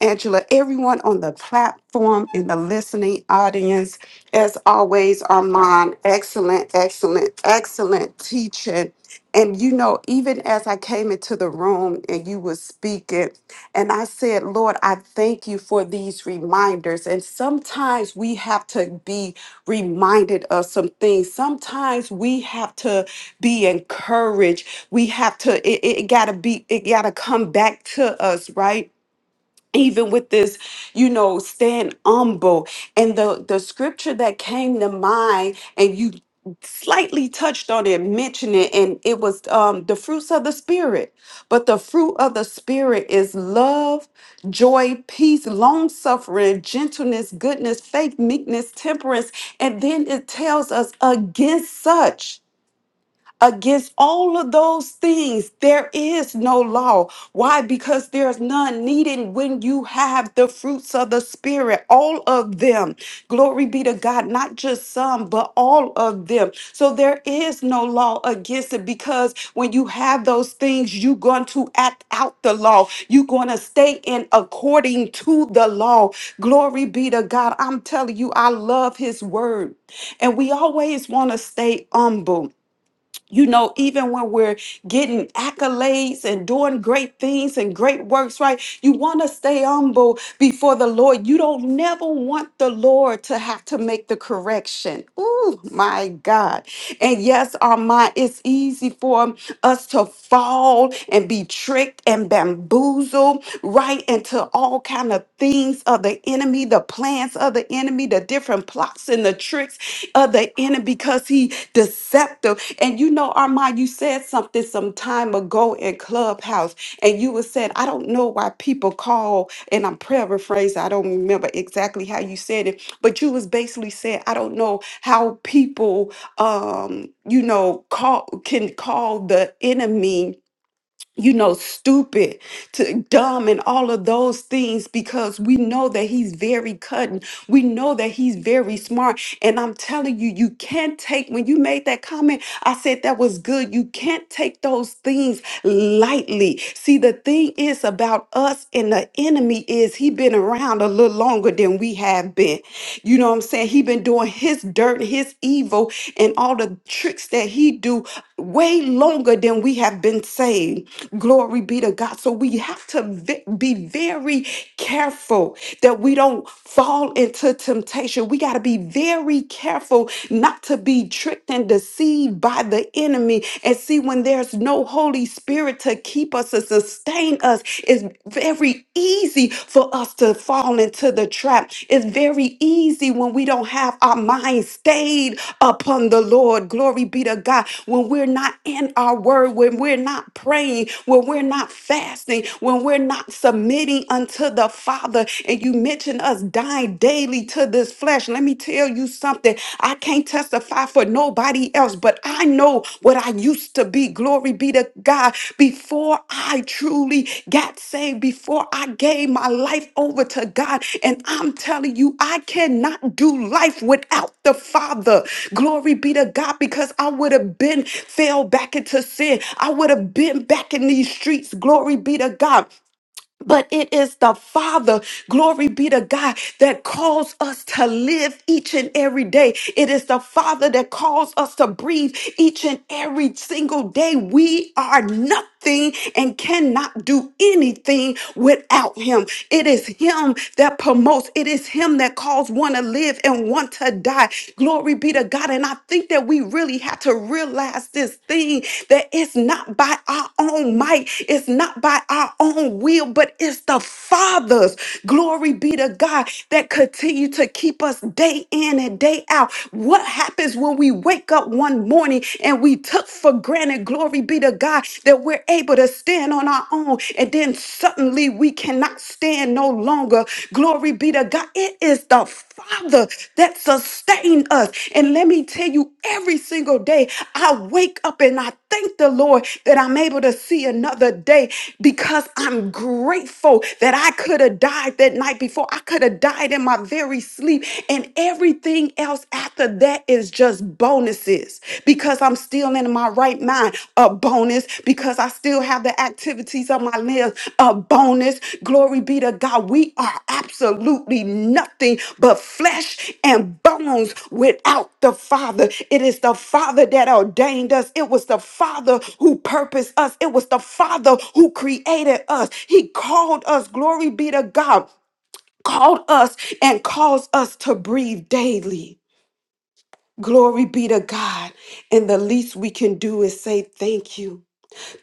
I: Angela, everyone on the platform in the listening audience. As always, Armand, excellent, excellent, excellent teaching. And you know, even as I came into the room and you were speaking, and I said, Lord, I thank you for these reminders. And sometimes we have to be reminded of some things. Sometimes we have to be encouraged. We have to, it, it gotta be, it gotta come back to us, right? even with this you know stand humble and the the scripture that came to mind and you slightly touched on it mentioned it and it was um the fruits of the spirit but the fruit of the spirit is love joy peace long suffering gentleness goodness faith meekness temperance and then it tells us against such Against all of those things, there is no law. Why? Because there's none needed when you have the fruits of the Spirit, all of them. Glory be to God, not just some, but all of them. So there is no law against it because when you have those things, you're going to act out the law. You're going to stay in according to the law. Glory be to God. I'm telling you, I love His word. And we always want to stay humble. You know, even when we're getting accolades and doing great things and great works, right? You want to stay humble before the Lord. You don't never want the Lord to have to make the correction. Oh my God. And yes, our mind, it's easy for us to to fall and be tricked and bamboozled right into all kind of things of the enemy, the plans of the enemy, the different plots and the tricks of the enemy because he deceptive. And you know, Armand, you said something some time ago in Clubhouse, and you were said, I don't know why people call, and I'm paraphrasing, I don't remember exactly how you said it, but you was basically saying, I don't know how people um, you know, call can call the enemy you know, stupid, to dumb, and all of those things because we know that he's very cutting. We know that he's very smart. And I'm telling you, you can't take, when you made that comment, I said that was good. You can't take those things lightly. See, the thing is about us and the enemy is he been around a little longer than we have been. You know what I'm saying? He been doing his dirt, his evil, and all the tricks that he do way longer than we have been saved. Glory be to God. So we have to ve- be very careful that we don't fall into temptation. We got to be very careful not to be tricked and deceived by the enemy. And see, when there's no Holy Spirit to keep us and sustain us, it's very easy for us to fall into the trap. It's very easy when we don't have our mind stayed upon the Lord. Glory be to God. When we're not in our word, when we're not praying, when we're not fasting, when we're not submitting unto the Father. And you mentioned us dying daily to this flesh. Let me tell you something. I can't testify for nobody nobody else, but I know what I used to be. Glory be to God. Before I truly got saved, before I gave my life over to God, and I'm telling you, I cannot do life without the Father. Glory be to God, because I would have been fell back into sin. I would have been back in these streets. Glory be to God. But it is the Father, glory be to God, that calls us to live each and every day. It is the Father that calls us to breathe each and every single day. We are nothing and cannot do anything without Him. It is Him that promotes, it is Him that calls one to live and one to die. Glory be to God. And I think that we that we really have to realize this thing that it's not by our own might, it's not by our own will, but it's the Father's glory be to God that continue to keep us day in and day out. What happens when we wake up one morning and we took for granted, glory be to God, that we're able to stand on our own, and then suddenly we cannot stand? stand no longer. Glory be to God. It is the Father that sustained us. And let me tell you, every single day I wake up and I thank the Lord that I'm able to see another day because I'm grateful that I could have died that night before. I could have died in my very sleep. And everything else after that is just bonuses because I'm still in my right mind, a bonus, because I still have the activities of my limbs, a bonus. Glory be to God. We are absolutely nothing but flesh and bones without the Father. It is the Father that ordained us, it was the Father who purposed us, it was the Father who created us. He called us, glory be to God, called us and caused us to breathe daily. Glory be to God. And the least we can do is say thank you.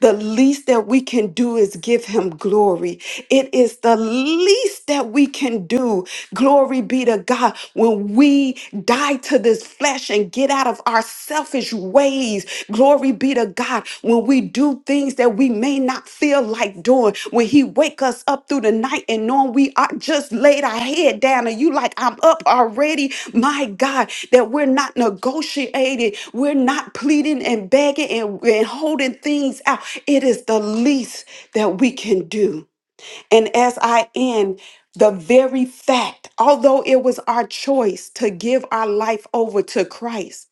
I: The least that we can do is give him glory. It is the least that we can do. Glory be to God. When we die to this flesh and get out of our selfish ways, glory be to God. When we do things that we may not feel feel like doing when he wake us up through the night and knowing we are just laid our head down and you like i'm up already my god that we're not negotiating we're not pleading and begging and, and holding things out it is the least that we can do and as i end the very fact although it was our choice to give our life over to christ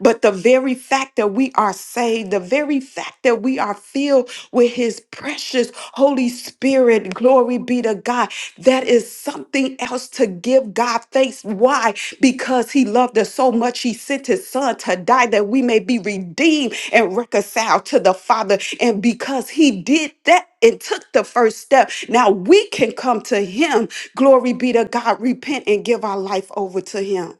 I: but the very fact that we are saved, the very fact that we are filled with His precious Holy Spirit, glory be to God, that is something else to give God thanks. Why? Because He loved us so much, He sent His Son to die that we may be redeemed and reconciled to the Father. And because He did that, and took the first step. Now we can come to him. Glory be to God. Repent and give our life over to him.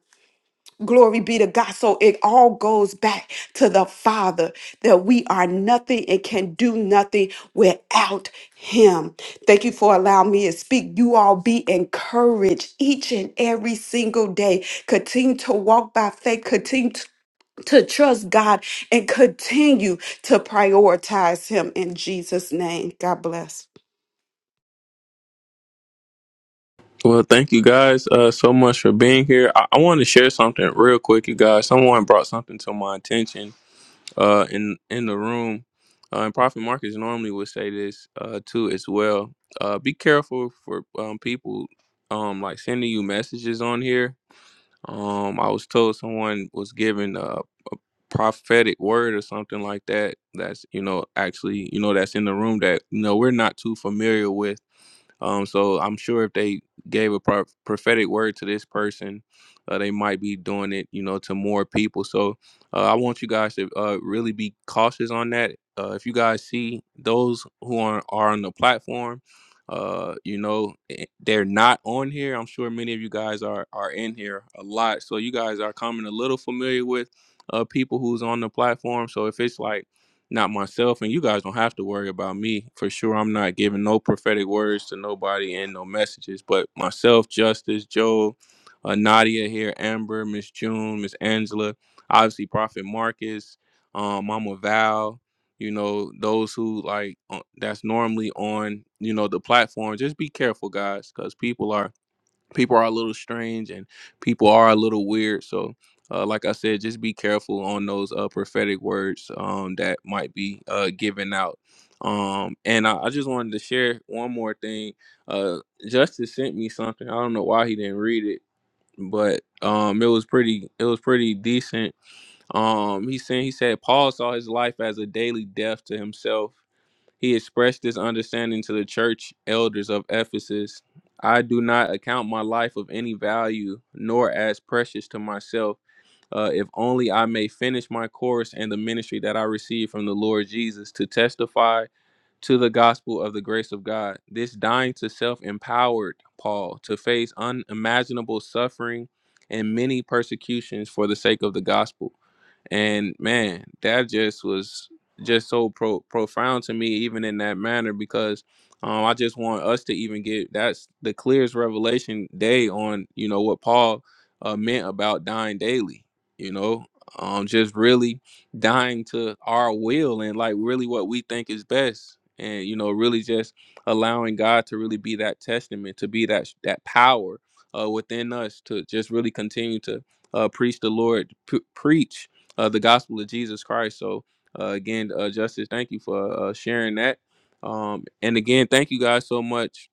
I: Glory be to God. So it all goes back to the Father that we are nothing and can do nothing without Him. Thank you for allowing me to speak. You all be encouraged each and every single day. Continue to walk by faith. Continue to to trust God and continue to prioritize Him in Jesus' name. God bless.
C: Well, thank you guys uh, so much for being here. I, I want to share something real quick, you guys. Someone brought something to my attention uh, in in the room, uh, and Prophet Marcus normally would say this uh, too as well. Uh, be careful for um, people um, like sending you messages on here. Um, I was told someone was given a prophetic word or something like that. That's you know actually you know that's in the room that you know we're not too familiar with um, so I'm sure if they gave a pro- prophetic word to this person, uh, they might be doing it, you know, to more people. So uh, I want you guys to uh, really be cautious on that. Uh, if you guys see those who are, are on the platform, uh, you know, eh, they're not on here. I'm sure many of you guys are are in here a lot, so you guys are coming a little familiar with uh, people who's on the platform. So if it's like not myself and you guys don't have to worry about me for sure i'm not giving no prophetic words to nobody and no messages but myself justice joe uh, nadia here amber miss june miss angela obviously prophet marcus um mama val you know those who like uh, that's normally on you know the platform just be careful guys because people are people are a little strange and people are a little weird so uh, like i said just be careful on those uh, prophetic words um, that might be uh, given out um, and I, I just wanted to share one more thing uh, justice sent me something i don't know why he didn't read it but um, it was pretty it was pretty decent um, he said he said paul saw his life as a daily death to himself he expressed this understanding to the church elders of Ephesus. I do not account my life of any value, nor as precious to myself, uh, if only I may finish my course and the ministry that I received from the Lord Jesus to testify to the gospel of the grace of God. This dying to self empowered Paul to face unimaginable suffering and many persecutions for the sake of the gospel and man that just was just so pro- profound to me even in that manner because um, i just want us to even get that's the clearest revelation day on you know what paul uh, meant about dying daily you know um, just really dying to our will and like really what we think is best and you know really just allowing god to really be that testament to be that that power uh, within us to just really continue to uh, preach the lord p- preach uh, the gospel of Jesus Christ. So uh, again, uh, Justice, thank you for uh, sharing that. Um, and again, thank you guys so much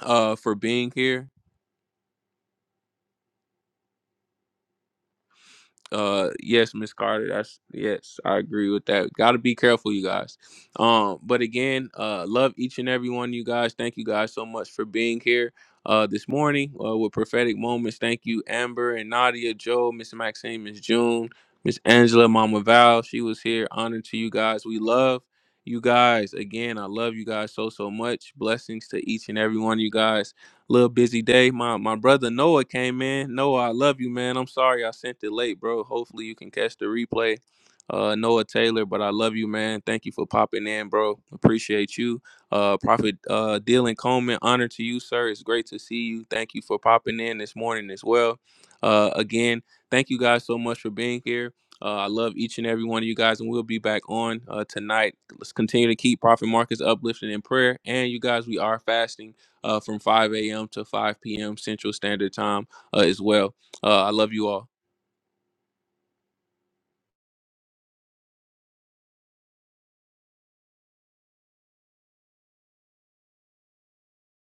C: uh, for being here. Uh, yes, Miss Carter. That's yes, I agree with that. Got to be careful, you guys. Um, but again, uh, love each and every one of you guys. Thank you guys so much for being here. Uh, this morning uh, with prophetic moments. Thank you, Amber and Nadia, Joe, Miss Maxine, Miss June, Miss Angela, Mama Val. She was here. Honor to you guys. We love you guys. Again, I love you guys so so much. Blessings to each and every one of you guys little busy day. My my brother Noah came in. Noah, I love you, man. I'm sorry I sent it late, bro. Hopefully you can catch the replay. Uh, Noah Taylor, but I love you, man. Thank you for popping in, bro. Appreciate you. Uh, Prophet uh, Dylan Coleman, honor to you, sir. It's great to see you. Thank you for popping in this morning as well. Uh, again, thank you guys so much for being here. Uh, I love each and every one of you guys, and we'll be back on uh, tonight. Let's continue to keep Prophet Marcus uplifting in prayer. And you guys, we are fasting uh, from 5 a.m. to 5 p.m. Central Standard Time uh, as well. Uh, I love you all.